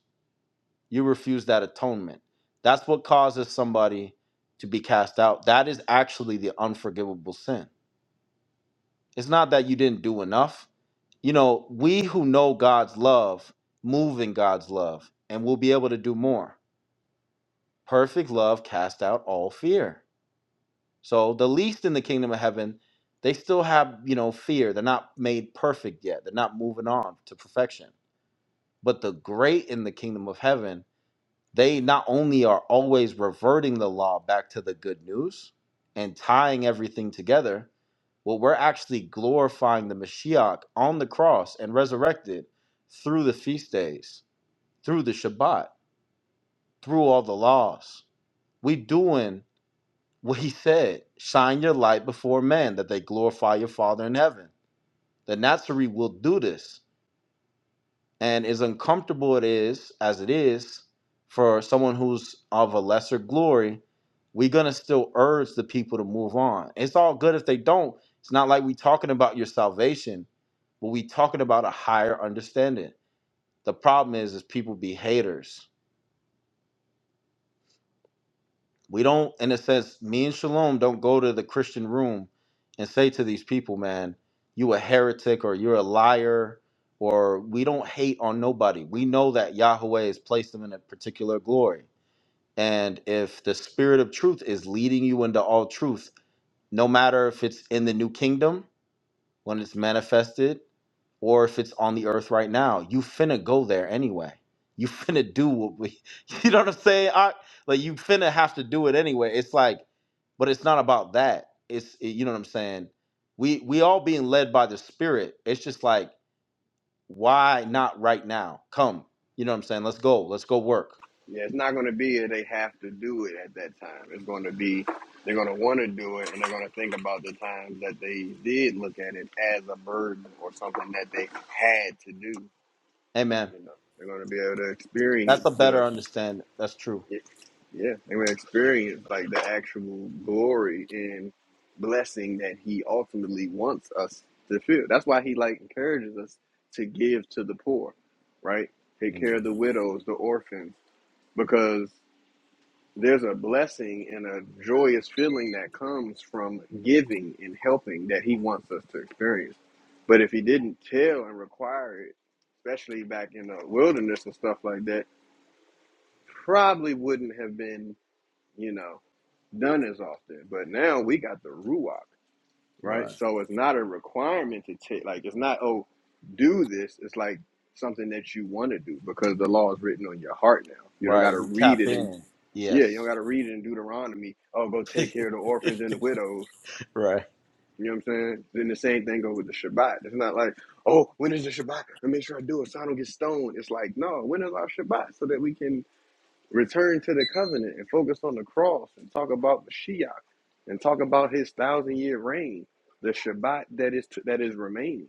[SPEAKER 1] You refuse that atonement. That's what causes somebody to be cast out. That is actually the unforgivable sin. It's not that you didn't do enough. You know, we who know God's love move in God's love and we'll be able to do more. Perfect love cast out all fear. So the least in the kingdom of heaven, they still have, you know, fear. They're not made perfect yet. They're not moving on to perfection But the great in the kingdom of heaven, they not only are always reverting the law back to the good news and tying everything together, well, we're actually glorifying the Mashiach on the cross and resurrected through the feast days, through the Shabbat, through all the laws. We doing what he said, shine your light before men that they glorify your Father in heaven. The Nazarene will do this and as uncomfortable it is as it is for someone who's of a lesser glory we're gonna still urge the people to move on it's all good if they don't it's not like we talking about your salvation but we talking about a higher understanding the problem is is people be haters we don't in a sense me and shalom don't go to the christian room and say to these people man you a heretic or you're a liar or we don't hate on nobody we know that yahweh has placed them in a particular glory and if the spirit of truth is leading you into all truth no matter if it's in the new kingdom when it's manifested or if it's on the earth right now, you finna go there anyway. You [laughs] finna do what we, [laughs] you know what I'm saying? I, like you finna have to do it anyway. It's like, but it's not about that. It's it- you know what I'm saying. We we all being led by the Spirit. It's just like, why not right now? Come, you know what I'm saying. Let's go. Let's go work.
[SPEAKER 7] Yeah, it's not going to be that they have to do it at that time. It's going to be they're going to want to do it, and they're going to think about the times that they did look at it as a burden or something that they had to do.
[SPEAKER 1] Amen.
[SPEAKER 7] You know, they're going to be able to
[SPEAKER 1] That's
[SPEAKER 7] experience
[SPEAKER 1] a
[SPEAKER 7] the
[SPEAKER 1] better understanding. That's true.
[SPEAKER 7] Yeah, yeah, they would experience like the actual glory and blessing that He ultimately wants us to feel. That's why He like encourages us to give to the poor, right? Take care
[SPEAKER 1] Mhm.
[SPEAKER 7] of the widows, the orphans, because there's a blessing and a joyous feeling that comes from giving and helping that He wants us to experience. But if He didn't tell and require it, especially back in the wilderness and stuff like that, probably wouldn't have been you know, done as often. But now we got the ruach, right?
[SPEAKER 1] Right.
[SPEAKER 7] So it's not a requirement to take. Like it's not oh, do this. It's like something that you want to do because the law is written on your heart now. You don't got
[SPEAKER 1] Right.
[SPEAKER 7] to
[SPEAKER 1] You
[SPEAKER 7] read
[SPEAKER 1] tap
[SPEAKER 7] it and
[SPEAKER 1] in.
[SPEAKER 7] yeah, you
[SPEAKER 1] Yes.
[SPEAKER 7] don't got to read it in Deuteronomy. Oh, go take care of the orphans and the
[SPEAKER 1] [laughs]
[SPEAKER 7] widows.
[SPEAKER 1] right.
[SPEAKER 7] You know what I'm saying? Then the same thing goes with the Shabbat. It's not like, oh, when is the Shabbat? I make sure I do it so I don't get stoned. It's like, no, when is our Shabbat so that we can Return to the covenant and focus on the cross and talk about Mashiach and talk about his thousand year reign, the Shabbat that is to, that is remaining.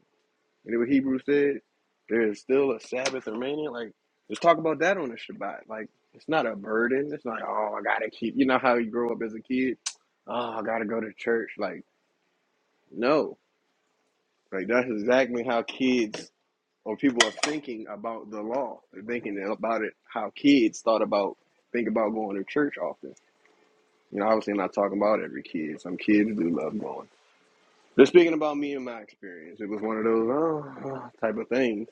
[SPEAKER 7] You know what Hebrews said? There is still a Sabbath remaining. Like, just talk about that on the Shabbat. Like, it's not a burden. It's not, oh, I gotta keep. You know how you grow up as a kid? Oh, I gotta go to church. Like, no. Like, that's exactly how kids or people are thinking about the law. They're thinking about it how kids thought about think about going to church often. You know, obviously, I'm not talking about every kid. Some kids do love going. Just speaking about me and my experience, it was one of those oh, oh, type of things,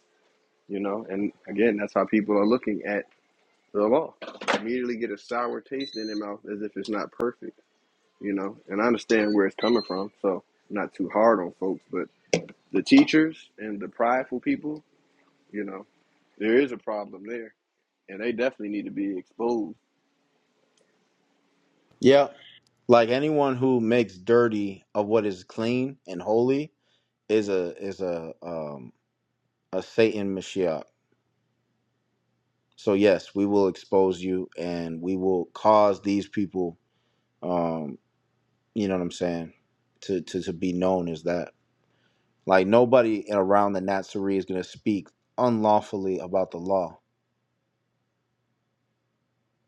[SPEAKER 7] you know. And again, that's how people are looking at the law. Immediately get a sour taste in their mouth as if it's not perfect, you know. And I understand where it's coming from, so I'm not too hard on folks. But the teachers and the prideful people, you know, there is a problem there, and they definitely need to be exposed.
[SPEAKER 1] Yeah. like anyone who makes dirty of what is clean and holy is a is a um a satan mashiach so yes we will expose you and we will cause these people um you know what i'm saying to to, to be known as that like nobody around the nazarene is going to speak unlawfully about the law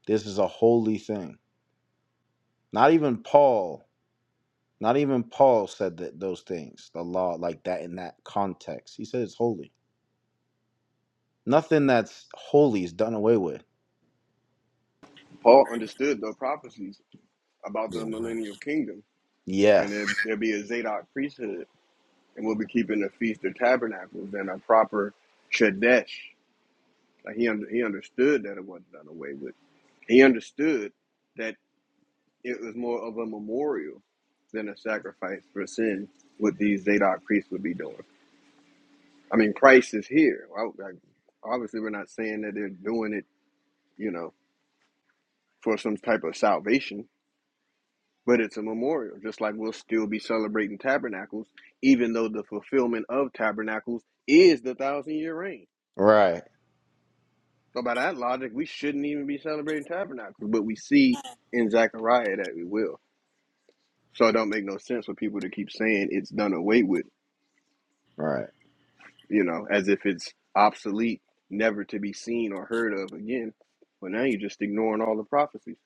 [SPEAKER 1] this is a holy thing not even paul not even paul said that those things the law like that in that context he said it's holy Nothing that's holy is done away with.
[SPEAKER 7] Paul understood the prophecies about the
[SPEAKER 1] Yeah.
[SPEAKER 7] millennial kingdom when
[SPEAKER 1] Yes.
[SPEAKER 7] there, there be a Zadok priesthood, and we'll be keeping the feast of tabernacles and a proper Chadesh. Like he under, he understood that it wasn't done away with. He understood that it was more of a memorial than a sacrifice for sin. What these Zadok priests would be doing. I mean, Christ is here. Well, like, obviously, we're not saying that they're doing it, you know, for some type of salvation But it's a memorial, just like we'll still be celebrating tabernacles, even though the fulfillment of tabernacles is the thousand year reign.
[SPEAKER 1] Right.
[SPEAKER 7] So, by that logic, we shouldn't even be celebrating tabernacles, but we see in Zechariah that we will. So, it don't make no sense for people to keep saying it's done away with,
[SPEAKER 1] Right.
[SPEAKER 7] you know, as if it's obsolete, never to be seen or heard of again. Well, now you're just ignoring all the prophecies.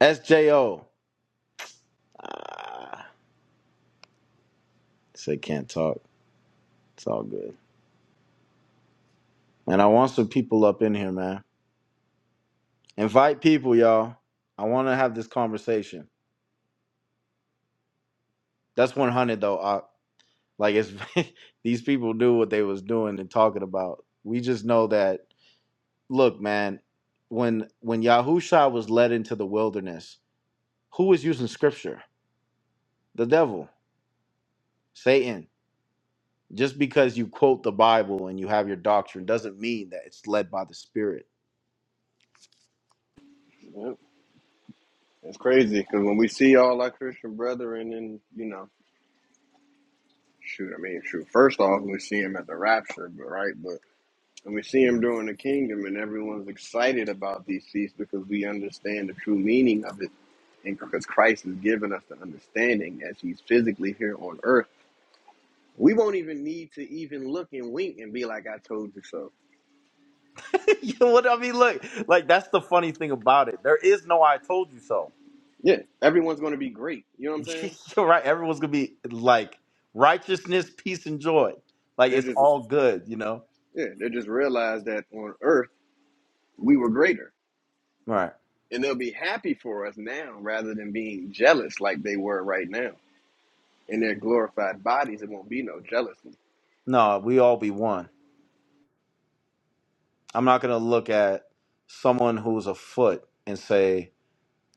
[SPEAKER 1] SJO. Ah, say can't talk. It's all good. And I want some people up in here, man. Invite people, y'all. I want to have this conversation. That's 100 though. I, like it's [laughs] these people do what they was doing and talking about. We just know that look, man, when when Yahusha was led into the wilderness, who was using scripture? The devil, Satan Just because you quote the Bible and you have your doctrine doesn't mean that it's led by the Spirit.
[SPEAKER 7] Yep. It's crazy because when we see all our Christian brethren and, you know, Shoot, I mean, shoot. First off, we see him at the rapture, but right, but and we see him
[SPEAKER 1] Mhm.
[SPEAKER 7] during the kingdom, and everyone's excited about these feasts because we understand the true meaning of it, and because Christ has given us the understanding as He's physically here on earth. We won't even need to even look and wink and be like, "I told you so."
[SPEAKER 1] [laughs] you know what I mean? Look, like that's the funny thing about it. There is no "I told you so."
[SPEAKER 7] Yeah, everyone's going to be great. You know what I'm saying?
[SPEAKER 1] [laughs] You're right. Everyone's gonna be like righteousness, peace, and joy. Like
[SPEAKER 7] They're
[SPEAKER 1] it's
[SPEAKER 7] just
[SPEAKER 1] all good, you know.
[SPEAKER 7] yeah, they just realize that on earth we were greater,
[SPEAKER 1] Right?
[SPEAKER 7] and they'll be happy for us now rather than being jealous like they were right now. in their glorified bodies, it won't be no jealousy.
[SPEAKER 1] No, we all be one. I'm not going to look at someone who's a foot and say,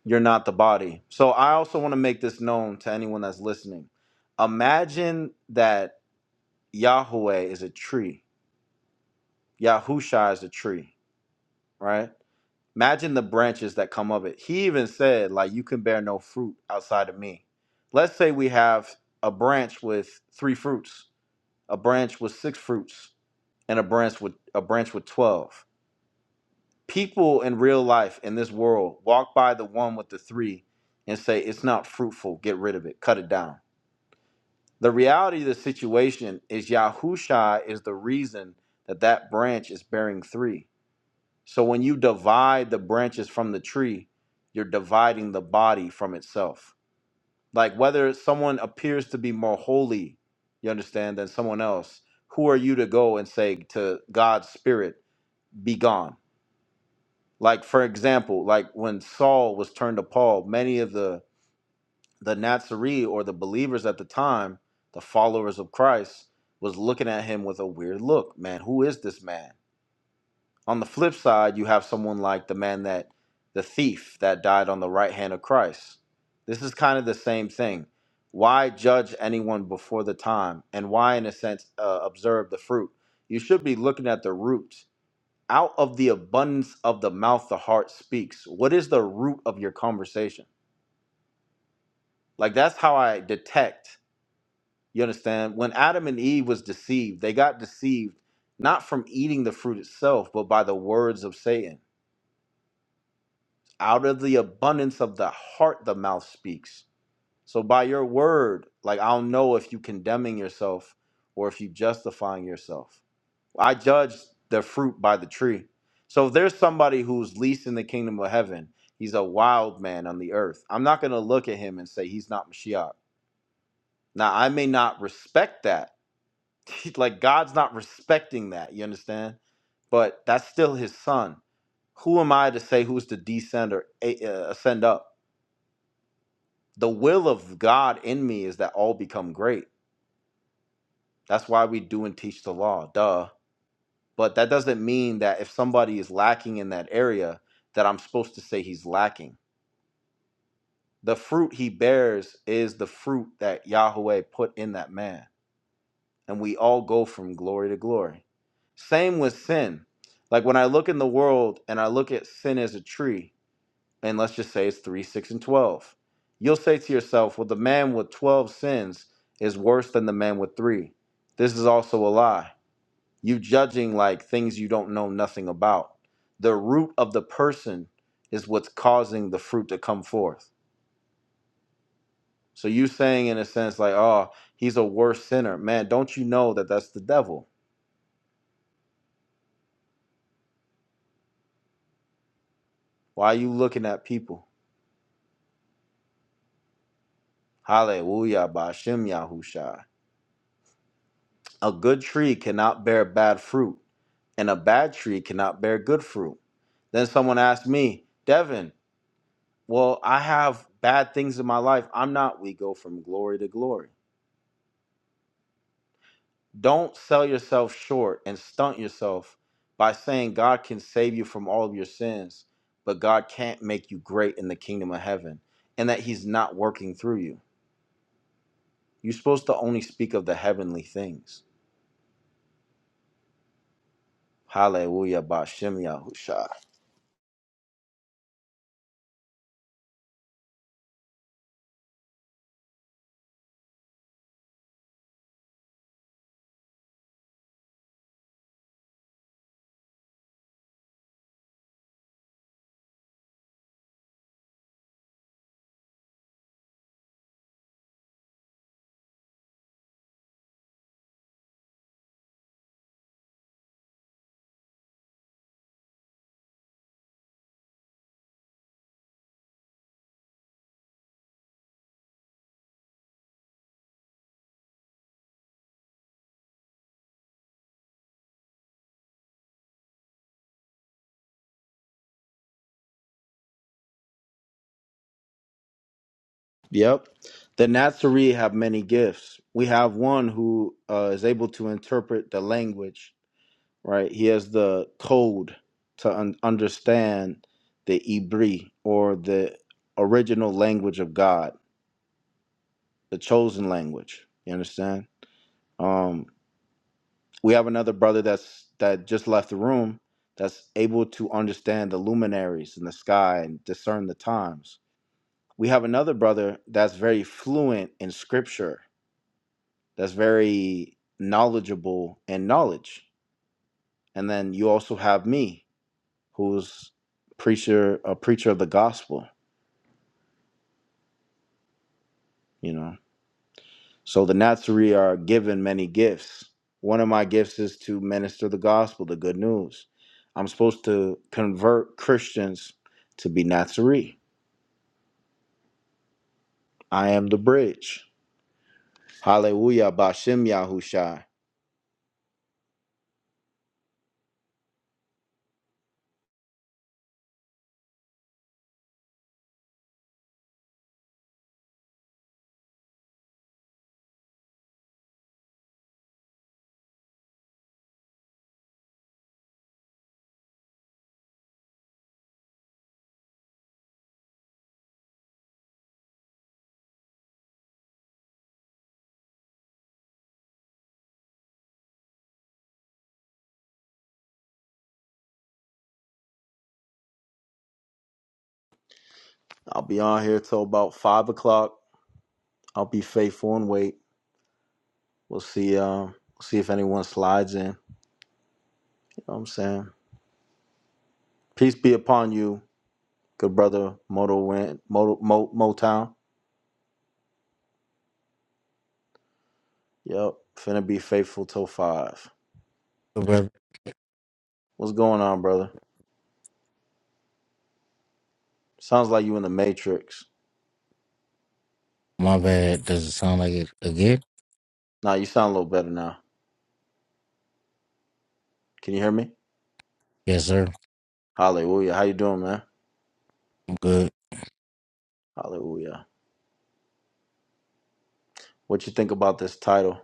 [SPEAKER 1] you're not the body. So I also want to make this known to anyone that's listening. Imagine that Yahweh is a tree, Yahusha is a tree, right? Imagine the branches that come of it. He even said, like, you can bear no fruit outside of me. Let's say we have a branch with three fruits, a branch with six fruits, and a branch with a branch with twelve. People in real life in this world walk by the one with the three and say, It's not fruitful. Get rid of it. Cut it down. The reality of the situation is Yahusha is the reason that that branch is bearing three. So when you divide the branches from the tree, you're dividing the body from itself. Like whether someone appears to be more holy, you understand, than someone else, who are you to go and say to God's spirit, be gone? Like for example, like when Saul was turned to Paul, many of the the Nazarene or the believers at the time, the followers of Christ, was looking at him with a weird look. Man, who is this man? On the flip side, you have someone like the man that the thief that died on the right hand of Christ. This is kind of the same thing. Why judge anyone before the time, and why, in a sense, uh, observe the fruit? You should be looking at the root out of the abundance of the mouth, the heart speaks. What is the root of your conversation? Like that's how I detect. You understand? When Adam and Eve was deceived, they got deceived not from eating the fruit itself, but by the words of Satan. Out of the abundance of the heart, the mouth speaks. So by your word, like I'll know if you condemning yourself or if you justifying yourself. I judge the fruit by the tree. So if there's somebody who's least in the kingdom of heaven, he's a wild man on the earth. I'm not going to look at him and say he's not Mashiach. Now, I may not respect that. [laughs] like God's not respecting that, you understand? But that's still his son. Who am I to say who's to descend or eh, uh, ascend up? The will of God in me is that all become great. That's why we do and teach the law. Duh but that doesn't mean that if somebody is lacking in that area that i'm supposed to say he's lacking the fruit he bears is the fruit that yahweh put in that man and we all go from glory to glory same with sin like when i look in the world and i look at sin as a tree and let's just say it's 3 6 and 12 you'll say to yourself well the man with 12 sins is worse than the man with 3 this is also a lie You judging like things you don't know nothing about. The root of the person is what's causing the fruit to come forth. So you saying in a sense like, "Oh, he's a worse sinner." Man, don't you know that that's the devil? Why are you looking at people? Hallelujah, Bashem Yahusha. A good tree cannot bear bad fruit, and a bad tree cannot bear good fruit. Then someone asked me, Devin, well, I have bad things in my life. I'm not. We go from glory to glory. Don't sell yourself short and stunt yourself by saying God can save you from all of your sins, but God can't make you great in the kingdom of heaven and that He's not working through you. You're supposed to only speak of the heavenly things. Hallelujah, Bashem Yahusha. Yep. The Nazarene have many gifts. We have one who uh, is able to interpret the language right? He has the code to un- understand the Ibri or the original language of God, the chosen language. You understand? Um, we have another brother that's that just left the room that's able to understand the luminaries in the sky and discern the times. We have another brother that's very fluent in scripture, that's very knowledgeable in knowledge. And then you also have me, who's preacher a preacher of the gospel you know so the Nazarene are given many gifts one of my gifts is to minister the gospel the good news i'm supposed to convert christians to be Nazarene. i am the bridge hallelujah bashem yahushai i'll be on here till about five o'clock i'll be faithful and wait we'll see um we'll see if anyone slides in you know what i'm saying peace be upon you good brother moto Ren- moto Mo, motown Yep, finna be faithful till five.
[SPEAKER 8] brother.
[SPEAKER 1] What's going on, brother? Sounds like you in the Matrix.
[SPEAKER 8] My bad. Does it sound like it again?
[SPEAKER 1] Nah, you sound a little better now. Can you hear me?
[SPEAKER 8] Yes, sir.
[SPEAKER 1] Hallelujah. How you doing, man?
[SPEAKER 8] I'm good.
[SPEAKER 1] Hallelujah. What you think about this title?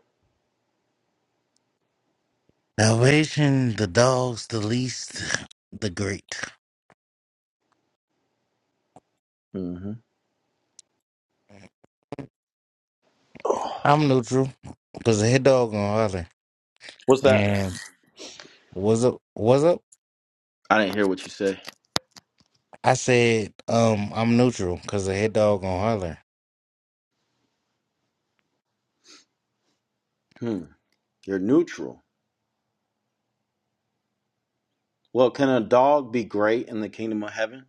[SPEAKER 8] Salvation, the dogs, the least, the great.
[SPEAKER 1] mm hmm [sighs]
[SPEAKER 8] I'm neutral because the head dog gonna holler.
[SPEAKER 1] What's that?
[SPEAKER 8] And what's up? What's up?
[SPEAKER 1] I didn't hear what you say.
[SPEAKER 8] I said, um, I'm neutral because the head dog gonna holler.
[SPEAKER 1] Hmm. You're neutral. Well, can a dog be great in the kingdom of heaven?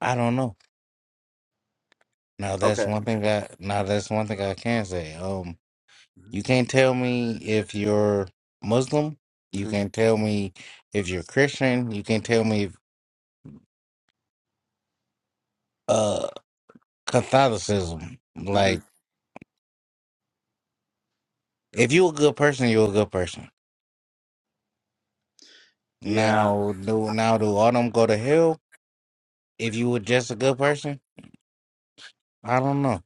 [SPEAKER 8] I don't know. Now that's
[SPEAKER 1] Okay.
[SPEAKER 8] one thing I now that's one thing I can say. Um,
[SPEAKER 1] mm
[SPEAKER 8] you can't tell me if you're Muslim. You
[SPEAKER 1] hmm
[SPEAKER 8] can't tell me if you're Christian. You can't tell me if, uh, Catholicism.
[SPEAKER 1] mm hmm
[SPEAKER 8] Like, if you a good person, you a good person.
[SPEAKER 1] Yeah.
[SPEAKER 8] Now, do now do all them go to hell if you were just a good person? I don't know.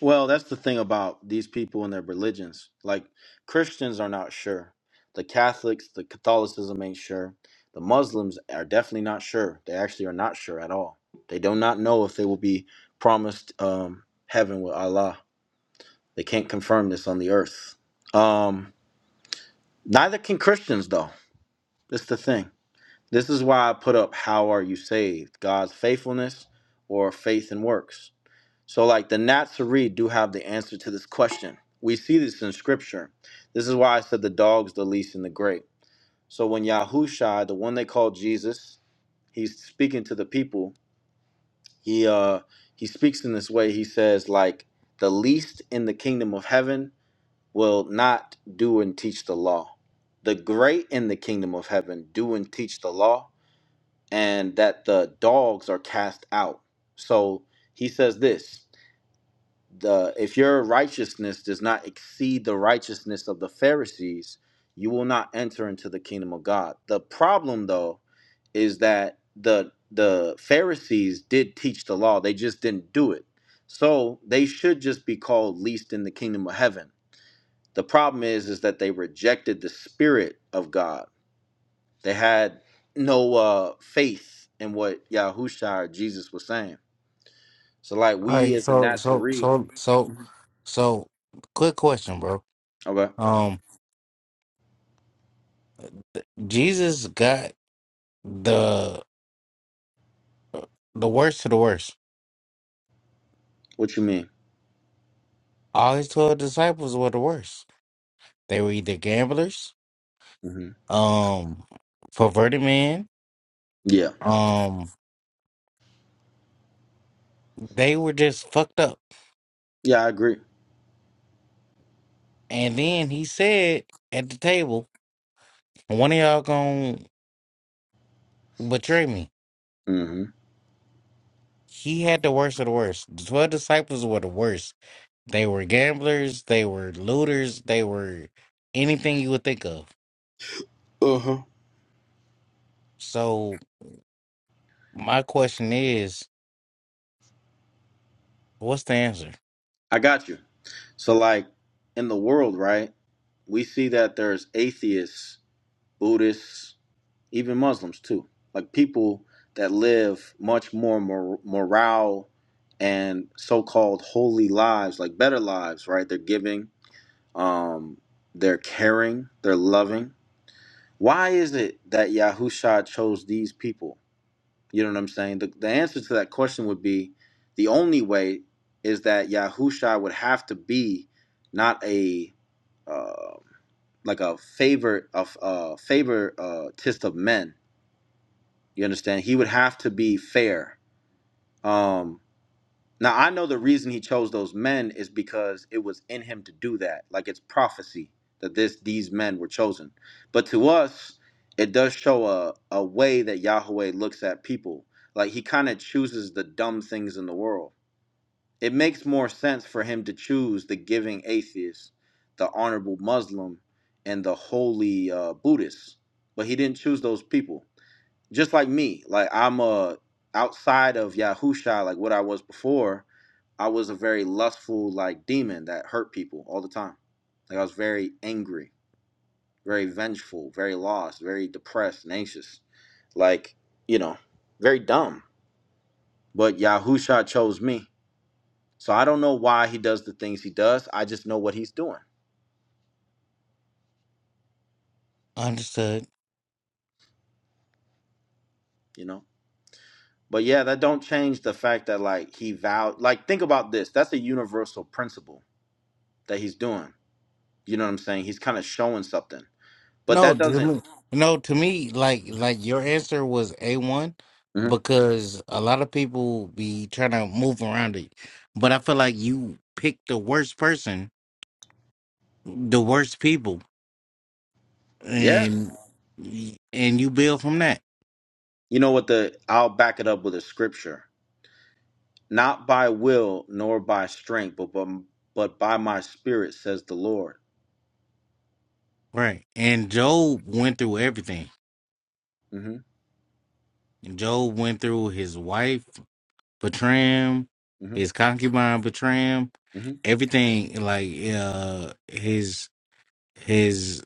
[SPEAKER 1] Well, that's the thing about these people and their religions. Like Christians are not sure. The Catholics, the Catholicism ain't sure. The Muslims are definitely not sure. They actually are not sure at all. They do not know if they will be promised um, heaven with Allah. They can't confirm this on the earth. Um, neither can Christians, though. That's the thing. This is why I put up "How are you saved?" God's faithfulness or faith and works. So, like the Nazarene do have the answer to this question. We see this in scripture. This is why I said the dog's the least and the great. So, when Yahushua, the one they call Jesus, he's speaking to the people, he uh he speaks in this way. He says, like, the least in the kingdom of heaven will not do and teach the law. The great in the kingdom of heaven do and teach the law, and that the dogs are cast out. So he says this. the if your righteousness does not exceed the righteousness of the Pharisees, you will not enter into the kingdom of God. The problem though is that the the Pharisees did teach the law, they just didn't do it. So they should just be called least in the kingdom of heaven. The problem is is that they rejected the spirit of God. They had no uh, faith in what Yahusha or Jesus was saying. So like
[SPEAKER 8] All
[SPEAKER 1] we
[SPEAKER 8] right,
[SPEAKER 1] as the
[SPEAKER 8] so so
[SPEAKER 1] Nazarene,
[SPEAKER 8] so so so quick question, bro.
[SPEAKER 1] okay,
[SPEAKER 8] Um, Jesus got the the worst to the worst.
[SPEAKER 1] what you mean?
[SPEAKER 8] All his twelve disciples were the worst. They were either gamblers,
[SPEAKER 1] Mm-hmm.
[SPEAKER 8] um, perverted men,
[SPEAKER 1] Yeah.
[SPEAKER 8] um, they were just fucked up.
[SPEAKER 1] Yeah, I agree.
[SPEAKER 8] And then he said at the table. One of y'all gonna betray me.
[SPEAKER 1] hmm
[SPEAKER 8] He had the worst of the worst. The twelve disciples were the worst. They were gamblers, they were looters, they were anything you would think of.
[SPEAKER 1] Uh-huh.
[SPEAKER 8] So my question is, what's the answer?
[SPEAKER 1] I got you. So, like, in the world, right, we see that there's atheists, Buddhists, even Muslims, too. Like, people that live much more mor- morale and so called holy lives, like better lives, right? They're giving, um, they're caring, they're loving. Why is it that Yahusha chose these people? You know what I'm saying? The, the answer to that question would be the only way is that Yahusha would have to be not a uh, like a favor of uh, favor uh, tist of men. You understand? He would have to be fair. Um, now I know the reason he chose those men is because it was in him to do that. Like it's prophecy that this these men were chosen. But to us, it does show a, a way that Yahweh looks at people. Like he kind of chooses the dumb things in the world. It makes more sense for him to choose the giving atheist, the honorable Muslim, and the holy uh, Buddhist. But he didn't choose those people just like me, like I'm a outside of Yahusha, like what I was before, I was a very lustful like demon that hurt people all the time. Like I was very angry, very vengeful, very lost, very depressed and anxious. Like, you know, very dumb. But Yahusha chose me. So I don't know why he does the things he does. I just know what he's doing,
[SPEAKER 8] Understood.
[SPEAKER 1] you know? But yeah, that don't change the fact that like he vowed like think about this. That's a universal principle that he's doing You know what I'm saying? He's kind of showing something. But
[SPEAKER 8] No,
[SPEAKER 1] that
[SPEAKER 8] to
[SPEAKER 1] doesn't
[SPEAKER 8] me, no, to me, like like your answer was A one
[SPEAKER 1] Mhm.
[SPEAKER 8] because a lot of people be trying to move around it. But I feel like you picked the worst person, the worst people.
[SPEAKER 1] Yeah.
[SPEAKER 8] and and you build from that,
[SPEAKER 1] You know what the I'll back it up with a scripture. Not by will nor by strength, but but, but by my spirit says the Lord.
[SPEAKER 8] right? And Job went through everything.
[SPEAKER 1] Mhm.
[SPEAKER 8] And Job went through his wife betraying him,
[SPEAKER 1] Mhm.
[SPEAKER 8] his concubine betraying him,
[SPEAKER 1] Mhm.
[SPEAKER 8] everything. Like uh, his his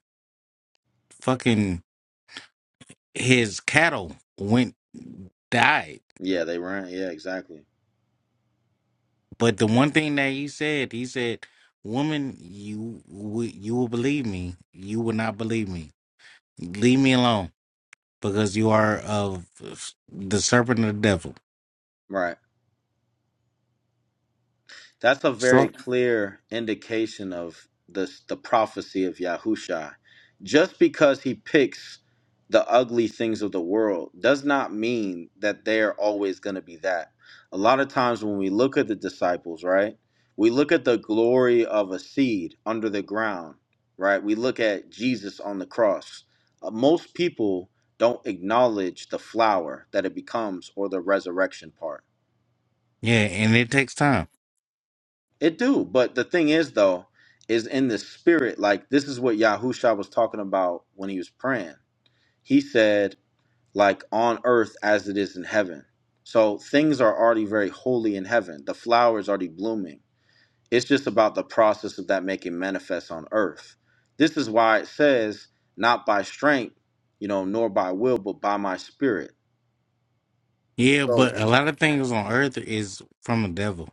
[SPEAKER 8] fucking his cattle went died.
[SPEAKER 1] Yeah, they ran. Yeah, exactly.
[SPEAKER 8] But the one thing that he said, he said, "Woman, you would you will believe me. You will not believe me. Leave me alone." because you are of the serpent of the devil.
[SPEAKER 1] Right. That's a very
[SPEAKER 8] So
[SPEAKER 1] clear indication of the the prophecy of Yahusha. Just because he picks the ugly things of the world does not mean that they're always going to be that. A lot of times when we look at the disciples, right? We look at the glory of a seed under the ground, right? We look at Jesus on the cross. Uh, most people don't acknowledge the flower that it becomes or the resurrection part
[SPEAKER 8] yeah, and it takes time.
[SPEAKER 1] It do, but the thing is though, is in the spirit, like this is what Yahusha was talking about when he was praying. He said, like on earth as it is in heaven. So things are already very holy in heaven. The flower is already blooming. It's just about the process of that making manifest on earth. This is why it says, not by strength, you know, nor by will, but by my spirit.
[SPEAKER 8] Yeah,
[SPEAKER 1] So,
[SPEAKER 8] but a lot of things on earth is from the devil.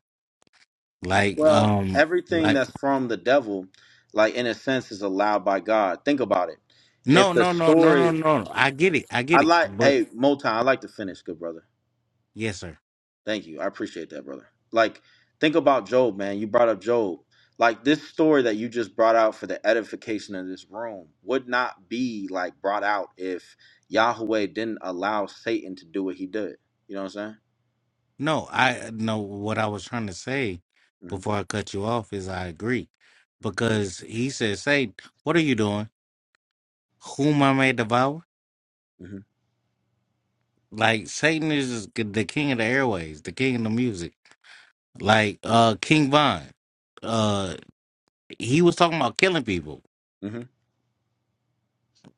[SPEAKER 8] Like
[SPEAKER 1] Well,
[SPEAKER 8] um,
[SPEAKER 1] everything
[SPEAKER 8] like
[SPEAKER 1] that's from the devil, like in a sense, is allowed by God. Think about it.
[SPEAKER 8] no,
[SPEAKER 1] If the
[SPEAKER 8] no, no, no, no,
[SPEAKER 1] story,
[SPEAKER 8] no. no. I get it, I
[SPEAKER 1] I
[SPEAKER 8] get it.
[SPEAKER 1] like,
[SPEAKER 8] But
[SPEAKER 1] hey, Motown, I like to finish, good brother.
[SPEAKER 8] yes, sir.
[SPEAKER 1] Thank you. I appreciate that, brother. Like, think about Job, man. You brought up Job. Like, this story that you just brought out for the edification of this room would not be like brought out if Yahweh didn't allow Satan to do what he did. You know what I'm saying?
[SPEAKER 8] No, I no. What I was trying to say
[SPEAKER 1] hmm
[SPEAKER 8] before I cut you off is I agree because he says, "Say, what are you doing? Whom I may devour."
[SPEAKER 1] hmm
[SPEAKER 8] Like Satan is the king of the airways, the king of the music Like uh King Von, uh he was talking about killing people.
[SPEAKER 1] hmm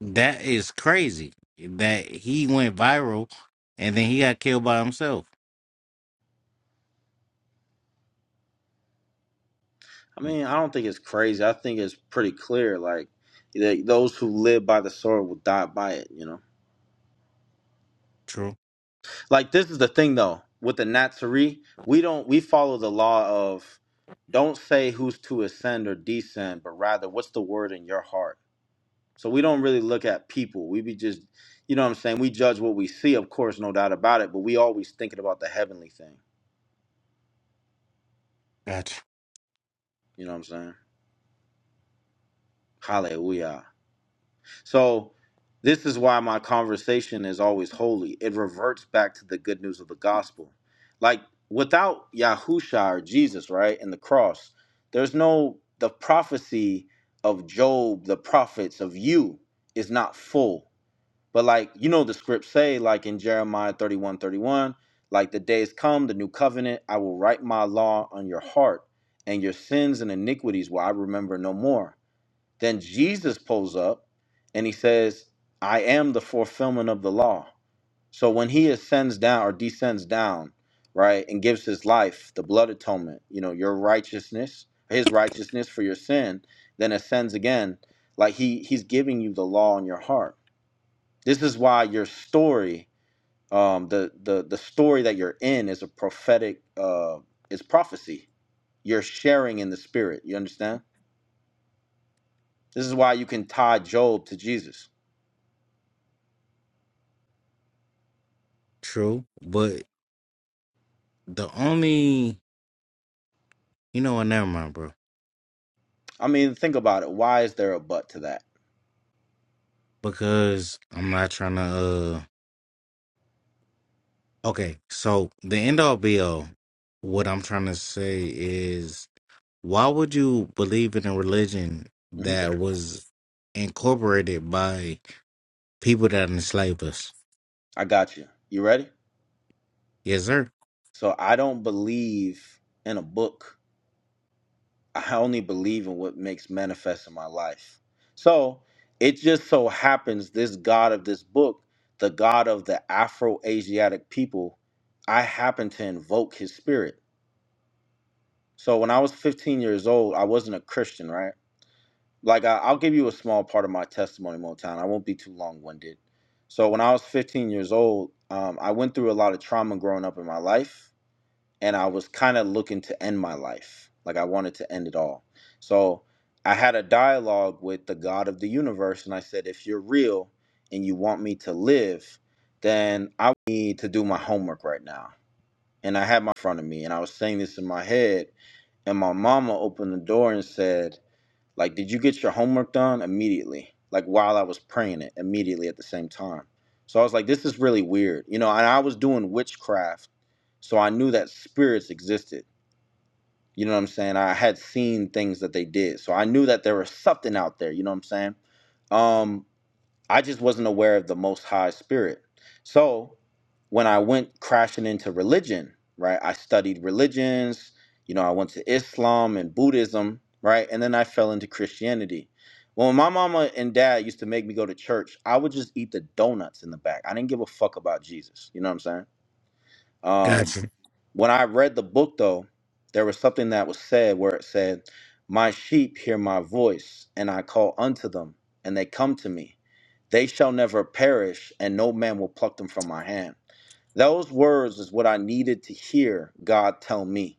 [SPEAKER 8] That is crazy. That he went viral and then he got killed by himself.
[SPEAKER 1] I mean, I don't think it's crazy. I think it's pretty clear. Like, that those who live by the sword will die by it. You know,
[SPEAKER 8] True.
[SPEAKER 1] like this is the thing though. With the Natsari, we don't we follow the law of don't say who's to ascend or descend, but rather what's the word in your heart. So we don't really look at people. We be just, you know, what I'm saying we judge what we see, of course, no doubt about it. But we always thinking about the heavenly thing.
[SPEAKER 8] Gotcha.
[SPEAKER 1] You know what I'm saying? Hallelujah. So, this is why my conversation is always holy. It reverts back to the good news of the gospel. Like, without Yahusha or Jesus, right, and the cross, there's no, the prophecy of Job, the prophets of you is not full. But, like, you know, the scripts say, like in Jeremiah 31 31, like, the days come, the new covenant, I will write my law on your heart, and your sins and iniquities will I remember no more. Then Jesus pulls up and he says, I am the fulfillment of the law. So when he ascends down or descends down, right, and gives his life, the blood atonement, you know, your righteousness, his righteousness for your sin, then ascends again. Like he he's giving you the law in your heart. This is why your story, um, the the the story that you're in is a prophetic uh is prophecy. You're sharing in the spirit. You understand? This is why you can tie Job to Jesus
[SPEAKER 8] True. But the only you know what, never mind, bro.
[SPEAKER 1] I mean, think about it. Why is there a but to that?
[SPEAKER 8] Because I'm not trying to uh okay, so the end all be all, what I'm trying to say is why would you believe in a religion
[SPEAKER 1] hmm
[SPEAKER 8] that was incorporated by people that enslaved us?
[SPEAKER 1] I got you. You ready?
[SPEAKER 8] Yes, sir.
[SPEAKER 1] So I don't believe in a book. [laughs] I only believe in what makes manifest in my life. So it just so happens this God of this book, the God of the Afro Asiatic people, I happen to invoke his spirit. So when I was 15 years old, I wasn't a Christian, right? like I, I'll give you a small part of my testimony, Motown. I won't be too long winded. So when I was 15 years old, um, I went through a lot of trauma growing up in my life, and I was kind of looking to end my life. Like I wanted to end it all. So I had a dialogue with the God of the universe, and I said, if you're real and you want me to live, then I need to do my homework right now. And I had my in front of me, and I was saying this in my head, and my mama opened the door and said, like, did you get your homework done immediately? Like, while I was praying it immediately at the same time. So I was like, this is really weird. You know, and I was doing witchcraft. So I knew that spirits existed. You know what I'm saying? I had seen things that they did. So I knew that there was something out there. You know what I'm saying? Um, I just wasn't aware of the Most High Spirit. So when I went crashing into religion, right, I studied religions, you know, I went to Islam and Buddhism, right, and then I fell into Christianity. Well, when my mama and dad used to make me go to church, I would just eat the donuts in the back. I didn't give a fuck about Jesus. You know what I'm saying? Um,
[SPEAKER 8] Gotcha.
[SPEAKER 1] when I read the book, though, there was something that was said where it said, My sheep hear my voice, and I call unto them, and they come to me. They shall never perish, and no man will pluck them from my hand. Those words is what I needed to hear God tell me.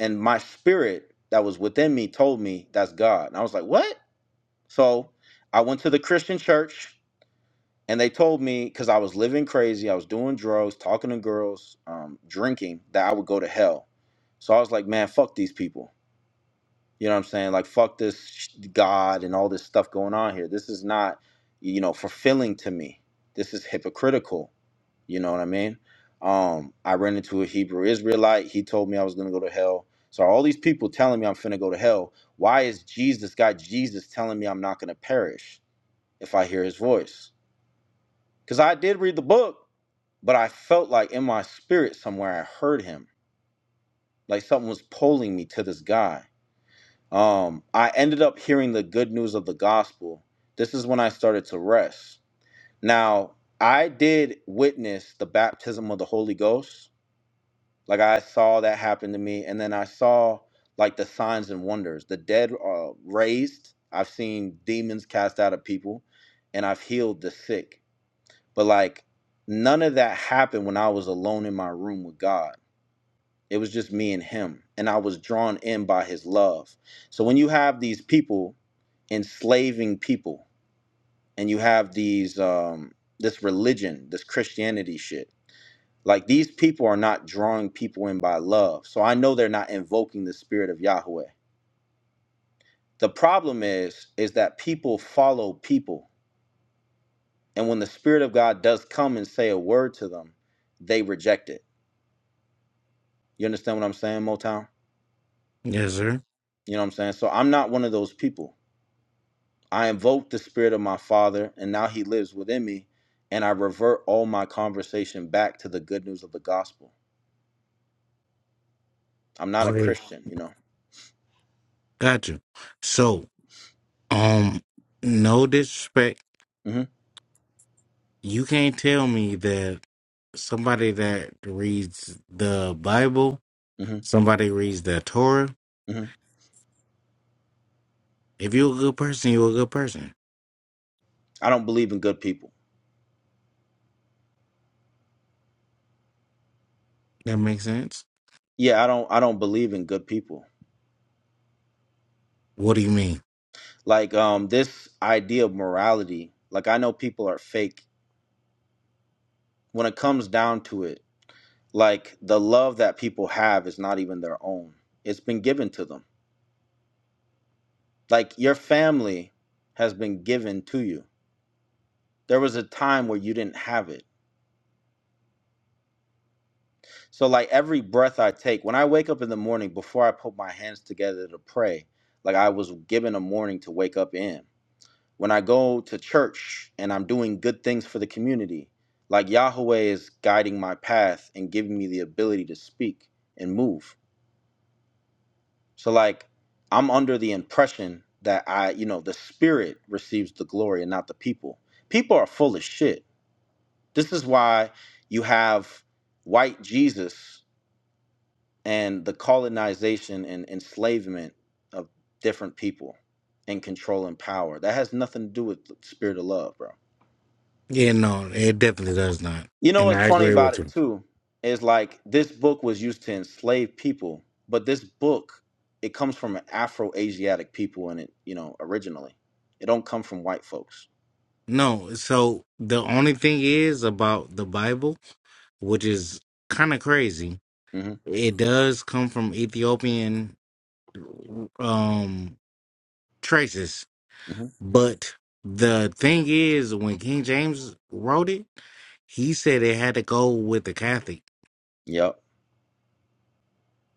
[SPEAKER 1] And my spirit that was within me told me that's God. And I was like, What? So I went to the Christian church and they told me because I was living crazy, I was doing drugs, talking to girls, um, drinking, that I would go to hell. So I was like, man, fuck these people. You know what I'm saying? Like, fuck this sh- God and all this stuff going on here. This is not, you know, fulfilling to me. This is hypocritical. You know what I mean? Um, I ran into a Hebrew Israelite. He told me I was gonna go to hell. So all these people telling me I'm finna go to hell. Why is Jesus God, Jesus telling me I'm not gonna perish if I hear His voice? Because I did read the book, but I felt like in my spirit somewhere I heard him. Like something was pulling me to this guy. Um, I ended up hearing the good news of the gospel. This is when I started to rest. Now, I did witness the baptism of the Holy Ghost. Like I saw that happen to me, and then I saw like the signs and wonders. The dead are raised. I've seen demons cast out of people, and I've healed the sick. But like none of that happened when I was alone in my room with God. It was just me and him. And I was drawn in by his love. So when you have these people enslaving people and you have these um this religion, this Christianity shit, like these people are not drawing people in by love. So I know they're not invoking the spirit of Yahweh. The problem is is that people follow people. And when the spirit of God does come and say a word to them, they reject it You understand what I'm saying, Motown?
[SPEAKER 8] Yes, sir.
[SPEAKER 1] You know what I'm saying? So I'm not one of those people. I invoke the spirit of my father, and now he lives within me, and I revert all my conversation back to the good news of the gospel. I'm not a
[SPEAKER 8] Okay.
[SPEAKER 1] Christian, you know.
[SPEAKER 8] Gotcha. So, um, no disrespect.
[SPEAKER 1] Mm-hmm,
[SPEAKER 8] You can't tell me that somebody that reads the Bible,
[SPEAKER 1] mm-hmm,
[SPEAKER 8] somebody reads the Torah.
[SPEAKER 1] mm-hmm.
[SPEAKER 8] If you're a good person, you're a good person.
[SPEAKER 1] I don't believe in good people.
[SPEAKER 8] That makes sense.
[SPEAKER 1] Yeah, I don't. I don't believe in good people.
[SPEAKER 8] What do you mean?
[SPEAKER 1] Like um, this idea of morality. Like I know people are fake. When it comes down to it, like the love that people have is not even their own. It's been given to them Like your family has been given to you. There was a time where you didn't have it. So, like every breath I take, when I wake up in the morning, before I put my hands together to pray, like I was given a morning to wake up in. When I go to church and I'm doing good things for the community, like Yahweh is guiding my path and giving me the ability to speak and move. So, like, I'm under the impression that I, you know, the spirit receives the glory and not the people. People are full of shit This is why you have white Jesus and the colonization and enslavement of different people and control and power. That has nothing to do with the spirit of love, bro.
[SPEAKER 8] Yeah, no, it definitely does not.
[SPEAKER 1] You know
[SPEAKER 8] And
[SPEAKER 1] what's
[SPEAKER 8] I
[SPEAKER 1] funny
[SPEAKER 8] agree
[SPEAKER 1] about
[SPEAKER 8] with
[SPEAKER 1] it
[SPEAKER 8] you.
[SPEAKER 1] too is like this book was used to enslave people, but this book it comes from an Afro-Asiatic people in it, you know, originally. It don't come from white folks.
[SPEAKER 8] No, so the only thing is about the Bible, which is kind of crazy
[SPEAKER 1] hmm
[SPEAKER 8] It does come from Ethiopian um traces,
[SPEAKER 1] hmm
[SPEAKER 8] but the thing is, when King James wrote it, he said it had to go with the Catholic.
[SPEAKER 1] Yep.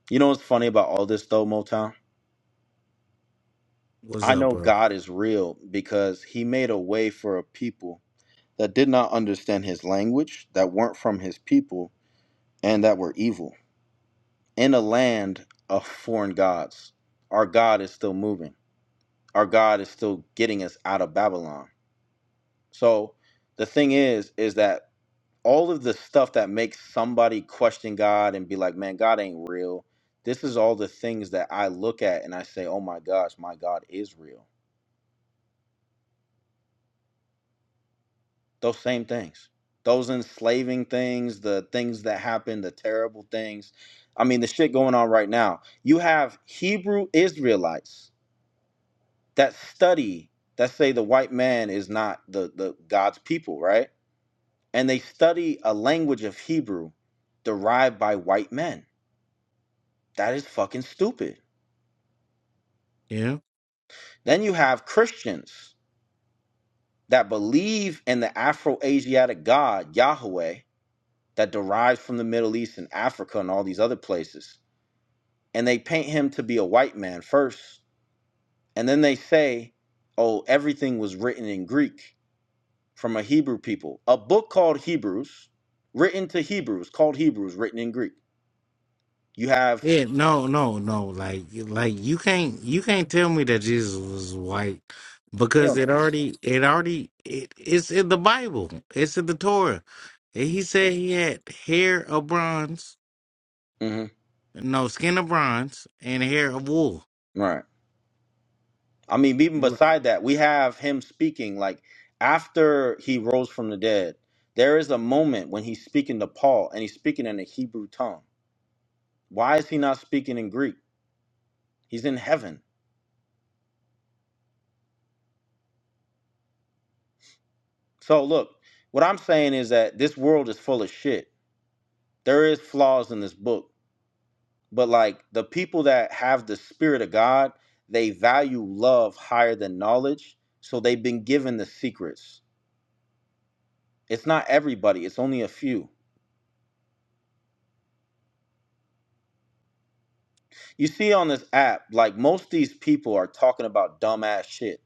[SPEAKER 1] You know what's funny about all this though, Motown?
[SPEAKER 8] What's
[SPEAKER 1] I
[SPEAKER 8] up,
[SPEAKER 1] know
[SPEAKER 8] bro?
[SPEAKER 1] God is real because he made a way for a people that did not understand his language, that weren't from his people, and that were evil. In a land of foreign gods, our God is still moving. Our God is still getting us out of Babylon. So the thing is, is that all of the stuff that makes somebody question God and be like, man, God ain't real. This is all the things that I look at and I say, oh my gosh, my God is real those same things those enslaving things the things that happen the terrible things i mean the shit going on right now you have hebrew israelites that study that say the white man is not the, the god's people right and they study a language of hebrew derived by white men that is fucking stupid
[SPEAKER 8] Yeah.
[SPEAKER 1] then you have christians that believe in the afro-asiatic god yahweh that derives from the middle east and africa and all these other places and they paint him to be a white man first, and then they say, "Oh, everything was written in Greek from a Hebrew people." A book called Hebrews, written to Hebrews, called Hebrews, written in Greek. You have
[SPEAKER 8] Yeah, no, no, no. Like, like you can't, you can't tell me that Jesus was white
[SPEAKER 1] hell
[SPEAKER 8] because it
[SPEAKER 1] no.
[SPEAKER 8] already, it already, it, it's in the Bible. It's in the Torah. And he said he had hair of bronze,
[SPEAKER 1] Mm-hmm.
[SPEAKER 8] no skin of bronze, and hair of wool.
[SPEAKER 1] Right. I mean, even
[SPEAKER 8] You're right.
[SPEAKER 1] beside that, we have him speaking like after he rose from the dead. There is a moment when he's speaking to Paul, and he's speaking in the Hebrew tongue. Why is he not speaking in Greek? He's in heaven. So look, what I'm saying is that this world is full of shit. There is flaws in this book, but like the people that have the spirit of God, they value love higher than knowledge, so they've been given the secrets. It's not everybody, it's only a few. You see on this app, like most of these people are talking about dumbass shit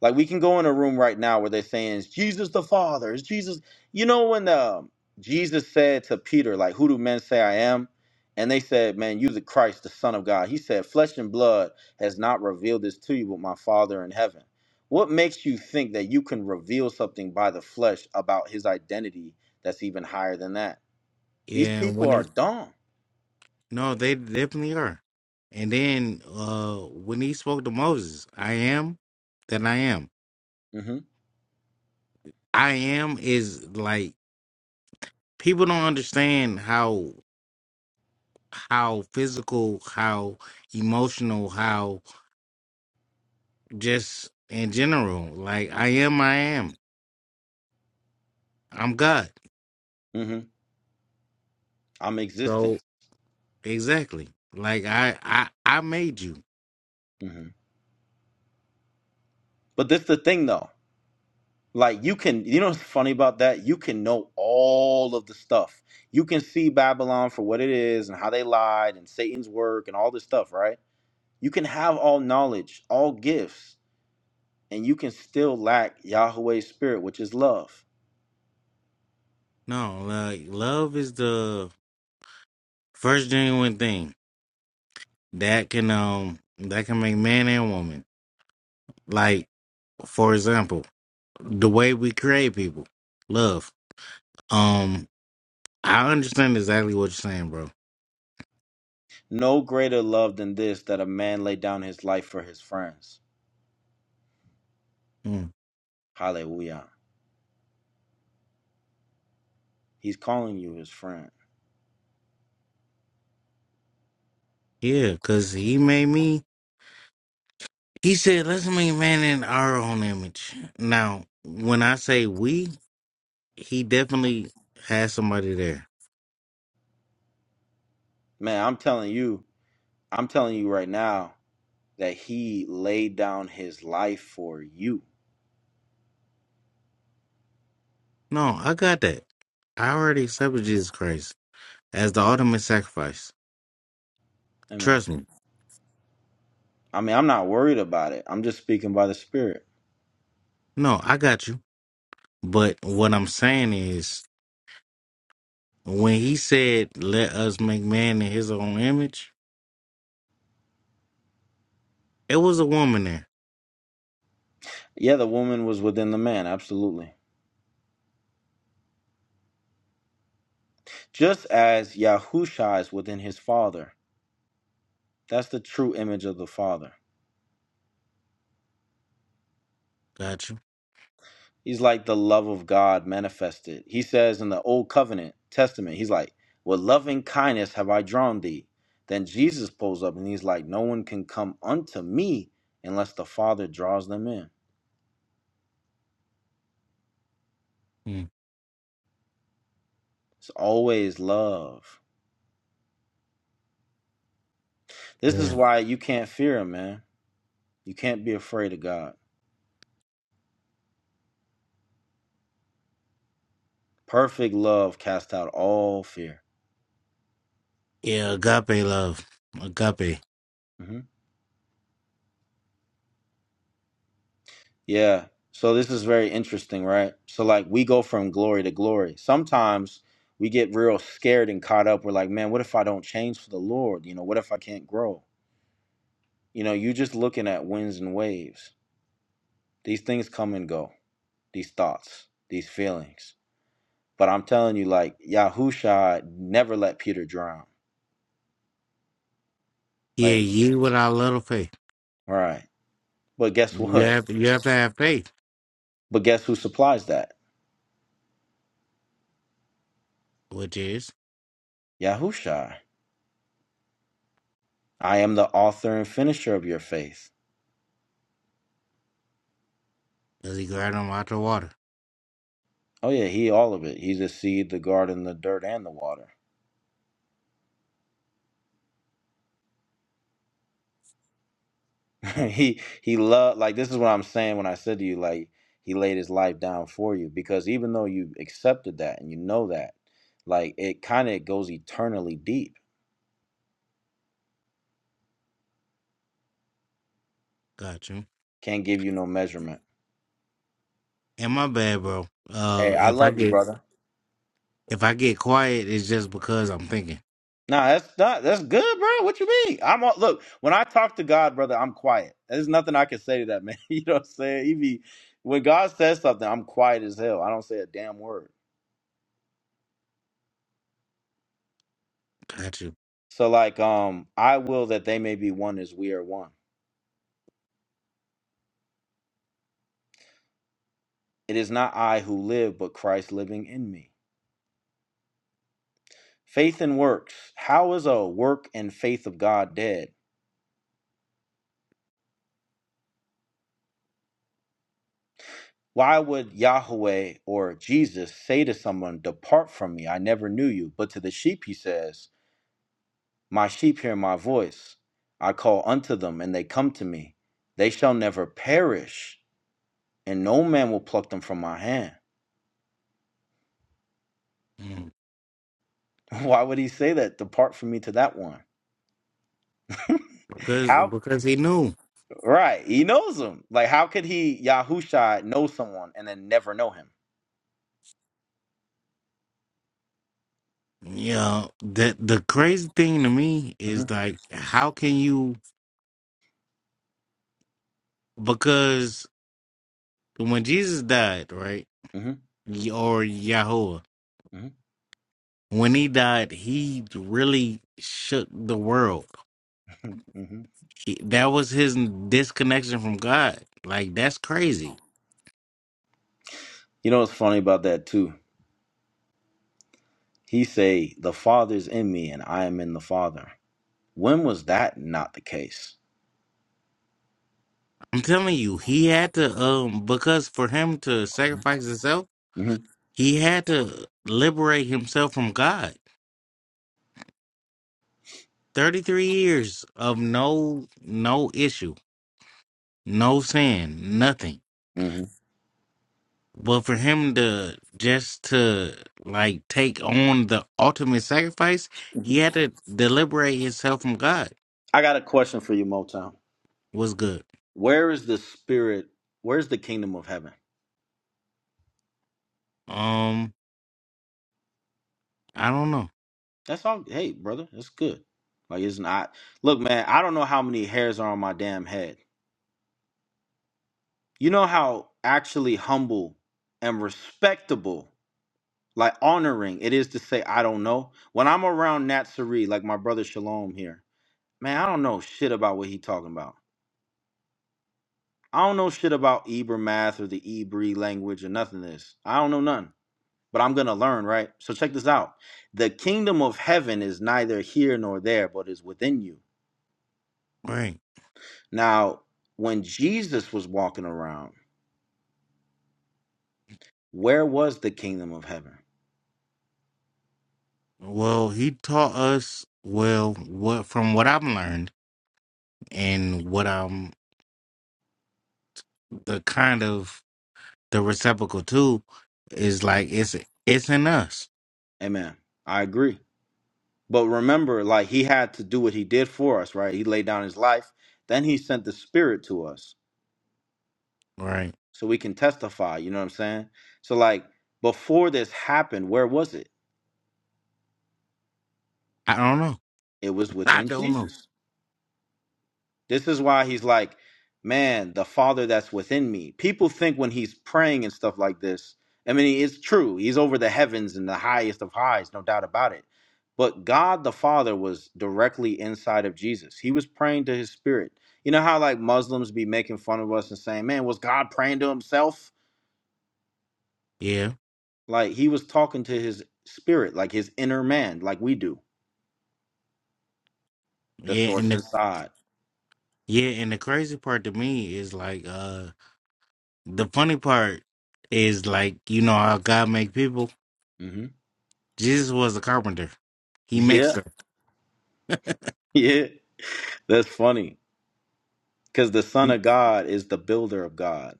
[SPEAKER 1] Like we can go in a room right now where they're saying "Is Jesus the Father, is Jesus. You know when um Jesus said to Peter, like, "Who do men say I am?" And they said, "Man, you the Christ, the Son of God." He said, "Flesh and blood has not revealed this to you, but my Father in heaven." What makes you think that you can reveal something by the flesh about His identity that's even higher than that? These
[SPEAKER 8] Yeah,
[SPEAKER 1] people
[SPEAKER 8] when
[SPEAKER 1] are
[SPEAKER 8] he
[SPEAKER 1] dumb.
[SPEAKER 8] no, they definitely are. And then uh when he spoke to Moses, I am that I am.
[SPEAKER 1] hmm
[SPEAKER 8] I am is like people don't understand how how physical, how emotional, how just in general. Like I am I am. I'm God.
[SPEAKER 1] hmm I'm existent.
[SPEAKER 8] So exactly. Like I I I made you.
[SPEAKER 1] hmm But this the thing though. Like you can, you know what's funny about that? You can know all of the stuff. You can see Babylon for what it is and how they lied and Satan's work and all this stuff, right? You can have all knowledge, all gifts, and you can still lack Yahweh's spirit, which is love.
[SPEAKER 8] No, like love is the first genuine thing that can um that can make man and woman like for example the way we create people love um i understand exactly what you're saying bro
[SPEAKER 1] No greater love than this that a man lay down his life for his friends.
[SPEAKER 8] Mm.
[SPEAKER 1] Hallelujah. He's calling you his friend.
[SPEAKER 8] yeah because he made me he said let's make man in our own image now when i say we he definitely has somebody there
[SPEAKER 1] Man, I'm telling you, I'm telling you right now that he laid down his life for you.
[SPEAKER 8] no i got that i already accepted jesus christ as the ultimate sacrifice
[SPEAKER 1] Amen.
[SPEAKER 8] trust me
[SPEAKER 1] I mean, I'm not worried about it. I'm just speaking by the Spirit.
[SPEAKER 8] no i got you but what i'm saying is When he said, "Let us make man in His own image," it was a woman there.
[SPEAKER 1] Yeah, the woman was within the man, absolutely. Just as Yahusha is within his father. That's the true image of the father.
[SPEAKER 8] Gotcha.
[SPEAKER 1] He's like the love of God manifested. He says in the Old Covenant Testament, he's like, With loving kindness have I drawn thee. Then Jesus pulls up and he's like, No one can come unto me unless the Father draws them in.
[SPEAKER 8] Mm,
[SPEAKER 1] It's always love. This is
[SPEAKER 8] yeah,
[SPEAKER 1] why you can't fear him, man. You can't be afraid of God. Perfect love casts out all fear.
[SPEAKER 8] yeah. Agape love, agape.
[SPEAKER 1] hmm Yeah. So this is very interesting, right? So like we go from glory to glory. Sometimes we get real scared and caught up. We're like, man, what if I don't change for the Lord? You know, what if I can't grow? You know, you just looking at winds and waves. These things come and go. These thoughts, these feelings. But I'm telling you, like Yahusha never let Peter drown.
[SPEAKER 8] Yeah,
[SPEAKER 1] Like,
[SPEAKER 8] you without a little faith.
[SPEAKER 1] right. But guess
[SPEAKER 8] You
[SPEAKER 1] what?
[SPEAKER 8] have you have to have faith,
[SPEAKER 1] But guess who supplies that?
[SPEAKER 8] which is
[SPEAKER 1] Yahusha. I am the author and finisher of your faith.
[SPEAKER 8] does he grab them out the water?
[SPEAKER 1] Oh yeah, he all of it. He's the seed, the garden, the dirt, and the water. [laughs] he he loved like this is what I'm saying when I said to you, like he laid his life down for you. Because even though you accepted that and you know that, like it kinda goes eternally deep.
[SPEAKER 8] Gotcha.
[SPEAKER 1] Can't give you no measurement.
[SPEAKER 8] And my bad, bro.
[SPEAKER 1] Hey,
[SPEAKER 8] Uh,
[SPEAKER 1] I
[SPEAKER 8] if I
[SPEAKER 1] love you,
[SPEAKER 8] get
[SPEAKER 1] brother.
[SPEAKER 8] if I get quiet, it's just because I'm thinking.
[SPEAKER 1] Nah, that's not that's good, bro. What you mean? I'm all, look when I talk to God, brother. I'm quiet. There's nothing I can say to that man. [laughs] You know what I'm saying? He be when God says something, I'm quiet as hell. I don't say a damn word.
[SPEAKER 8] Gotcha.
[SPEAKER 1] So like, um, I will that they may be one as we are one. It is not I who live, but Christ living in me. Faith and works. How is a work and faith of God dead? Why would Yahweh or Jesus say to someone, "Depart from me, I never knew you"? But to the sheep, he says. My sheep hear my voice. I call unto them, and they come to me. They shall never perish, and no man will pluck them from my hand.
[SPEAKER 8] Mm.
[SPEAKER 1] [laughs] Why would he say that? Depart from me to that one. [laughs]
[SPEAKER 8] Because
[SPEAKER 1] How?
[SPEAKER 8] because he knew.
[SPEAKER 1] Right. He knows them. Like, how could he, Yahushua, know someone and then never know him?
[SPEAKER 8] Yeah. The the crazy thing to me is
[SPEAKER 1] hmm
[SPEAKER 8] like, how can you? Because when Jesus died, right?
[SPEAKER 1] hmm
[SPEAKER 8] Y- Or Yahweh,
[SPEAKER 1] hmm
[SPEAKER 8] when he died, he really shook the world.
[SPEAKER 1] hmm
[SPEAKER 8] He, that was his disconnection from God. Like that's crazy.
[SPEAKER 1] [laughs] You know what's funny about that, too? He say, the Father's in me, and I am in the Father. When was that not the case?
[SPEAKER 8] I'm telling you, he had to um because for him to sacrifice himself,
[SPEAKER 1] hmm
[SPEAKER 8] he had to liberate himself from God. 33 years of no no issue, no sin, nothing
[SPEAKER 1] hmm
[SPEAKER 8] But for him to just to like take on the ultimate sacrifice,
[SPEAKER 1] hmm
[SPEAKER 8] he had to deliberate himself from God.
[SPEAKER 1] I got a question for you, Motown.
[SPEAKER 8] Was good.
[SPEAKER 1] Where is the spirit? Where's the kingdom of heaven?
[SPEAKER 8] Um, I don't know.
[SPEAKER 1] That's all. Hey, brother, that's good. Like it's not. Look, man, I don't know how many hairs are on my damn head. You know how actually humble and respectable, like honoring it is to say I don't know. When I'm around Nat like my brother Shalom here, man, I don't know shit about what he talking about. I don't know shit about Ebra math or the Ebri language or nothing of this. I don't know nothing. but I'm going to learn, right? So check this out. The kingdom of heaven is neither here nor there, but is within you.
[SPEAKER 8] Right.
[SPEAKER 1] Now, when Jesus was walking around, where was the kingdom of heaven?
[SPEAKER 8] Well, he taught us well what from what I've learned and what I'm the kind of the reciprocal to is like it's it's in us.
[SPEAKER 1] Amen. I agree. But remember, like he had to do what he did for us, right? He laid down his life. Then he sent the spirit to us
[SPEAKER 8] Right.
[SPEAKER 1] so we can testify. You know what I'm saying? So, like, before this happened, where was it?
[SPEAKER 8] I don't know.
[SPEAKER 1] It was
[SPEAKER 8] I
[SPEAKER 1] within
[SPEAKER 8] don't know.
[SPEAKER 1] Jesus. This is why he's like, man, the Father that's within me. People think when he's praying and stuff like this, I mean, it's true. He's over the heavens and the highest of highs, no doubt about it. But God the Father was directly inside of Jesus. He was praying to his spirit. You know how like Muslims be making fun of us and saying, man, was God praying to himself?
[SPEAKER 8] Yeah.
[SPEAKER 1] Like he was talking to his spirit, like his inner man, like we do, the
[SPEAKER 8] Yeah. And
[SPEAKER 1] source
[SPEAKER 8] the
[SPEAKER 1] inside.
[SPEAKER 8] yeah, and the crazy part to me is like uh. the funny part is like you know how God make people.
[SPEAKER 1] hmm
[SPEAKER 8] Jesus was a carpenter.
[SPEAKER 1] [laughs]
[SPEAKER 8] He makes
[SPEAKER 1] Yeah,
[SPEAKER 8] them.
[SPEAKER 1] yeah. That's funny. because the Son
[SPEAKER 8] He-
[SPEAKER 1] of God is the builder of God.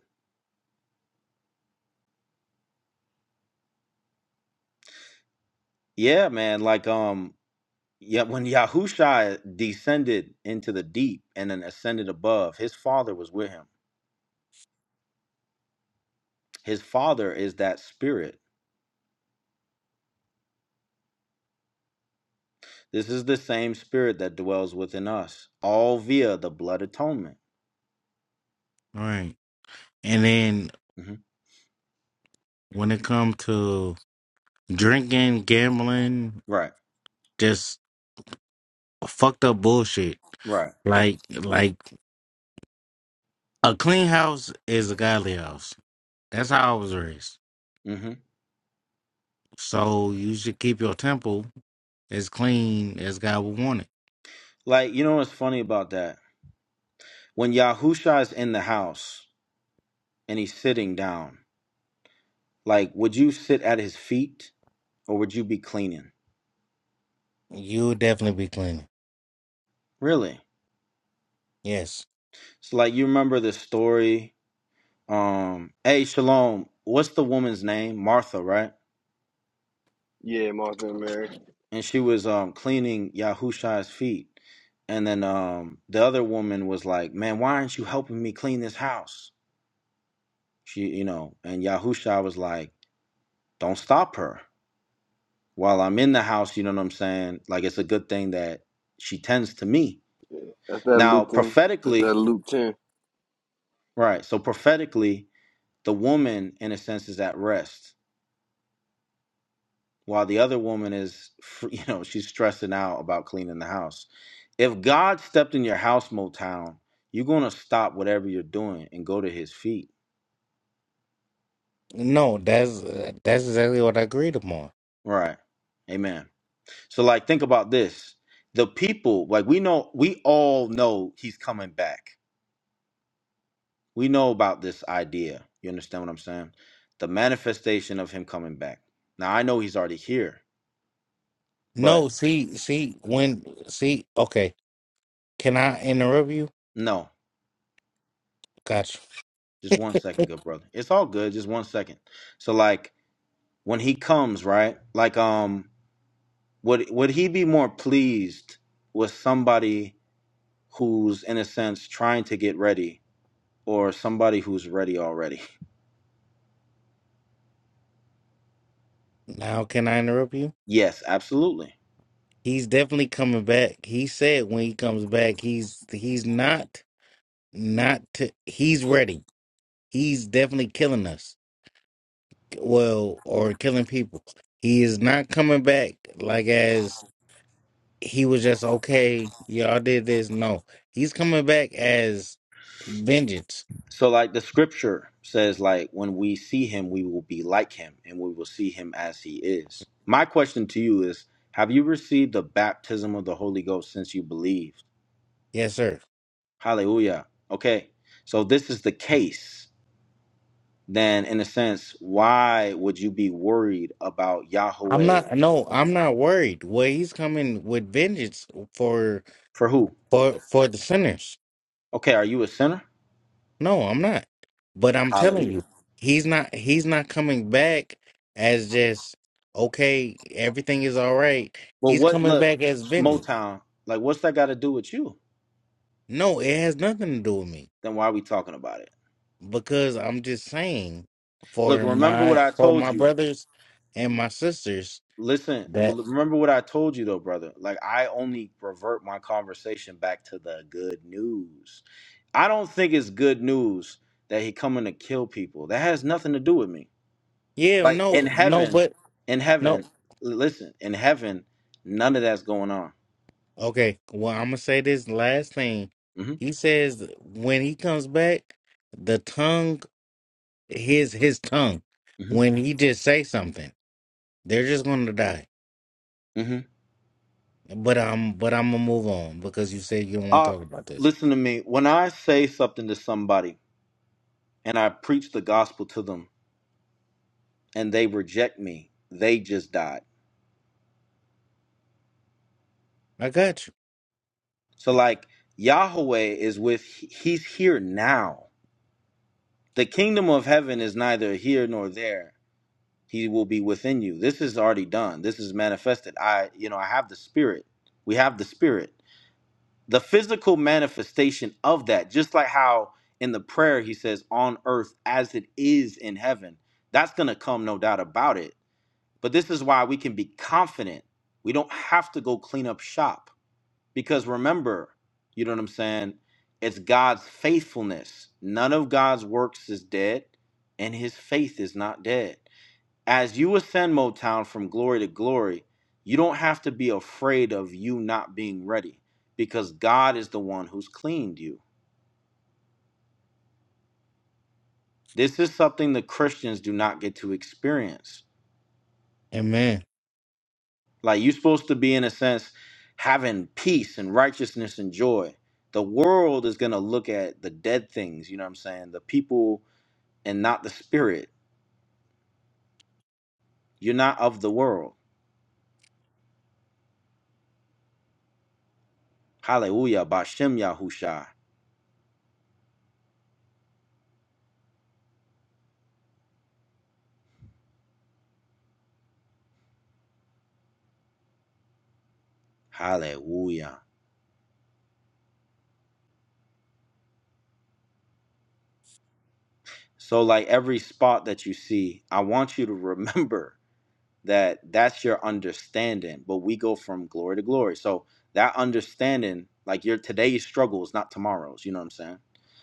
[SPEAKER 1] Yeah, man. Like um, yeah, when Yahusha descended into the deep and then ascended above, his Father was with him. His Father is that Spirit. This is the same Spirit that dwells within us, all via the blood atonement.
[SPEAKER 8] Right. And then
[SPEAKER 1] hmm
[SPEAKER 8] when it comes to drinking, gambling,
[SPEAKER 1] Right.
[SPEAKER 8] just fucked up bullshit.
[SPEAKER 1] Right.
[SPEAKER 8] Like like a clean house is a godly house. That's how I was raised.
[SPEAKER 1] hmm
[SPEAKER 8] So you should keep your temple as clean as God would want it.
[SPEAKER 1] Like you know what's funny about that? When Yahusha is in the house and he's sitting down, like would you sit at his feet or would you be cleaning?
[SPEAKER 8] You'll definitely be clean.
[SPEAKER 1] Really?
[SPEAKER 8] Yes.
[SPEAKER 1] So like you remember this story. Um hey Shalom, what's the woman's name? Martha, right?
[SPEAKER 7] Yeah, Martha and Mary.
[SPEAKER 1] And she was um cleaning Yahusha's feet. And then um the other woman was like, Man, why aren't you helping me clean this house? She you know, and Yahusha was like, Don't stop her. While I'm in the house, you know what I'm saying? Like it's a good thing that she tends to me.
[SPEAKER 7] That's that
[SPEAKER 1] Now
[SPEAKER 7] Luke 10. That's
[SPEAKER 1] prophetically,
[SPEAKER 7] that Luke 10.
[SPEAKER 1] right, so prophetically, the woman in a sense is at rest while the other woman is, [laughs] you know, she's stressing out about cleaning the house. If God stepped in your house, Motown, you're going to stop whatever you're doing and go to his feet.
[SPEAKER 8] No, that's that's exactly what I agreed upon.
[SPEAKER 1] Right. Amen. So, like, think about this. The people, like, we know, we all know he's coming back. We know about this idea. You understand what I'm saying? The manifestation of him coming back. Now, I know he's already here, but
[SPEAKER 8] No, see, see, when, see, okay. Can I interrupt you?
[SPEAKER 1] no,
[SPEAKER 8] Gotcha.
[SPEAKER 1] just one second, good brother. It's all good. Just one second. So, like, when he comes, right? Like um would would he be more pleased with somebody who's in a sense trying to get ready or somebody who's ready already? [laughs]
[SPEAKER 8] Now, can I interrupt you?
[SPEAKER 1] Yes, absolutely.
[SPEAKER 8] He's definitely coming back. He said when he comes back, he's he's not not to, he's ready. He's definitely killing us. Well, or killing people. He is not coming back like as he was just okay. Y'all did this. No, he's coming back as vengeance.
[SPEAKER 1] So like the scripture says like when we see him we will be like him and we will see him as he is. My question to you is have you received the baptism of the Holy Ghost since you believed?
[SPEAKER 8] Yes, sir.
[SPEAKER 1] Hallelujah. Okay. So this is the case. then in a sense, why would you be worried about
[SPEAKER 8] I'm
[SPEAKER 1] Yahweh
[SPEAKER 8] not no, I'm not worried. Well, he's coming with vengeance for
[SPEAKER 1] for who?
[SPEAKER 8] for for the sinners.
[SPEAKER 1] Okay, are you a sinner?
[SPEAKER 8] No, I'm not. But I'm telling
[SPEAKER 1] Hallelujah.
[SPEAKER 8] you, he's not he's not coming back as just okay, everything is all right.
[SPEAKER 1] Well,
[SPEAKER 8] He's
[SPEAKER 1] what
[SPEAKER 8] coming
[SPEAKER 1] look,
[SPEAKER 8] back as vengeance.
[SPEAKER 1] Motown, like what's that got to do with you?
[SPEAKER 8] No, it has nothing to do with me
[SPEAKER 1] Then why are we talking about it?
[SPEAKER 8] because I'm just saying
[SPEAKER 1] Look,
[SPEAKER 8] for
[SPEAKER 1] remember what
[SPEAKER 8] my
[SPEAKER 1] I
[SPEAKER 8] for
[SPEAKER 1] told
[SPEAKER 8] my
[SPEAKER 1] you.
[SPEAKER 8] brothers and my sisters
[SPEAKER 1] Listen,
[SPEAKER 8] that
[SPEAKER 1] remember what I told you though, brother. Like I only revert my conversation back to the good news. I don't think it's good news that he coming to kill people. That has nothing to do with me.
[SPEAKER 8] yeah,
[SPEAKER 1] Like in
[SPEAKER 8] no, no,
[SPEAKER 1] heaven,
[SPEAKER 8] but
[SPEAKER 1] in
[SPEAKER 8] no,
[SPEAKER 1] heaven, l- listen, in heaven, none of that's going on.
[SPEAKER 8] Okay, well, I'm gonna say this last thing.
[SPEAKER 1] hmm
[SPEAKER 8] He says that when he comes back, the tongue, his his tongue,
[SPEAKER 1] hmm
[SPEAKER 8] when he just say something, they're just gonna die.
[SPEAKER 1] hmm
[SPEAKER 8] But I'm but I'm gonna move on because you said you don't want to
[SPEAKER 1] Uh,
[SPEAKER 8] talk about this.
[SPEAKER 1] listen to me. When I say something to somebody and I preach the gospel to them and they reject me, they just died.
[SPEAKER 8] I got you.
[SPEAKER 1] So like Yahweh is with, he's here now. The kingdom of heaven is neither here nor there. He will be within you. This is already done. This is manifested. I, you know, I have the spirit. We have the spirit. the physical manifestation of that just like how in the prayer he says on earth as it is in heaven that's going to come no doubt about it but this is why we can be confident we don't have to go clean up shop because remember you know what i'm saying it's god's faithfulness none of god's works is dead and his faith is not dead as you ascend Motown from glory to glory, you don't have to be afraid of you not being ready because God is the one who's cleaned you. This is something the Christians do not get to experience.
[SPEAKER 8] Amen.
[SPEAKER 1] Like you're supposed to be, in a sense, having peace and righteousness and joy. The world is going to look at the dead things, you know what I'm saying? The people and not the spirit. You're not of the world. Hallelujah. Bashem Yahusha. Hallelujah. So, like every spot that you see, I want you to [laughs] remember that that's your understanding, but we go from glory to glory. So, that understanding, like your today's struggle is not tomorrow's, you know what I'm saying?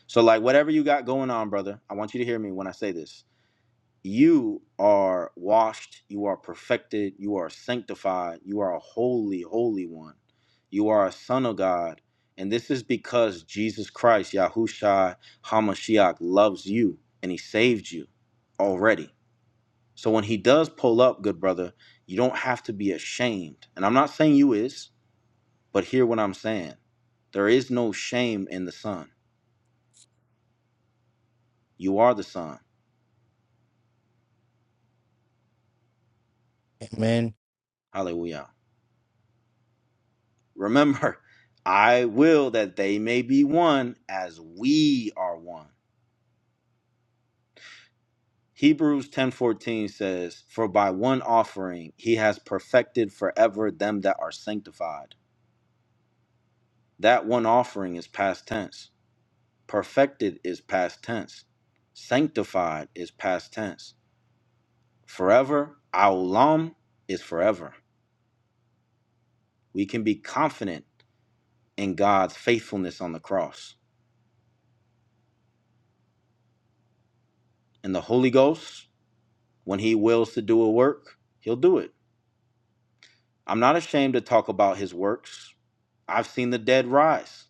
[SPEAKER 1] So, like, whatever you got going on, brother, I want you to hear me when I say this you are washed, you are perfected, you are sanctified, you are a holy, holy one. You are a son of God. And this is because Jesus Christ, Yahushua HaMashiach, loves you and he saved you already. So when he does pull up, good brother, you don't have to be ashamed. And I'm not saying you is, but hear what I'm saying. There is no shame in the son. You are the son.
[SPEAKER 8] Amen.
[SPEAKER 1] Hallelujah. Remember, [laughs] I will that they may be one as we are one. Hebrews 10:14 says, "For by one offering he has perfected forever them that are sanctified." That one offering is past tense. Perfected is past tense. Sanctified is past tense. Forever, aulam is forever. We can be confident in God's faithfulness on the cross. And the Holy Ghost, when he wills to do a work, he'll do it I'm not ashamed to talk about his works. I've seen the dead rise,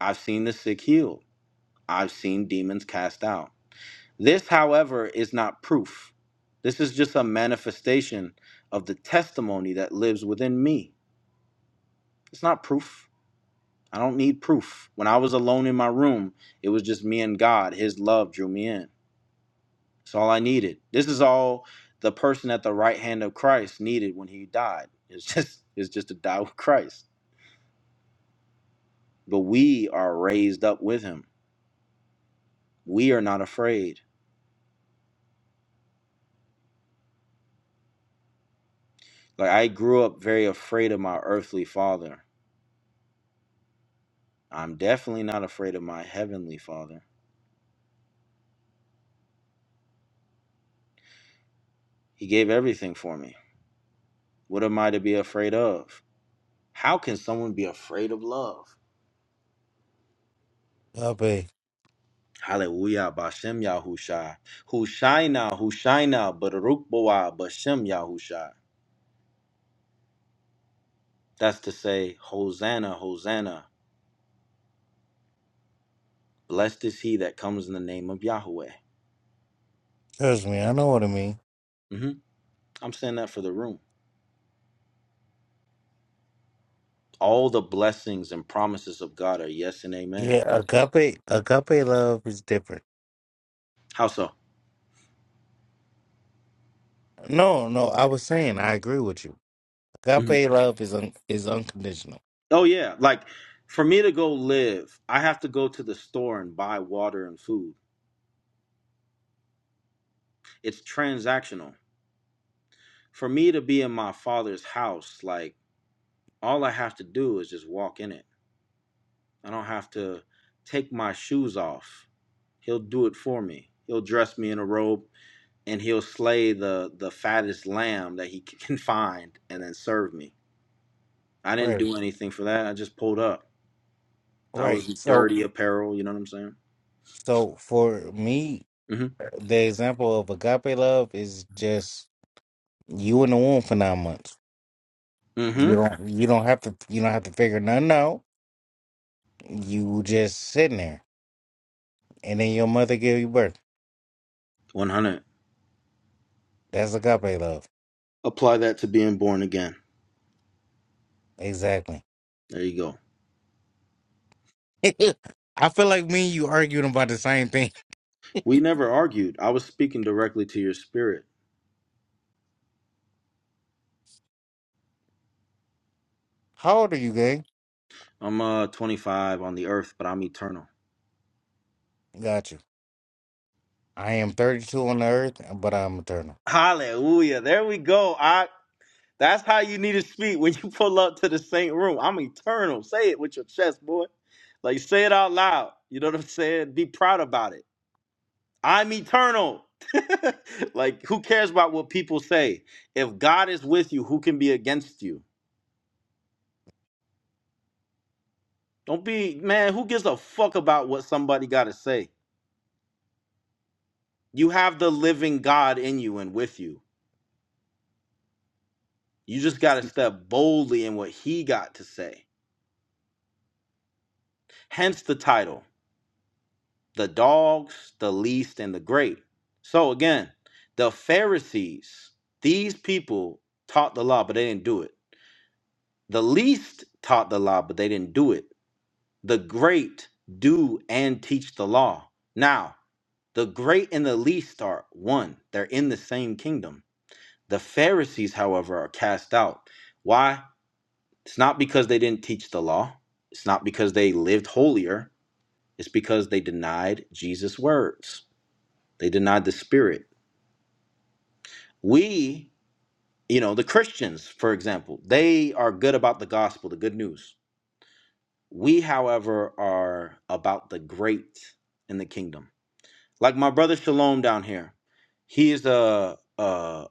[SPEAKER 1] I've seen the sick healed, I've seen demons cast out. This, however, is not proof. This is just a manifestation of the testimony that lives within me. It's not proof. I don't need proof. When I was alone in my room, it was just me and God. His love drew me in. It's all I needed. This is all the person at the right hand of Christ needed when he died. It's just it's just to die with Christ. but we are raised up with him. We are not afraid. Like I grew up very afraid of my earthly father. I'm definitely not afraid of my heavenly father. He gave everything for me. What am I to be afraid of? How can someone be afraid of love?
[SPEAKER 8] Agape.
[SPEAKER 1] Hallelujah, Bashem Yahusha. Hushaina, Hushaina, Baruch Boa, Bashem Yahusha. That's to say, Hosanna, Hosanna. Blessed is he that comes in the name of Yahweh.
[SPEAKER 8] Trust me, I know what I mean.
[SPEAKER 1] hmm I'm saying that for the room. all the blessings and promises of God are yes and amen.
[SPEAKER 8] Yeah, agape agape love is different.
[SPEAKER 1] How so?
[SPEAKER 8] No, no, I was saying I agree with you.
[SPEAKER 1] hmm
[SPEAKER 8] Agape love is un, is unconditional.
[SPEAKER 1] Oh, yeah. Like for me to go live, I have to go to the store and buy water and food. It's transactional. For me to be in my father's house, like all I have to do is just walk in it. I don't have to take my shoes off. He'll do it for me. He'll dress me in a robe and he'll slay the, the fattest lamb that he [laughs] can find and then serve me. I didn't
[SPEAKER 8] Right.
[SPEAKER 1] do anything for that. I just pulled up. I
[SPEAKER 8] Right.
[SPEAKER 1] was
[SPEAKER 8] So
[SPEAKER 1] dirty apparel. You know what I'm saying?
[SPEAKER 8] So for me,
[SPEAKER 1] Mm-hmm.
[SPEAKER 8] the example of agape love is just you in the womb for nine months. You
[SPEAKER 1] Mm-hmm.
[SPEAKER 8] don't you don't have to you don't have to figure nothing out. You just sitting there, and then your mother give you birth.
[SPEAKER 1] 100.
[SPEAKER 8] That's agape love,
[SPEAKER 1] Apply that to being born again.
[SPEAKER 8] exactly.
[SPEAKER 1] There you go.
[SPEAKER 8] [laughs] I feel like me and you arguing about the same thing.
[SPEAKER 1] We never argued. I was speaking directly to your spirit.
[SPEAKER 8] [laughs] How old are you, gang?
[SPEAKER 1] I'm uh 25 on the earth, but I'm eternal.
[SPEAKER 8] Got you. I am thirty two on the earth, but I'm eternal.
[SPEAKER 1] Hallelujah. There we go. I. That's how you need to speak when you pull up to the saint room. I'm eternal. Say it with your chest, boy. Like say it out loud. You know what I'm saying? Be proud about it. I'm eternal. [laughs] like, who cares about what people say? If God is with you, who can be against you? Don't be, man, who gives a fuck about what somebody got to say? You have the living God in you and with you. You just got to step boldly in what he got to say. Hence the title The Dogs, the Least, and the Great. So, again, the Pharisees, these people taught the law, but they didn't do it. The least taught the law, but they didn't do it The great do and teach the law. Now, the great and the least are one, they're in the same kingdom. The Pharisees, however, are cast out. Why? It's not because they didn't teach the law, it's not because they lived holier, it's because they denied Jesus' words, they denied the Spirit. We, you know, the Christians, for example, they are good about the gospel, the good news. We, however, are about the great in the kingdom Like my brother Shalom down here, he is a, uh,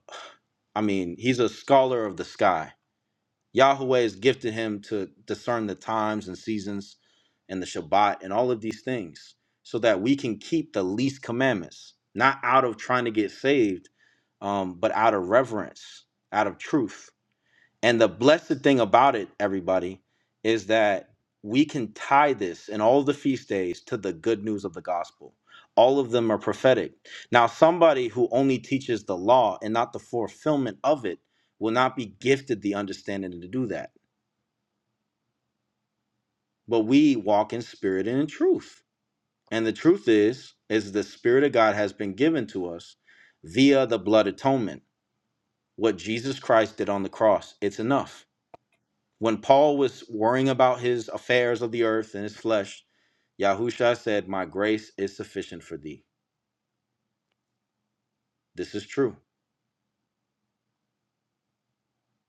[SPEAKER 1] I mean, he's a scholar of the sky. Yahweh has gifted him to discern the times and seasons and the Shabbat and all of these things so that we can keep the least commandments, not out of trying to get saved, um, but out of reverence, out of truth. And the blessed thing about it, everybody, is that we can tie this and all the feast days to the good news of the gospel. All of them are prophetic. Now, somebody who only teaches the law and not the fulfillment of it will not be gifted the understanding to do that. But we walk in spirit and in truth. And the truth is, is the spirit of God has been given to us via the blood atonement. What Jesus Christ did on the cross, it's enough When Paul was worrying about his affairs of the earth and his flesh, Yahusha said, My grace is sufficient for thee. This is true.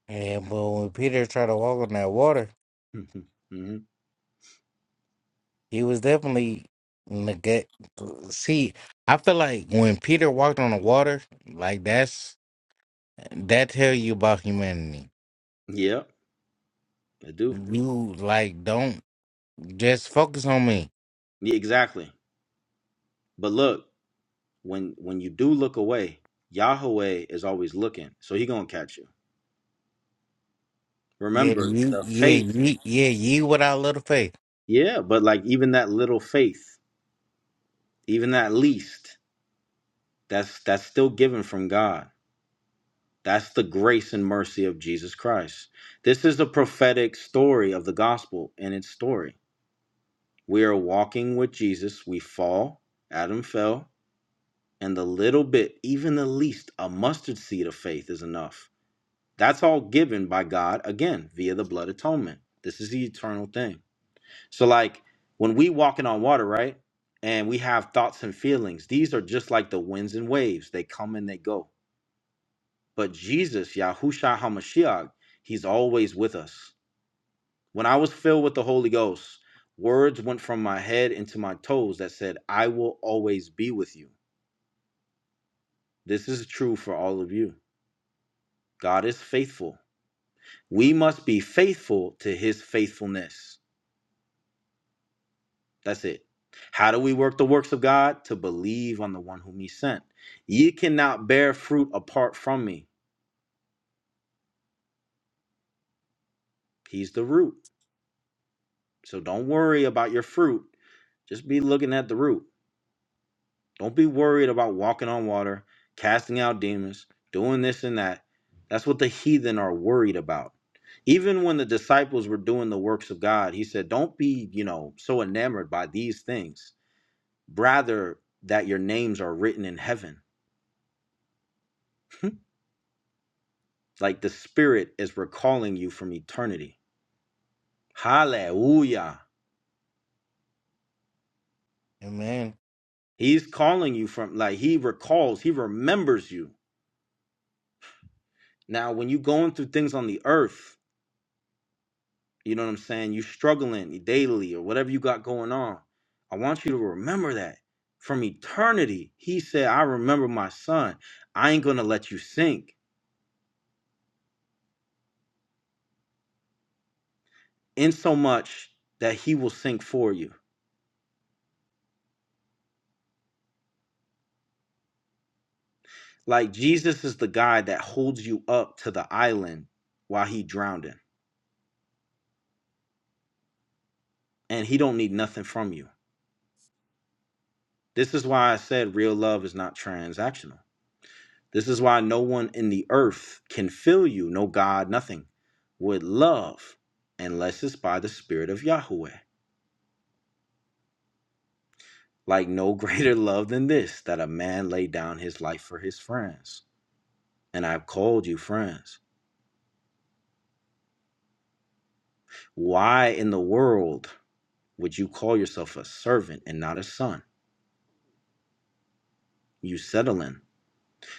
[SPEAKER 8] Yeah, but when Peter tried to walk on that water,
[SPEAKER 1] [laughs] hmm
[SPEAKER 8] He was definitely nega See, I feel like when Peter walked on the water, like that's that tell you about humanity.
[SPEAKER 1] Yeah, I do.
[SPEAKER 8] You like don't just focus on me.
[SPEAKER 1] Yeah, exactly. But look, when when you do look away, Yahweh is always looking. So he gonna catch you.
[SPEAKER 8] Yeah,
[SPEAKER 1] Remember
[SPEAKER 8] you,
[SPEAKER 1] the
[SPEAKER 8] yeah,
[SPEAKER 1] faith.
[SPEAKER 8] you, yeah, you without a little faith.
[SPEAKER 1] Yeah, but like even that little faith, even that least, that's that's still given from God. That's the grace and mercy of Jesus Christ. This is the prophetic story of the gospel and its story. We are walking with Jesus. We fall. Adam fell. And the little bit, even the least, a mustard seed of faith is enough. That's all given by God, again, via the blood atonement. This is the eternal thing. So, like when we walking on water, right? And we have thoughts and feelings, these are just like the winds and waves. They come and they go But Jesus, Yahushua HaMashiach, he's always with us. When I was filled with the Holy Ghost, words went from my head into my toes that said, I will always be with you. This is true for all of you. God is faithful. We must be faithful to his faithfulness. That's it. How do we work the works of God? To believe on the one whom he sent. Ye cannot bear fruit apart from me. He's the root. So don't worry about your fruit. Just be looking at the root. Don't be worried about walking on water, casting out demons, doing this and that. That's what the heathen are worried about. Even when the disciples were doing the works of God, he said, Don't be, you know, so enamored by these things. Rather, that your names are written in heaven. [laughs] like the Spirit is recalling you from eternity. Hallelujah.
[SPEAKER 8] Amen.
[SPEAKER 1] He's calling you from, like, he recalls, he remembers you. Now, when you're going through things on the earth, You know what I'm saying? You're struggling daily or whatever you got going on. I want you to remember that from eternity. He said, I remember my son. I ain't going to let you sink, in so much that he will sink for you. Like Jesus is the guy that holds you up to the island while he drowning, and he don't need nothing from you. This is why I said real love is not transactional This is why no one in the earth can fill you, no God, nothing, with love, unless it's by the Spirit of Yahweh. Like no [laughs] greater love than this, that a man lay down his life for his friends. And I've called you friends. Why in the world would you call yourself a servant and not a son? You settling.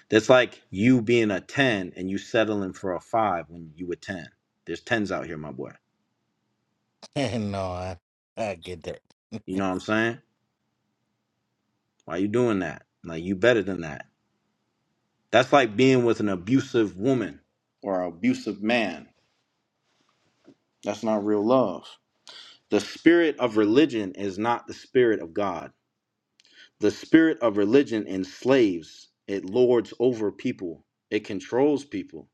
[SPEAKER 1] That's like you being a 10 and you settling for a 5 when you were 10. There's 10s out here, my boy.
[SPEAKER 8] [laughs] no, I, I get that.
[SPEAKER 1] You know what I'm saying? Why you doing that? Like you better than that. That's like being with an abusive woman or an abusive man. That's not real love. The spirit of religion is not the spirit of God. The spirit of religion enslaves, it lords over people, it controls people,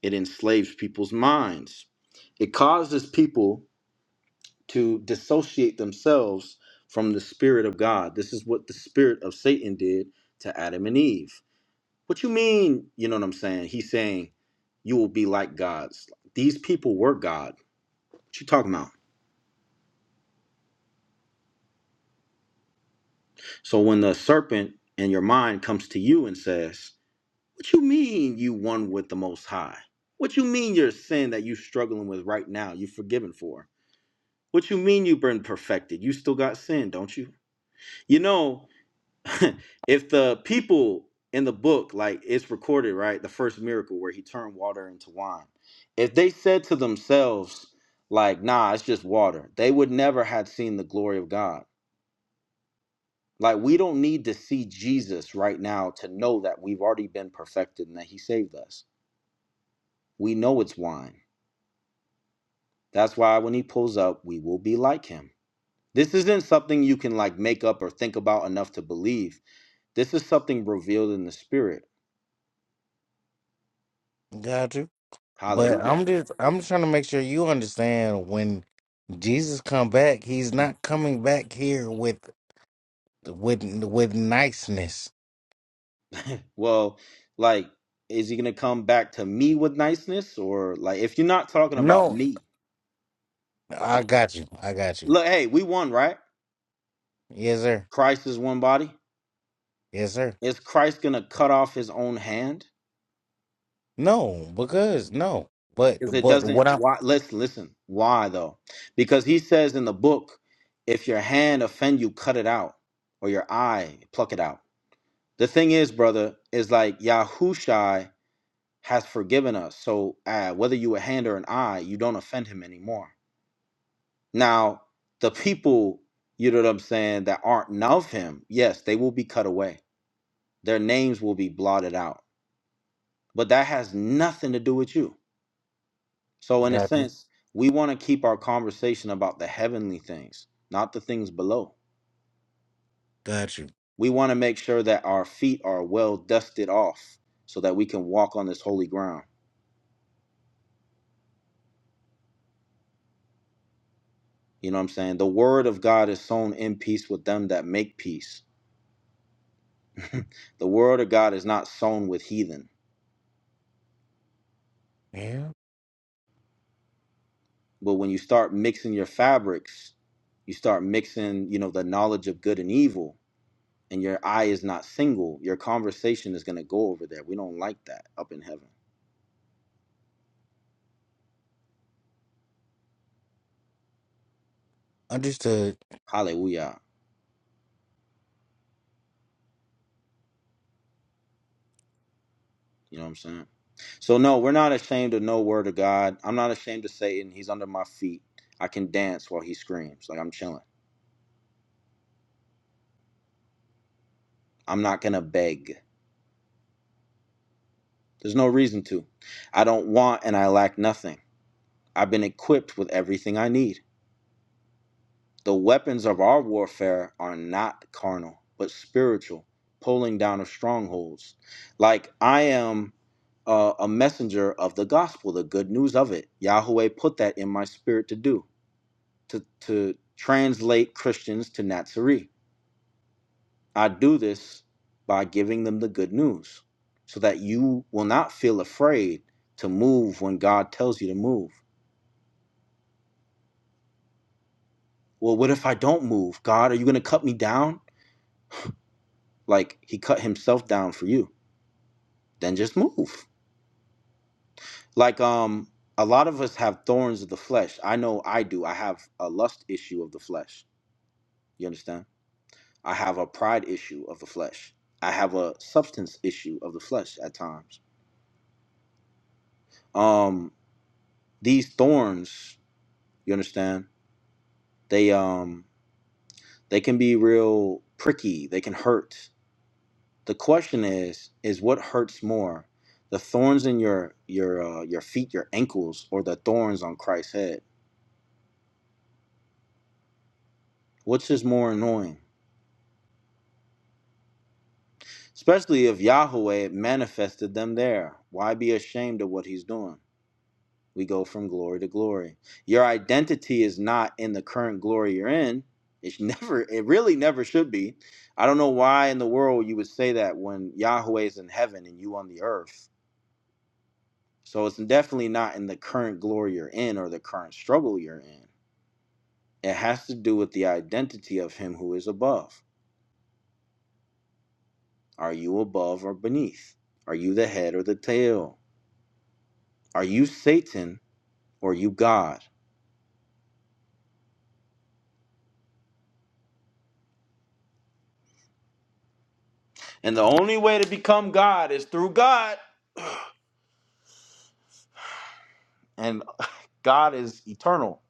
[SPEAKER 1] it enslaves people's minds. It causes people to dissociate themselves from the spirit of God. This is what the spirit of Satan did to Adam and Eve. What you mean? You know what I'm saying? He's saying you will be like gods. These people were God. What you talking about? So when the serpent in your mind comes to you and says, What you mean you one with the most high? What you mean your sin that you struggling with right now, you forgiven for? What you mean you have been perfected? You still got sin, don't you? You know, [laughs] if the people in the book, like it's recorded, right? The first miracle where he turned water into wine. If they said to themselves, like, nah, it's just water, they would never have seen the glory of God. Like, we don't need to see Jesus right now to know that we've already been perfected and that he saved us. We know it's wine. That's why when he pulls up, we will be like him. This isn't something you can like make up or think about enough to believe. This is something revealed in the spirit.
[SPEAKER 8] Got you. But
[SPEAKER 1] Hallelujah.
[SPEAKER 8] I'm just, I'm just trying to make sure you understand when Jesus come back, he's not coming back here with with with niceness.
[SPEAKER 1] Well, like, is he gonna come back to me with niceness, or like, if you're not talking about
[SPEAKER 8] No,
[SPEAKER 1] me,
[SPEAKER 8] I
[SPEAKER 1] that-
[SPEAKER 8] got you. I got you.
[SPEAKER 1] look, hey, we won, right?
[SPEAKER 8] Yes, sir.
[SPEAKER 1] Christ is one body.
[SPEAKER 8] Yes, sir.
[SPEAKER 1] Is Christ gonna cut off his own hand?
[SPEAKER 8] No, because no. But
[SPEAKER 1] Because it
[SPEAKER 8] but
[SPEAKER 1] doesn't.
[SPEAKER 8] what i
[SPEAKER 1] Why? Let's listen. Why though? Because he says in the book, if your hand offend you, cut it out, or your eye, pluck it out. The thing is, brother, is like Yahushai has forgiven us. So uh, whether you a hand or an eye, you don't offend him anymore Now, the people, you know what I'm saying, that aren't of him, yes, they will be cut away. Their names will be blotted out. But that has nothing to do with you. So, in a
[SPEAKER 8] got you.
[SPEAKER 1] sense, we want to keep our conversation about the heavenly things, not the things below.
[SPEAKER 8] Got you.
[SPEAKER 1] We want to make sure that our feet are well dusted off so that we can walk on this holy ground. You know what I'm saying? The word of God is sown in peace with them that make peace. [laughs] the word of God is not sown with heathen.
[SPEAKER 8] Yeah.
[SPEAKER 1] But when you start mixing your fabrics, you start mixing, you know, the knowledge of good and evil, and your eye is not single, your conversation is gonna go over there. We don't like that up in heaven.
[SPEAKER 8] Understood.
[SPEAKER 1] Hallelujah. You know what I'm saying? So no, we're not ashamed of no word of God. I'm not ashamed of Satan. He's under my feet. I can dance while he screams. Like I'm chilling. I'm not gonna beg. There's no reason to. I don't want and I lack nothing. I've been equipped with everything I need. The weapons of our warfare are not carnal, but spiritual, pulling down of strongholds. Like I am uh, a messenger of the gospel, the good news of it. Yahweh put that in my spirit to do, to, to translate Christians to Nazarene. I do this by giving them the good news so that you will not feel afraid to move when God tells you to move. Well, what if I don't move? God, are you going to cut me down? Like he cut himself down for you then just move. Like um a lot of us have thorns of the flesh. I know I do. I have a lust issue of the flesh. You understand? I have a pride issue of the flesh. I have a substance issue of the flesh at times. Um these thorns, you understand? They um they can be real pricky. They can hurt. The question is is what hurts more? The thorns in your your uh, your feet, your ankles or the thorns on Christ's head? Which is more annoying? Especially if Yahweh manifested them there. Why be ashamed of what he's doing? We go from glory to glory. Your identity is not in the current glory you're in. It's [laughs] never, it really never should be. I don't know why in the world you would say that when Yahweh is in heaven and you on the earth. So it's definitely not in the current glory you're in or the current struggle you're in. It has to do with the identity of him who is above. Are you above or beneath? Are you the head or the tail? Are you Satan or you God. And the only way to become God is through God. And [laughs] God is eternal.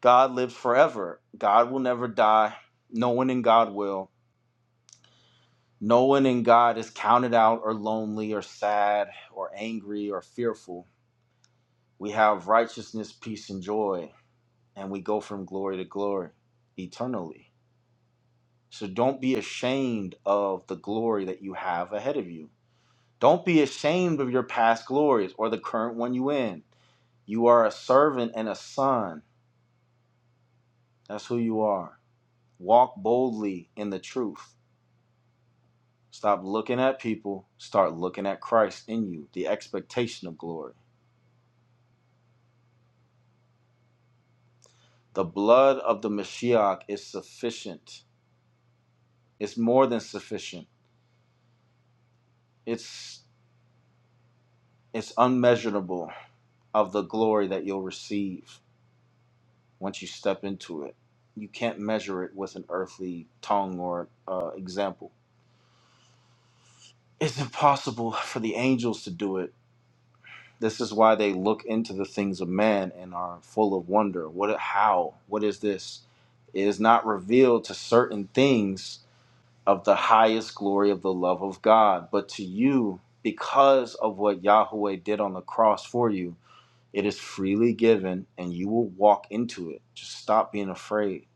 [SPEAKER 1] God lives forever. God will never die. No one in God will. No one in God is counted out or lonely or sad or angry or fearful. We have righteousness, peace, and joy, and we go from glory to glory eternally. So don't be ashamed of the glory that you have ahead of you Don't be ashamed of your past glories or the current one you in. You are a servant and a son. That's who you are. Walk boldly in the truth. Stop looking at people. Start looking at Christ in you, the expectation of glory. The blood of the Mashiach is sufficient. It's more than sufficient. It's it's unmeasurable of the glory that you'll receive once you step into it. You can't measure it with an earthly tongue or uh, example It's impossible for the angels to do it. This is why they look into the things of man and are full of wonder. What how? What is this? It is not revealed to certain things of the highest glory of the love of God, but to you, because of what Yahweh did on the cross for you, it is freely given and you will walk into it. Just stop being afraid.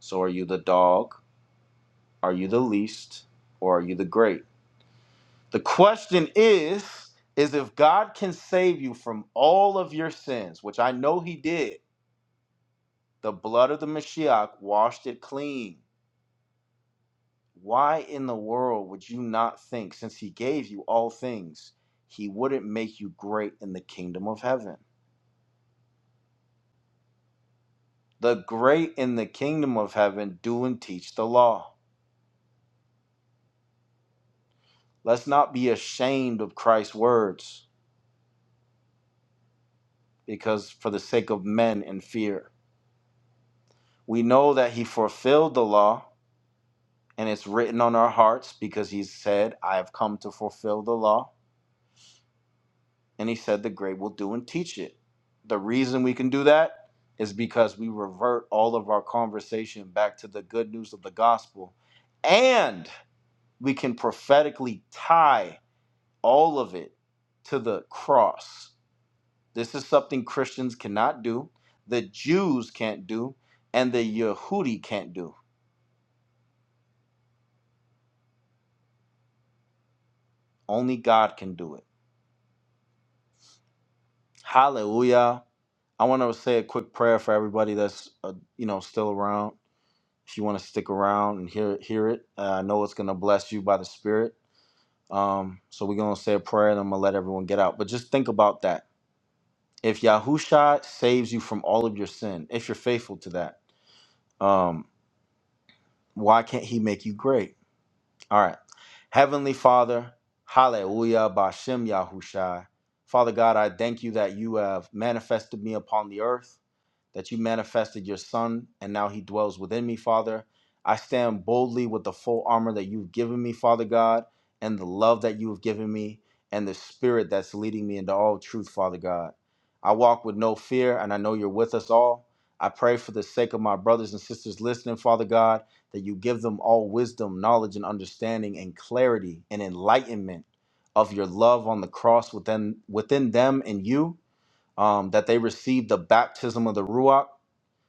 [SPEAKER 1] So are you the dog? Are you the least? Or are you the great? The question is is if God can save you from all of your sins, which I know he did. The blood of the Mashiach washed it clean. Why in the world would you not think since he gave you all things, he wouldn't make you great in the kingdom of heaven? The great in the kingdom of heaven do and teach the law. Let's not be ashamed of Christ's words because for the sake of men and fear. We know that he fulfilled the law and it's written on our hearts because he said, I have come to fulfill the law. And he said, The great will do and teach it. The reason we can do that is because we revert all of our conversation back to the good news of the gospel. And we can prophetically tie all of it to the cross. This is something Christians cannot do, the Jews can't do, and the Yehudi can't do. Only God can do it. Hallelujah. I want to say a quick prayer for everybody that's uh, you know still around. If you want to stick around and hear hear it, uh, I know it's gonna bless you by the Spirit. Um, so we're gonna say a prayer and I'm gonna let everyone get out. But just think about that. If Yahusha saves you from all of your sin, if you're faithful to that, um, why can't He make you great? All right, Heavenly Father, Hallelujah, Bashem Yahusha. Father God, I thank you that you have manifested me upon the earth. that you manifested your Son, and now he dwells within me, Father. I stand boldly with the full armor that you've given me, Father God, and the love that you have given me, and the Spirit that's leading me into all truth, Father God. I walk with no fear, and I know you're with us all. I pray for the sake of my brothers and sisters listening, Father God, that you give them all wisdom, knowledge, and understanding, and clarity and enlightenment of your love on the cross within within them and you um, that they receive the baptism of the Ruach,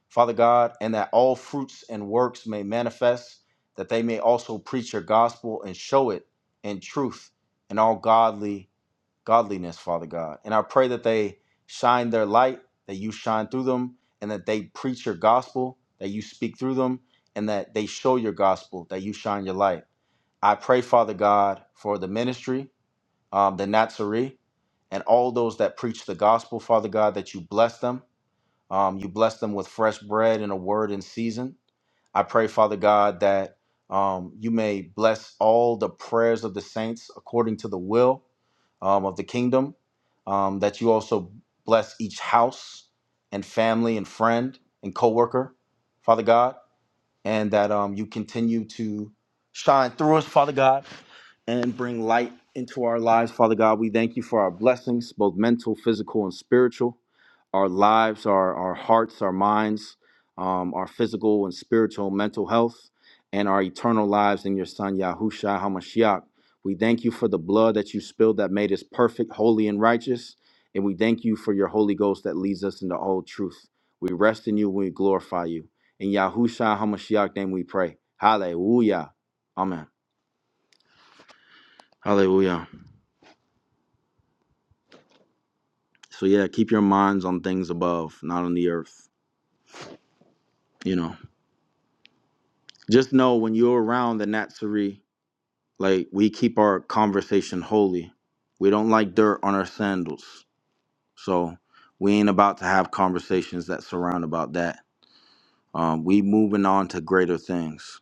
[SPEAKER 1] Father God, and that all fruits and works may manifest, that they may also preach your gospel and show it in truth and all godly godliness, Father God. And I pray that they shine their light, that you shine through them, and that they preach your gospel, that you speak through them, and that they show your gospel, that you shine your light. I pray, Father God, for the ministry um, the Nazarene, and all those that preach the gospel, Father God, that you bless them. Um, you bless them with fresh bread and a word in season. I pray, Father God, that um, you may bless all the prayers of the saints according to the will um, of the kingdom, um, that you also bless each house and family and friend and coworker, Father God and that um, you continue to shine through us, Father God, and bring light into our lives, Father God. We thank you for our blessings, both mental, physical, and spiritual, our lives, our, our hearts, our minds, um, our physical and spiritual, mental health, and our eternal lives in your Son, Yahushua HaMashiach. We thank you for the blood that you spilled that made us perfect, holy, and righteous. And we thank you for your Holy Ghost that leads us into all truth. We rest in you and we glorify you. In Yahushua HaMashiach name we pray. Hallelujah. Amen. Hallelujah. So yeah, keep your minds on things above, not on the earth. You know. Just know when you're around the Natsuri, like we keep our conversation holy. We don't like dirt on our sandals. So we ain't about to have conversations that surround about that. Um, we moving on to greater things.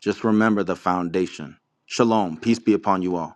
[SPEAKER 1] Just remember the foundation. Shalom. Peace be upon you all.